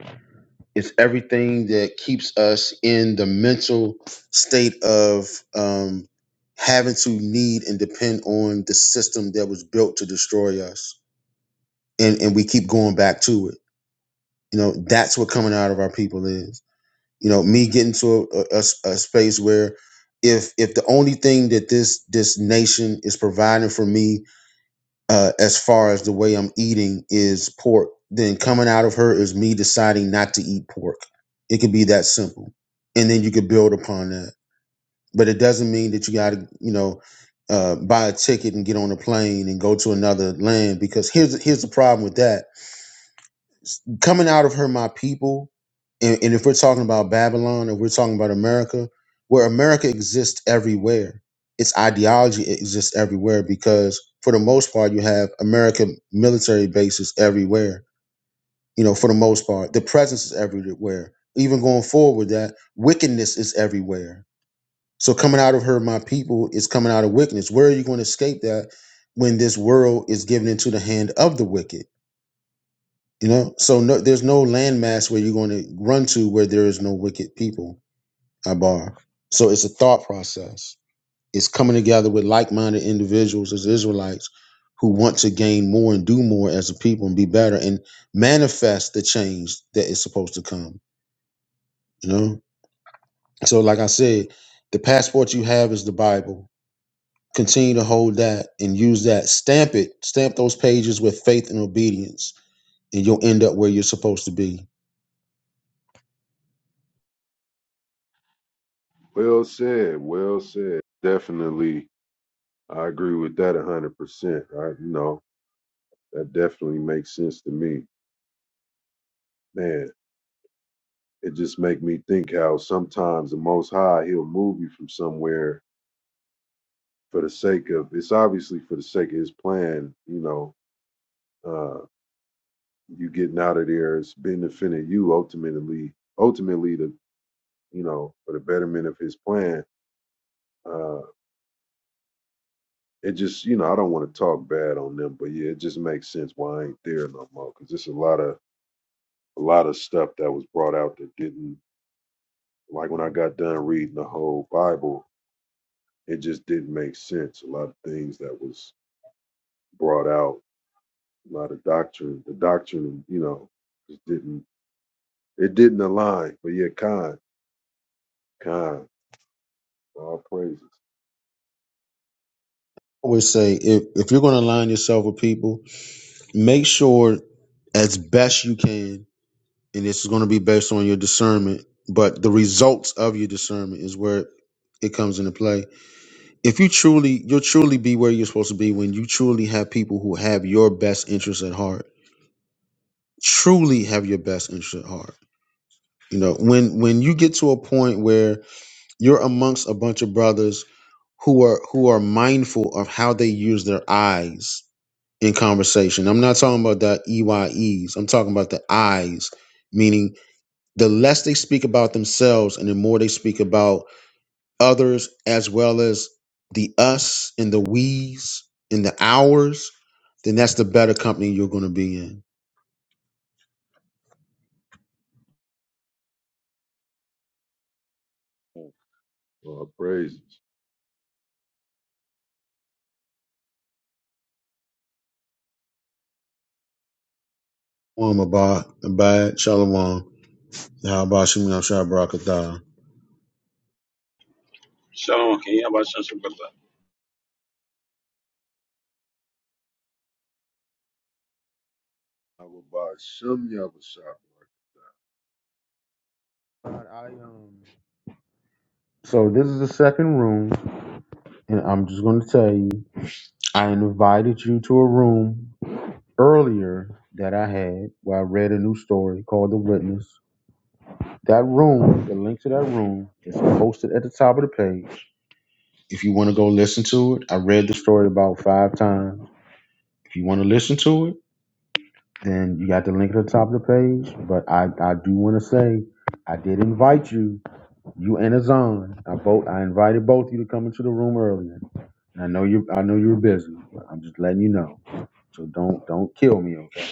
J: It's everything that keeps us in the mental state of um, having to need and depend on the system that was built to destroy us, and and we keep going back to it. You know, that's what coming out of our people is. You know, me getting to a, a, a space where if if the only thing that this this nation is providing for me uh, as far as the way I'm eating is pork, then coming out of her is me deciding not to eat pork. It could be that simple. And then you could build upon that. But it doesn't mean that you got to, you know, uh, buy a ticket and get on a plane and go to another land because here's here's the problem with that coming out of her my people and, and if we're talking about babylon if we're talking about america where america exists everywhere its ideology exists everywhere because for the most part you have american military bases everywhere you know for the most part the presence is everywhere even going forward with that wickedness is everywhere so coming out of her my people is coming out of wickedness where are you going to escape that when this world is given into the hand of the wicked you know, so no, there's no landmass where you're going to run to where there is no wicked people. Abar. So it's a thought process. It's coming together with like-minded individuals as Israelites who want to gain more and do more as a people and be better and manifest the change that is supposed to come. You know. So, like I said, the passport you have is the Bible. Continue to hold that and use that. Stamp it. Stamp those pages with faith and obedience, and you'll end up where you're supposed to be
L: Well said, well said. Definitely I agree with that a hundred percent. I you know, that definitely makes sense to me. Man, It just make me think how sometimes the Most High He'll move you from somewhere for the sake of it's obviously for the sake of His plan. You know, uh, you getting out of there, it's benefiting you ultimately. Ultimately, to you know, for the betterment of His plan. Uh, it just you know I don't want to talk bad on them, but yeah, it just makes sense why I ain't there no more because there's a lot of a lot of stuff that was brought out that didn't like when I got done reading the whole Bible, it just didn't make sense. A lot of things that was brought out a lot of doctrine. The doctrine, you know, just didn't it didn't align. But yeah, kind, kind, all praises,
J: always say if, if you're going to align yourself with people, make sure as best you can, and this is going to be based on your discernment, but the results of your discernment is where it comes into play. If you truly, you'll truly be where you're supposed to be when you truly have people who have your best interest at heart. Truly have your best interest at heart. You know, when when you get to a point where you're amongst a bunch of brothers who are who are mindful of how they use their eyes in conversation. I'm not talking about the EYEs. I'm talking about the I's, meaning the less they speak about themselves and the more they speak about others, as well as the us and the we's and the ours, then that's the better company you're going to be in.
L: all praises.
J: Shalom, Abba, Abad, Shalom, Yahabah, Shem Yahshua, Barakatah.
M: Shalom, Kenya. Abba, Shem, Shem,
L: Abba Shem Yahweh Shah.
J: I, um, So this is the second room, and I'm just going to tell you, I invited you to a room earlier that I had where I read a new story called The Witness. That room, the link to that room is posted at the top of the page. If you want to go listen to it, I read the story about five times. If you want to listen to it, then you got the link at the top of the page. But I, I do want to say I did invite you, you and Azan. I both I invited both of you to come into the room earlier. And I know you I know you were busy, but I'm just letting you know. So don't don't kill me, okay?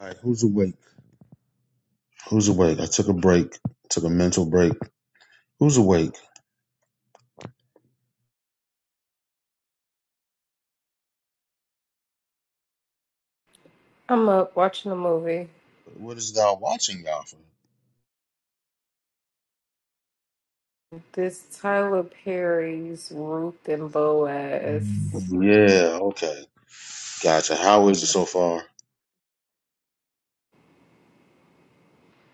J: All right, who's awake? Who's awake? I took a break, took a mental break. Who's awake?
C: I'm up watching a movie.
J: What is thou watching, Alfred?
C: This Tyler Perry's Ruth and Boaz.
J: Yeah, okay. Gotcha. How is it so far?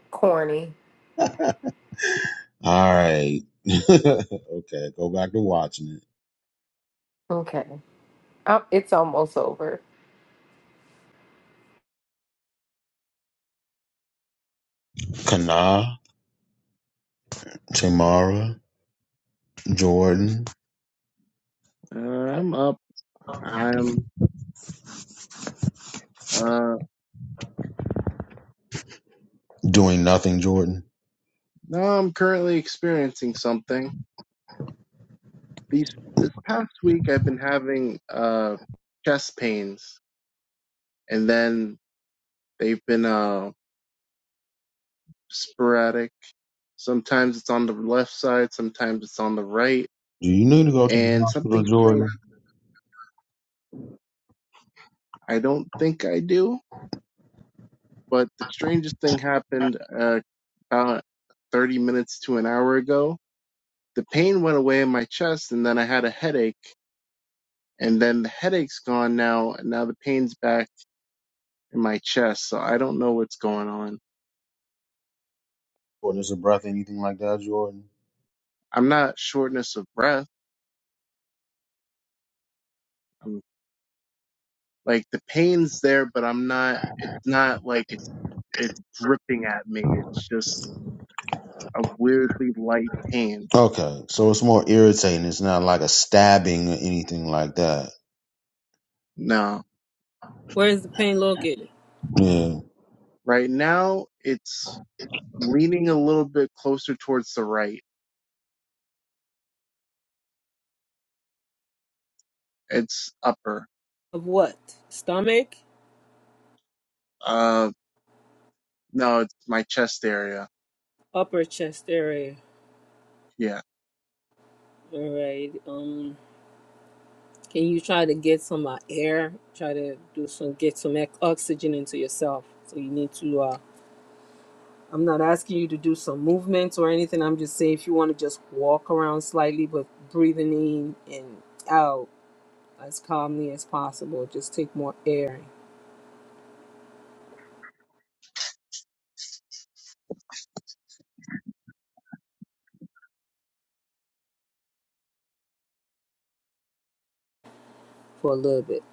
C: Corny.
J: All right. [LAUGHS] okay, go back to watching it.
C: Okay. Uh, It's almost over.
J: Kana, Tamara, Jordan,
E: Uh, I'm up. I'm, uh,
J: doing nothing, Jordan.
E: no, I'm currently experiencing something. These, this past week I've been having, uh, chest pains and then they've been uh, sporadic. Sometimes it's on the left side, sometimes it's on the right,
J: Do you need to go to the
E: and
J: hospital,
E: something strange.
J: Jordan?
E: I don't think I do, but the strangest thing happened uh, about 30 minutes to an hour ago. The pain went away in my chest, and then I had a headache, and then the headache's gone now, and now the pain's back in my chest. So I don't know what's going on.
J: Jordan, is a breath, anything like that, Jordan?
E: I'm not shortness of breath. I'm Like the pain's there, but I'm not. It's not like it's it's dripping at me. It's just a weirdly light pain.
J: Okay, so it's more irritating. It's not like a stabbing or anything like that.
E: No,
I: Where's the pain located?
J: Yeah.
E: right now it's leaning a little bit closer towards the right. It's upper.
I: Of what? Stomach?
E: Uh, no, it's my chest area.
I: Upper chest area.
E: Yeah.
I: All right. Um can you try to get some uh, air? Try to do some get some ex- oxygen into yourself. So you need to uh I'm not asking you to do some movements or anything. I'm just saying if you want to just walk around slightly, but breathing in and out as calmly as possible. Just take more air for a little bit.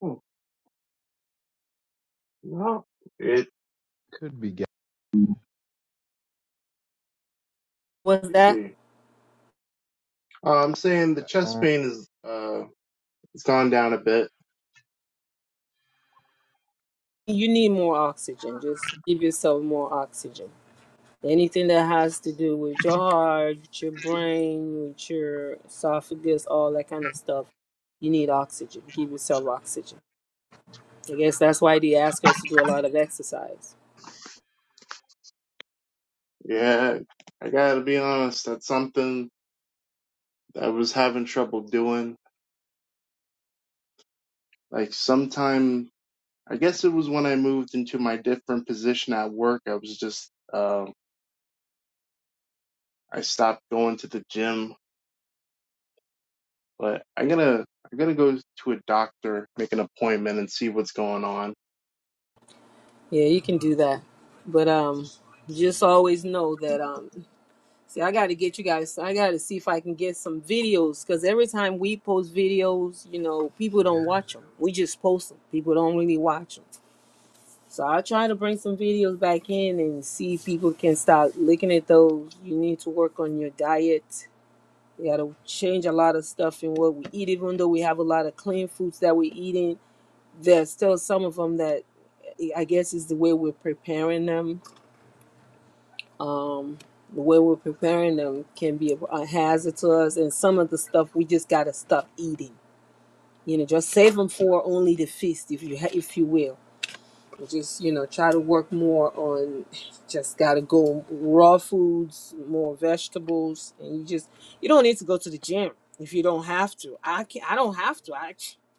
E: Hmm, No, it.
G: Could be ga-
I: What's that?
E: See, uh, I'm saying the
G: on.
E: chest pain is uh, it's gone down a bit.
I: You need more oxygen. Just give yourself more oxygen. Anything that has to do with your heart, with your brain, with your esophagus, all that kind of stuff, you need oxygen. Give yourself oxygen. I guess that's why they ask us to do a lot of exercise
E: Yeah, I gotta be honest. That's something I was having trouble doing Like sometime, I guess it was when I moved into my different position at work. I was just, um, I stopped going to the gym, but I'm gonna, I'm gonna go to a doctor, make an appointment, and see what's going on.
I: Yeah, you can do that. But um just always know that um see I gotta get you guys I gotta see if I can get some videos because every time we post videos, you know, people don't watch them. We just post them. People don't really watch them. So i try to bring some videos back in and see if people can start looking at those. You need to work on your diet. You gotta change a lot of stuff in what we eat, even though we have a lot of clean foods that we're eating. There's still some of them that I guess is the way we're preparing them um, the way we're preparing them can be a, hazard to us. And some of the stuff we just gotta stop eating. You know, just save them for only the feast, if you ha- if you will. Just you know, try to work more on. Just gotta go raw foods, more vegetables, and you just you don't need to go to the gym if you don't have to. I can I don't have to. I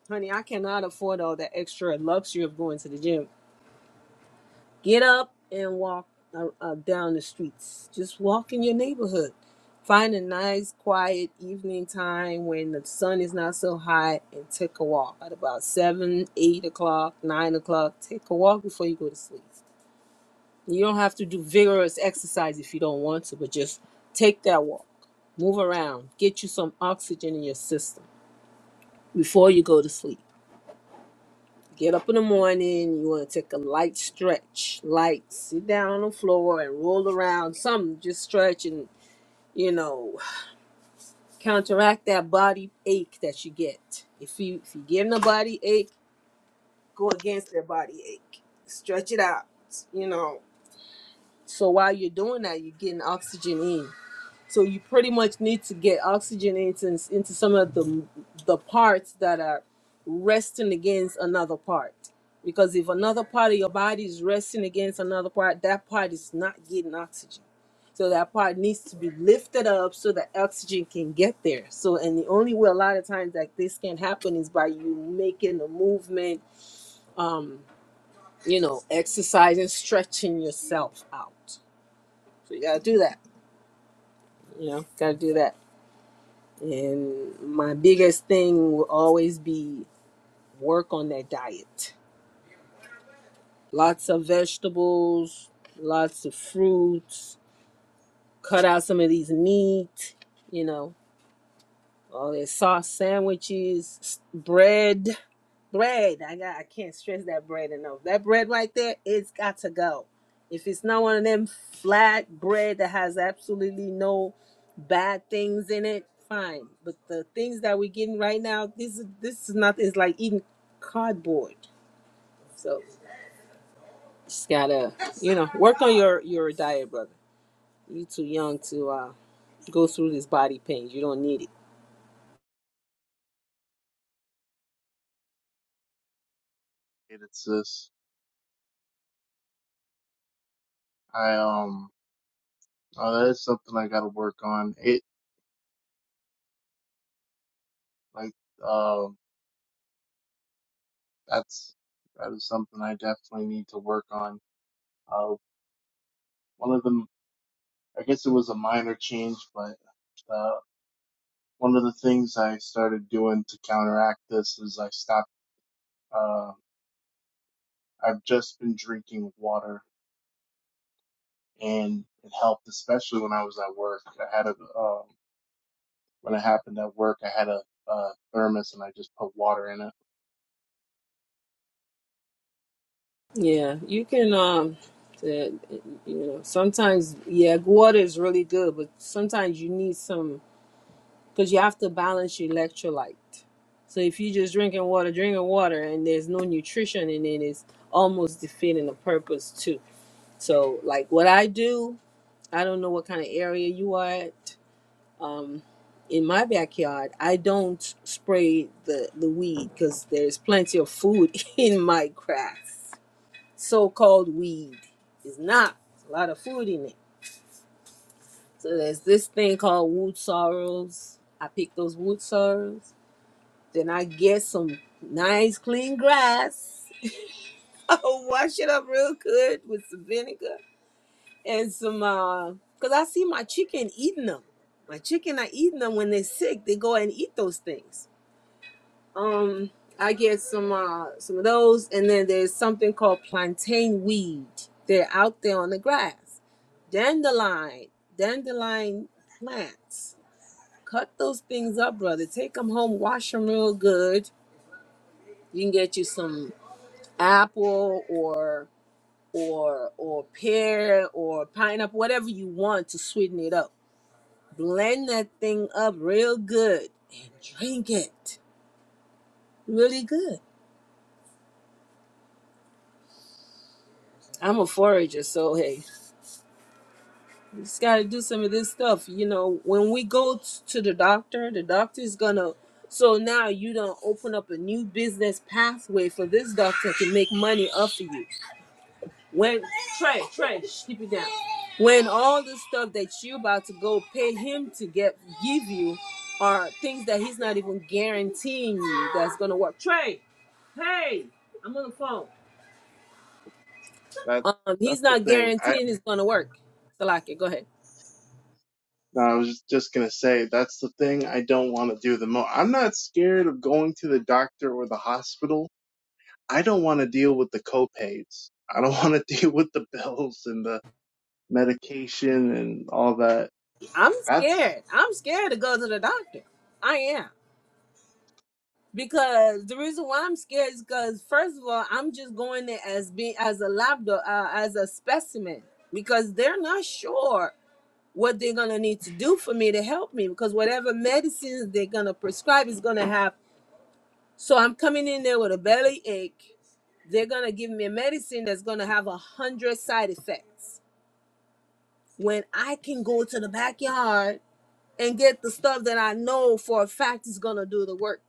I: honey, I cannot afford all that extra luxury of going to the gym Get up and walk uh, uh, down the streets. Just walk in your neighborhood. Find a nice, quiet evening time when the sun is not so high and take a walk. At about 7, 8 o'clock, 9 o'clock, take a walk before you go to sleep. You don't have to do vigorous exercise if you don't want to, but just take that walk. Move around. Get you some oxygen in your system before you go to sleep. Get up in the morning, you want to take a light stretch, light, sit down on the floor and roll around, something, just stretch and, you know, counteract that body ache that you get. If you if you're getting a body ache, go against that body ache. Stretch it out, you know. So while you're doing that, you're getting oxygen in. So you pretty much need to get oxygen into, into some of the the parts that are resting against another part. Because if another part of your body is resting against another part, that part is not getting oxygen. So that part needs to be lifted up so that oxygen can get there. So and the only way a lot of times that this can happen is by you making a movement, um, you know, exercising, stretching yourself out. So you gotta do that. You know, gotta do that. And my biggest thing will always be work on that diet. Lots of vegetables, lots of fruits, cut out some of these meat, you know, all their sauce sandwiches, bread. Bread. I got I can't stress that bread enough. That bread right there, it's got to go. If it's not one of them flat bread that has absolutely no bad things in it, fine. But the things that we're getting right now, this is this is not it's like eating cardboard. So just gotta you know, work on your your diet, brother. You too young to uh go through this body pain. You don't need it.
E: It- It's this. I um, oh, that is something I gotta work on. It like, um, that's that is something I definitely need to work on. Uh, one of them, I guess it was a minor change, but. uh, one of the things I started doing to counteract this is I stopped. Uh, I've just been drinking water, and it helped, especially when I was at work. I had a um, when it happened at work, I had a, a thermos, and I just put water in it.
I: Yeah, you can. Um, that you know, sometimes yeah, water is really good, but sometimes you need some because you have to balance your electrolyte. So if you're just drinking water, drinking water, and there's no nutrition in it, it's almost defeating the purpose too. So like what I do, I don't know what kind of area you are at. Um, in my backyard, I don't spray the the weed because there's plenty of food [LAUGHS] in my grass so-called weed. It's not. It's a lot of food in it. So there's this thing called wood sorrels. I pick those wood sorrels. Then I get some nice clean grass. [LAUGHS] I wash it up real good with some vinegar and some uh because I see my chicken eating them. My chicken are eating them when they're sick. They go and eat those things. Um, I get some uh some of those, and then there's something called plantain weed. They're out there on the grass. Dandelion, dandelion plants. Cut those things up, brother. Take them home, wash them real good. You can get you some apple or or or pear or pineapple, whatever you want to sweeten it up. Blend that thing up real good and drink it. Really good. I'm a forager, so hey. You just got to do some of this stuff. You know, when we go t- to the doctor, the doctor's gonna. So now you don't open up a new business pathway for this doctor to make money off of you. When Trey, Trey, shh, keep it down. When all the stuff that you about to go pay him to get give you are things that he's not even guaranteeing you that's gonna work. Trey, hey, I'm on the phone.
E: That
I: Um, he's
E: that's the
I: not
E: thing. I
I: guaranteeing it's gonna work. Salaki, go ahead.
E: no, I was just gonna say that's the thing I don't want to do the most. I'm not scared of going to the doctor or the hospital. I don't want to deal with the copays. I don't want to [LAUGHS] deal with the bills and the medication and all that
I: I'm
E: That's
I: scared. I'm scared to go to the doctor. I am because the reason why I'm scared is because first of all, I'm just going there as being as a lab do- uh, as a specimen because they're not sure what they're gonna need to do for me to help me because whatever medicines they're gonna prescribe is gonna have. So I'm coming in there with a belly ache. They're gonna give me a medicine that's gonna have a hundred side effects. When I can go to the backyard and get the stuff that I know for a fact is gonna do the work.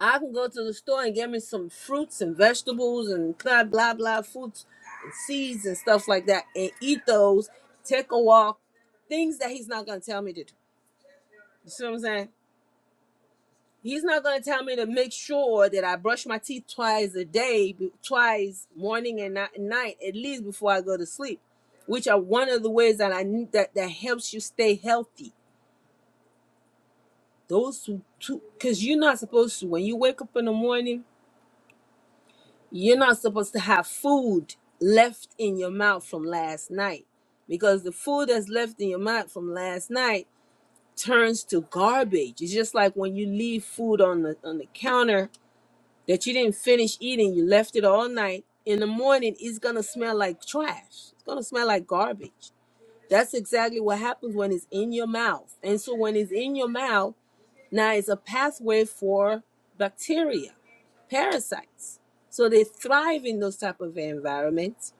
I: I can go to the store and get me some fruits and vegetables and blah blah blah fruits and seeds and stuff like that and eat those, take a walk, things that he's not gonna tell me to do. You see what I'm saying? He's not gonna tell me to make sure that I brush my teeth twice a day, be- twice morning and ni- night, at least before I go to sleep, which are one of the ways that I need that that helps you stay healthy Those two, because you're not supposed to, when you wake up in the morning, you're not supposed to have food left in your mouth from last night. Because the food that's left in your mouth from last night turns to garbage. It's just like when you leave food on the on the counter that you didn't finish eating, you left it all night. In the morning, it's gonna smell like trash. It's gonna smell like garbage. That's exactly what happens when it's in your mouth. And so when it's in your mouth, Now it's a pathway for bacteria, parasites. So they thrive in those type of environments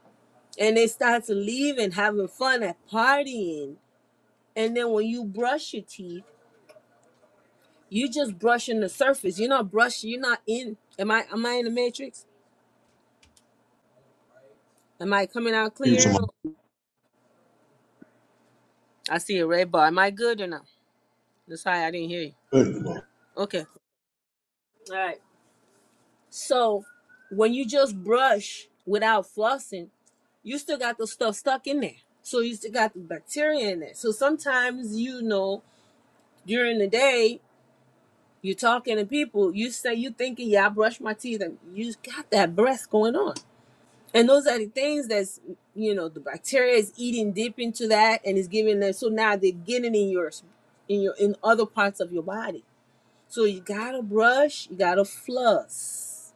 I: and they start to leave and having fun at partying. And then when you brush your teeth, you just brushing the surface. You're not brushing, you're not in. Am I am I in the matrix? Am I coming out
J: You,
I: clear? I see a red bar. Am I good or not? Sorry, I didn't hear you.
J: Tamara.
I: Okay. All right. So when you just brush without flossing, you still got the stuff stuck in there. So you still got the bacteria in there. So sometimes you know during the day you're talking to people, you say you thinking, yeah, I brush my teeth, and you got that breath going on. And those are the things that's you know the bacteria is eating deep into that and is giving them. So now they're getting in your in your in other parts of your body. So you gotta brush, you gotta floss,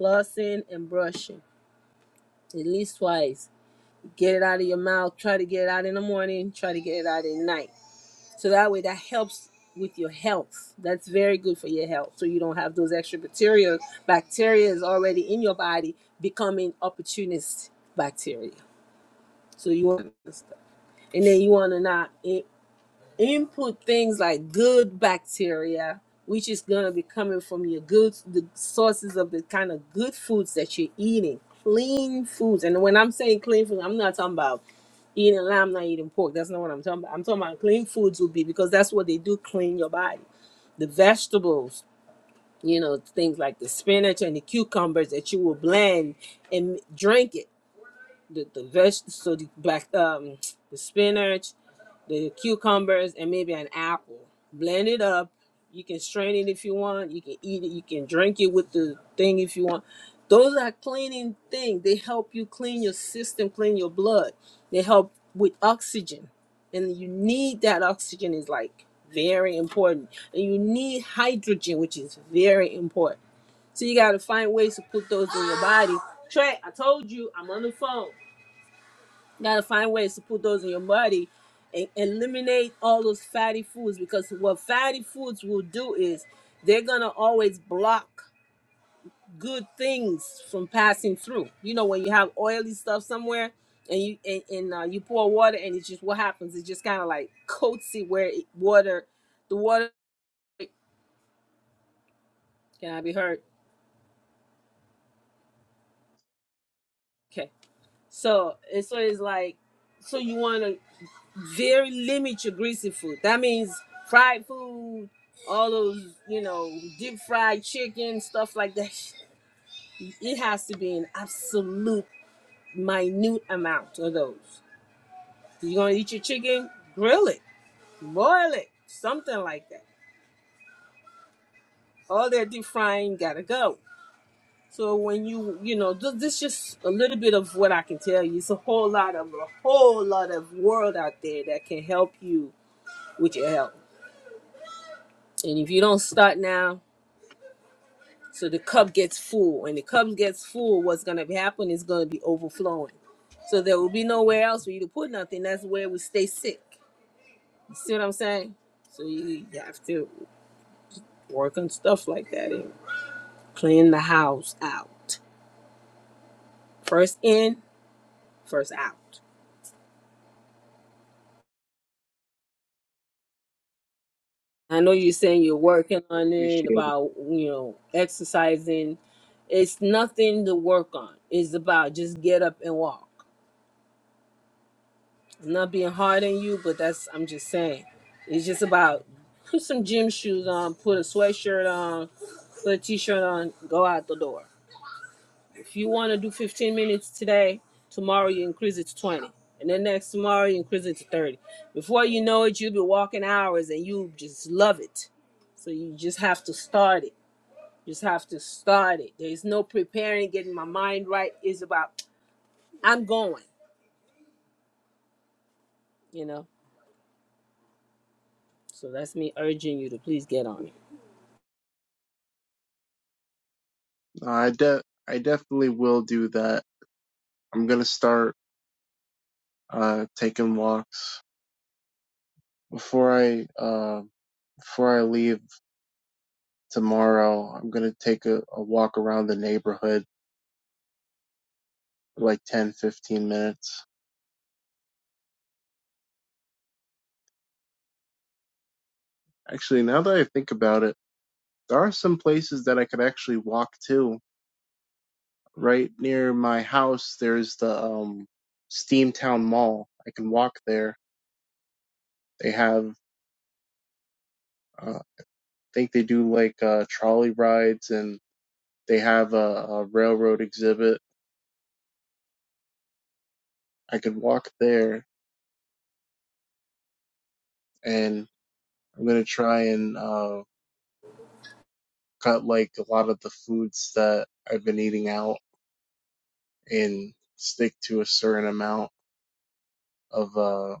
I: flossing and brushing. at least twice. Get it out of your mouth. Try to get it out in the morning. Try to get it out at night. So that way, that helps with your health. That's very good for your health. So you don't have those extra bacteria. Bacteria is already in your body becoming opportunist bacteria. So you want to, and then you want to not input things like good bacteria, which is gonna be coming from your good the sources of the kind of good foods that you're eating, clean foods. And when I'm saying clean food, I'm not talking about eating lamb, not eating pork. That's not what I'm talking about. I'm talking about clean foods would be because that's what they do clean your body. The vegetables, you know, things like the spinach and the cucumbers that you will blend and drink it. The the veg so the black um the spinach the cucumbers and maybe an apple. Blend it up. You can strain it if you want. You can eat it. You can drink it with the thing if you want. Those are cleaning things. They help you clean your system, clean your blood. They help with oxygen. And you need that oxygen is like very important. And you need hydrogen, which is very important. So you gotta find ways to put those in your body. Trey, I told you I'm on the phone gotta find ways to put those in your body and eliminate all those fatty foods because what fatty foods will do is they're gonna always block good things from passing through you know when you have oily stuff somewhere and you and, and uh, you pour water and it's just what happens it just kind of like coats it where it, water the water can i be heard okay so and so it's like so you want to very limit your greasy food. That means fried food, all those, you know, deep fried chicken, stuff like that. [LAUGHS] It has to be an absolute minute amount of those. You're gonna eat your chicken, grill it, boil it, something like that. All that deep frying gotta go. So when you, you know, th- this is just a little bit of what I can tell you. It's a whole lot of a whole lot of world out there that can help you with your health. And if you don't start now, So the cup gets full. When the cup gets full, what's gonna happen is gonna be overflowing. So there will be nowhere else for you to put nothing. That's where we stay sick. You see what I'm saying? So you you have to work on stuff like that and clean the house out. First in, first out. I know you're saying you're working on it
E: appreciated.
I: about you know exercising. It's nothing to work on. It's about just get up and walk. i not being hard on you, but that's I'm just saying. It's just about put some gym shoes on, put a sweatshirt on, put a t-shirt on, go out the door. If you want to do 15 minutes today, tomorrow you increase it to 20, and then next tomorrow you increase it to 30. Before you know it, you'll be walking hours and you just love it. So you just have to start it. You just have to start it. There's no preparing, getting my mind right. It's about I'm going, you know. So that's me urging you to please get on
E: No, I de- I definitely will do that. I'm gonna start uh taking walks before I uh before I leave tomorrow. I'm gonna take a, a walk around the neighborhood for like 10 15 minutes. Actually, now that I think about it, there are some places that I could actually walk to. Right near my house, there's the um Steamtown Mall. I can walk there. They have uh, I think they do like uh trolley rides and They have a, a railroad exhibit. I could walk there, and I'm gonna try and uh, cut like a lot of the foods that I've been eating out and stick to a certain amount of uh,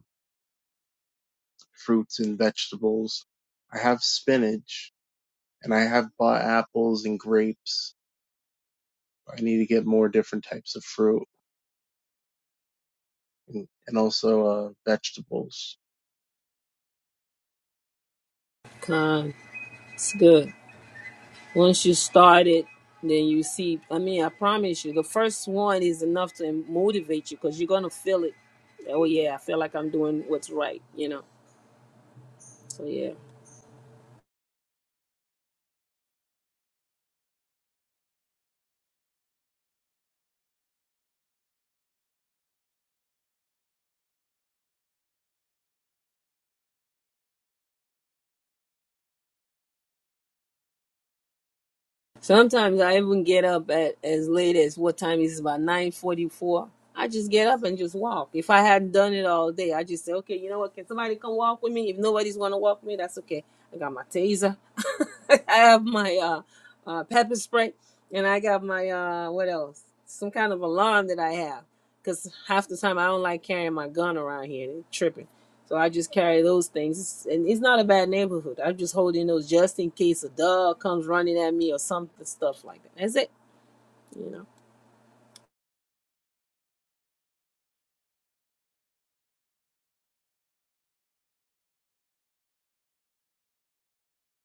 E: fruits and vegetables. I have spinach, and I have bought apples and grapes. I need to get more different types of fruit and, and also uh, vegetables.
I: it. It's good. Once you start it, then you see. I mean, I promise you, the first one is enough to motivate you because you're gonna feel it. Oh yeah, I feel like I'm doing what's right. You know. So yeah. Sometimes I even get up at as late as what time is it? About nine forty-four. I just get up and just walk. If I hadn't done it all day, I just say, okay, you know what? Can somebody come walk with me? If nobody's gonna walk with me, that's okay. I got my taser. [LAUGHS] I have my uh, uh, pepper spray, and I got my uh, what else? Some kind of alarm that I have, because half the time I don't like carrying my gun around here. They tripping. So I just carry those things. And it's not a bad neighborhood. I'm just holding those just in case a dog comes running at me or something, stuff like that. That's it, you know.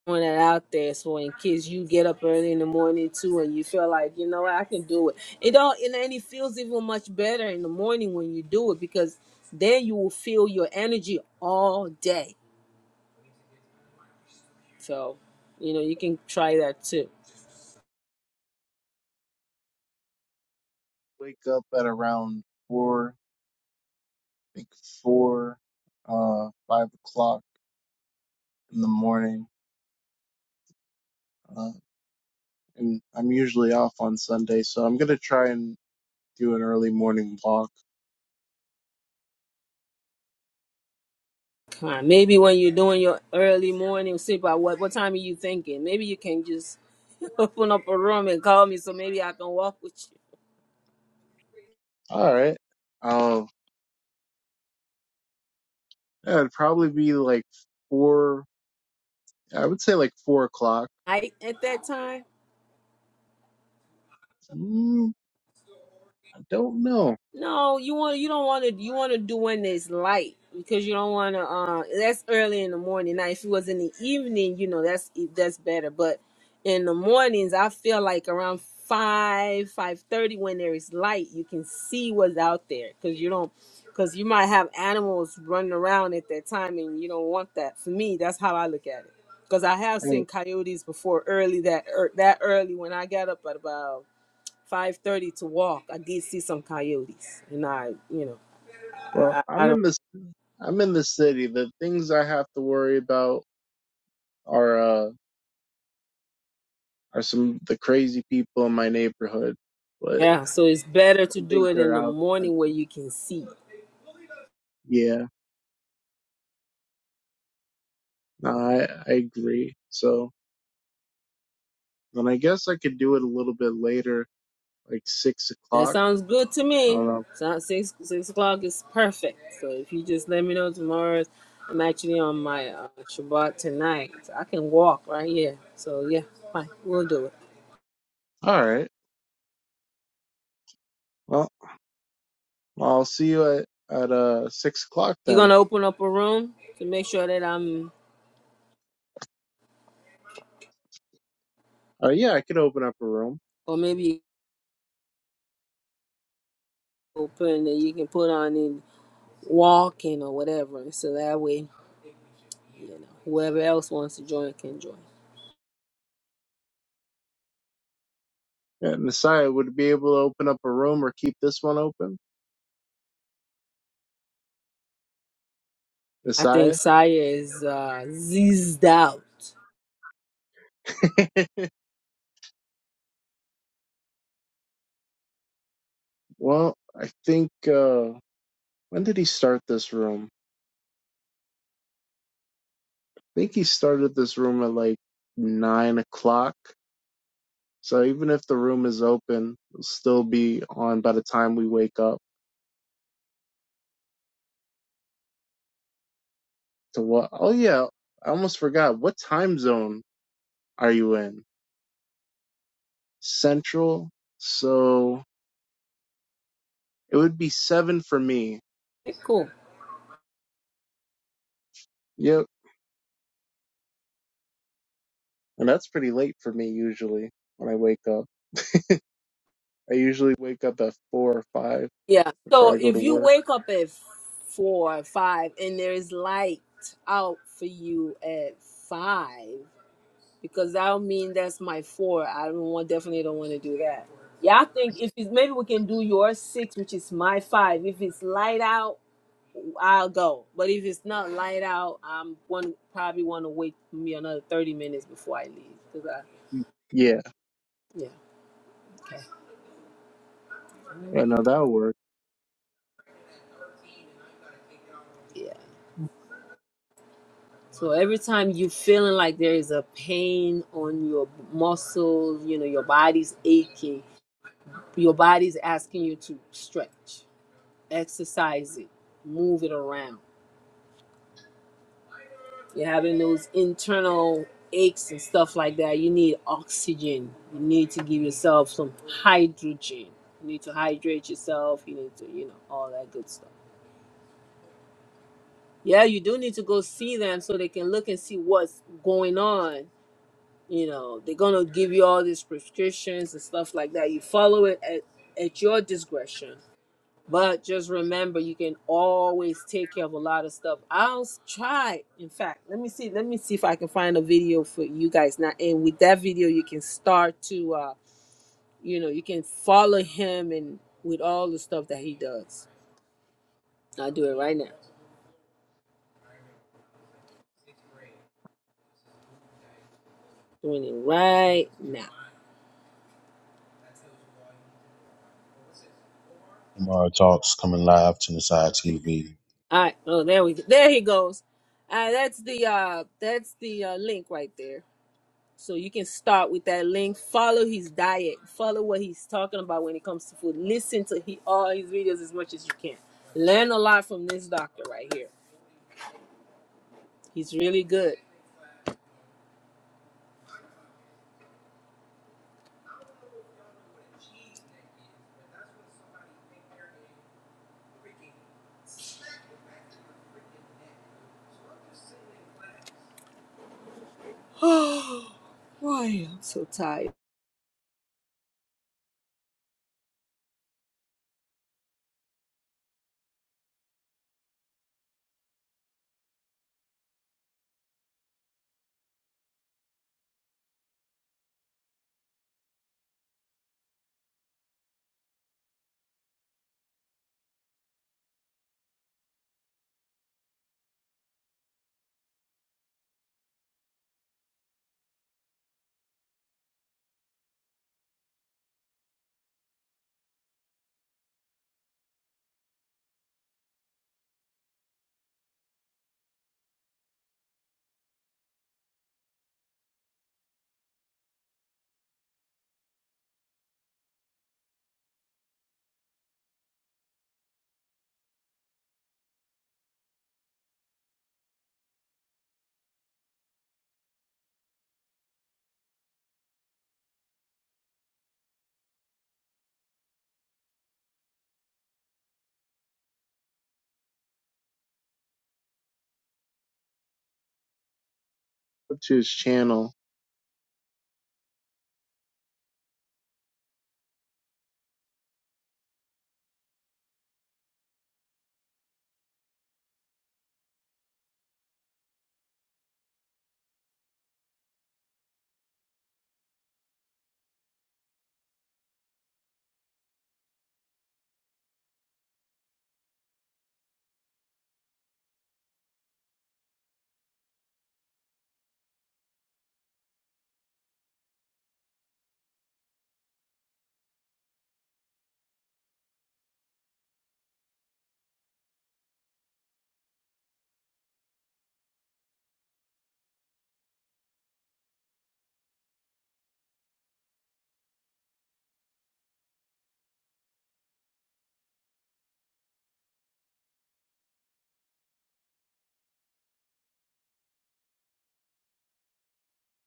I: Throwing that out there so in case you get up early in the morning too and you feel like, you know what, I can do it. It all and then it feels even much better in the morning when you do it because then you will feel your energy all day. So, you know, you can try that too.
E: Wake up at around four, I think four, uh, five o'clock in the morning. Uh, and I'm usually off on Sunday, so I'm gonna try and do an early morning walk.
I: Kind of- Maybe when you're doing your early morning, sleep. About what what time are you thinking? Maybe you can just [LAUGHS] open up a room and call me so maybe I can walk with you.
E: All right. Oh, yeah, it'd probably be like four. I would say like four o'clock.
I: Night at that time.
E: Mm, I don't know.
I: No, you want you don't want to you want to do when there's light because you don't want to. Uh, that's early in the morning. Now, if it was in the evening, you know that's e, that's better. But in the mornings, I feel like around five five thirty when there is light, you can see what's out there because you don't because you might have animals running around at that time and you don't want that. For me, that's how I look at it because I have
E: Hey,
I: seen coyotes before early that ear that early when I got up at about five thirty to walk, I did see some coyotes, and I, you know,
E: well,
I: I, I
E: I'm
I: don't.
E: in this. I'm in the city. The things I have to worry about are uh are some the crazy people in my neighborhood, but
I: Yeah, so it's better
E: I
I: to
E: don't think
I: do it in
E: they're
I: the
E: out.
I: morning where you can see.
E: Yeah, no, I I agree. So then I guess I could do it a little bit later like six
I: That
E: o'clock.
I: sounds good to me.
E: Um,
I: Sounds six six o'clock is perfect. So if you just let me know tomorrow, I'm actually on my uh, Shabbat tonight. I can walk right here. So yeah, fine, we'll do it.
E: all right. Well, I'll see you at at uh six o'clock
I: You're
E: then.
I: gonna open up a room to make sure that I'm,
E: Uh, yeah, I could open up a room.
I: or maybe open that you can put on in walking or whatever. So that way You know, whoever else wants to join can join.
E: Yeah, Messiah would be able to open up a room or keep this one open.
I: I think
E: Messiah.
I: Saya is uh, zizzed out.
E: [LAUGHS] well, I think uh when did he start this room? I think he started this room at like nine o'clock. So even if the room is open, it'll still be on by the time we wake up. To what? Oh yeah, I almost forgot. What time zone are you in? Central. So it would be seven for me.
I: Okay, cool.
E: Yep. And that's pretty late for me usually when I wake up. I usually wake up at four or five
I: Yeah.
E: before
I: So
E: I go
I: if
E: to
I: you
E: work.
I: wake up at four or five and there is light out for you at five, because that'll mean that's my four. I don't want definitely don't want to do that. Yeah, I think if it's maybe we can do your six, which is my five. If it's light out I'll go. But if it's not light out, I'm one probably want to wait for me another thirty minutes before I leave. Cause I,
E: Yeah.
I: yeah, okay,
E: I know that'll work.
I: yeah. So every time you feeling like there is a pain on your muscles, you know, your body's aching, your body's asking you to stretch, exercise it, move it around You're having those internal aches and stuff like that. You need oxygen. You need to give yourself some hydrogen. You need to hydrate yourself. You need to, you know, all that good stuff. Yeah, you do need to go see them so they can look and see what's going on. You know, they're gonna give you all these prescriptions and stuff like that. You follow it at, at your discretion But just remember, you can always take care of a lot of stuff. I'll s- try. In fact, let me see. Let me see if I can find a video for you guys now. And with that video, you can start to, uh, you know, you can follow him and with all the stuff that he does. I'll do it right now. Doing it right now.
J: Tomorrow Talks coming live to the side TV.
I: All right. Oh, there we go. There he goes. Uh, that's the uh, that's the uh, link right there. So you can start with that link. Follow his diet. Follow what he's talking about when it comes to food. Listen to he, all his videos as much as you can. Learn a lot from this doctor right here. He's really good. I'm so tired.
E: Up to his channel.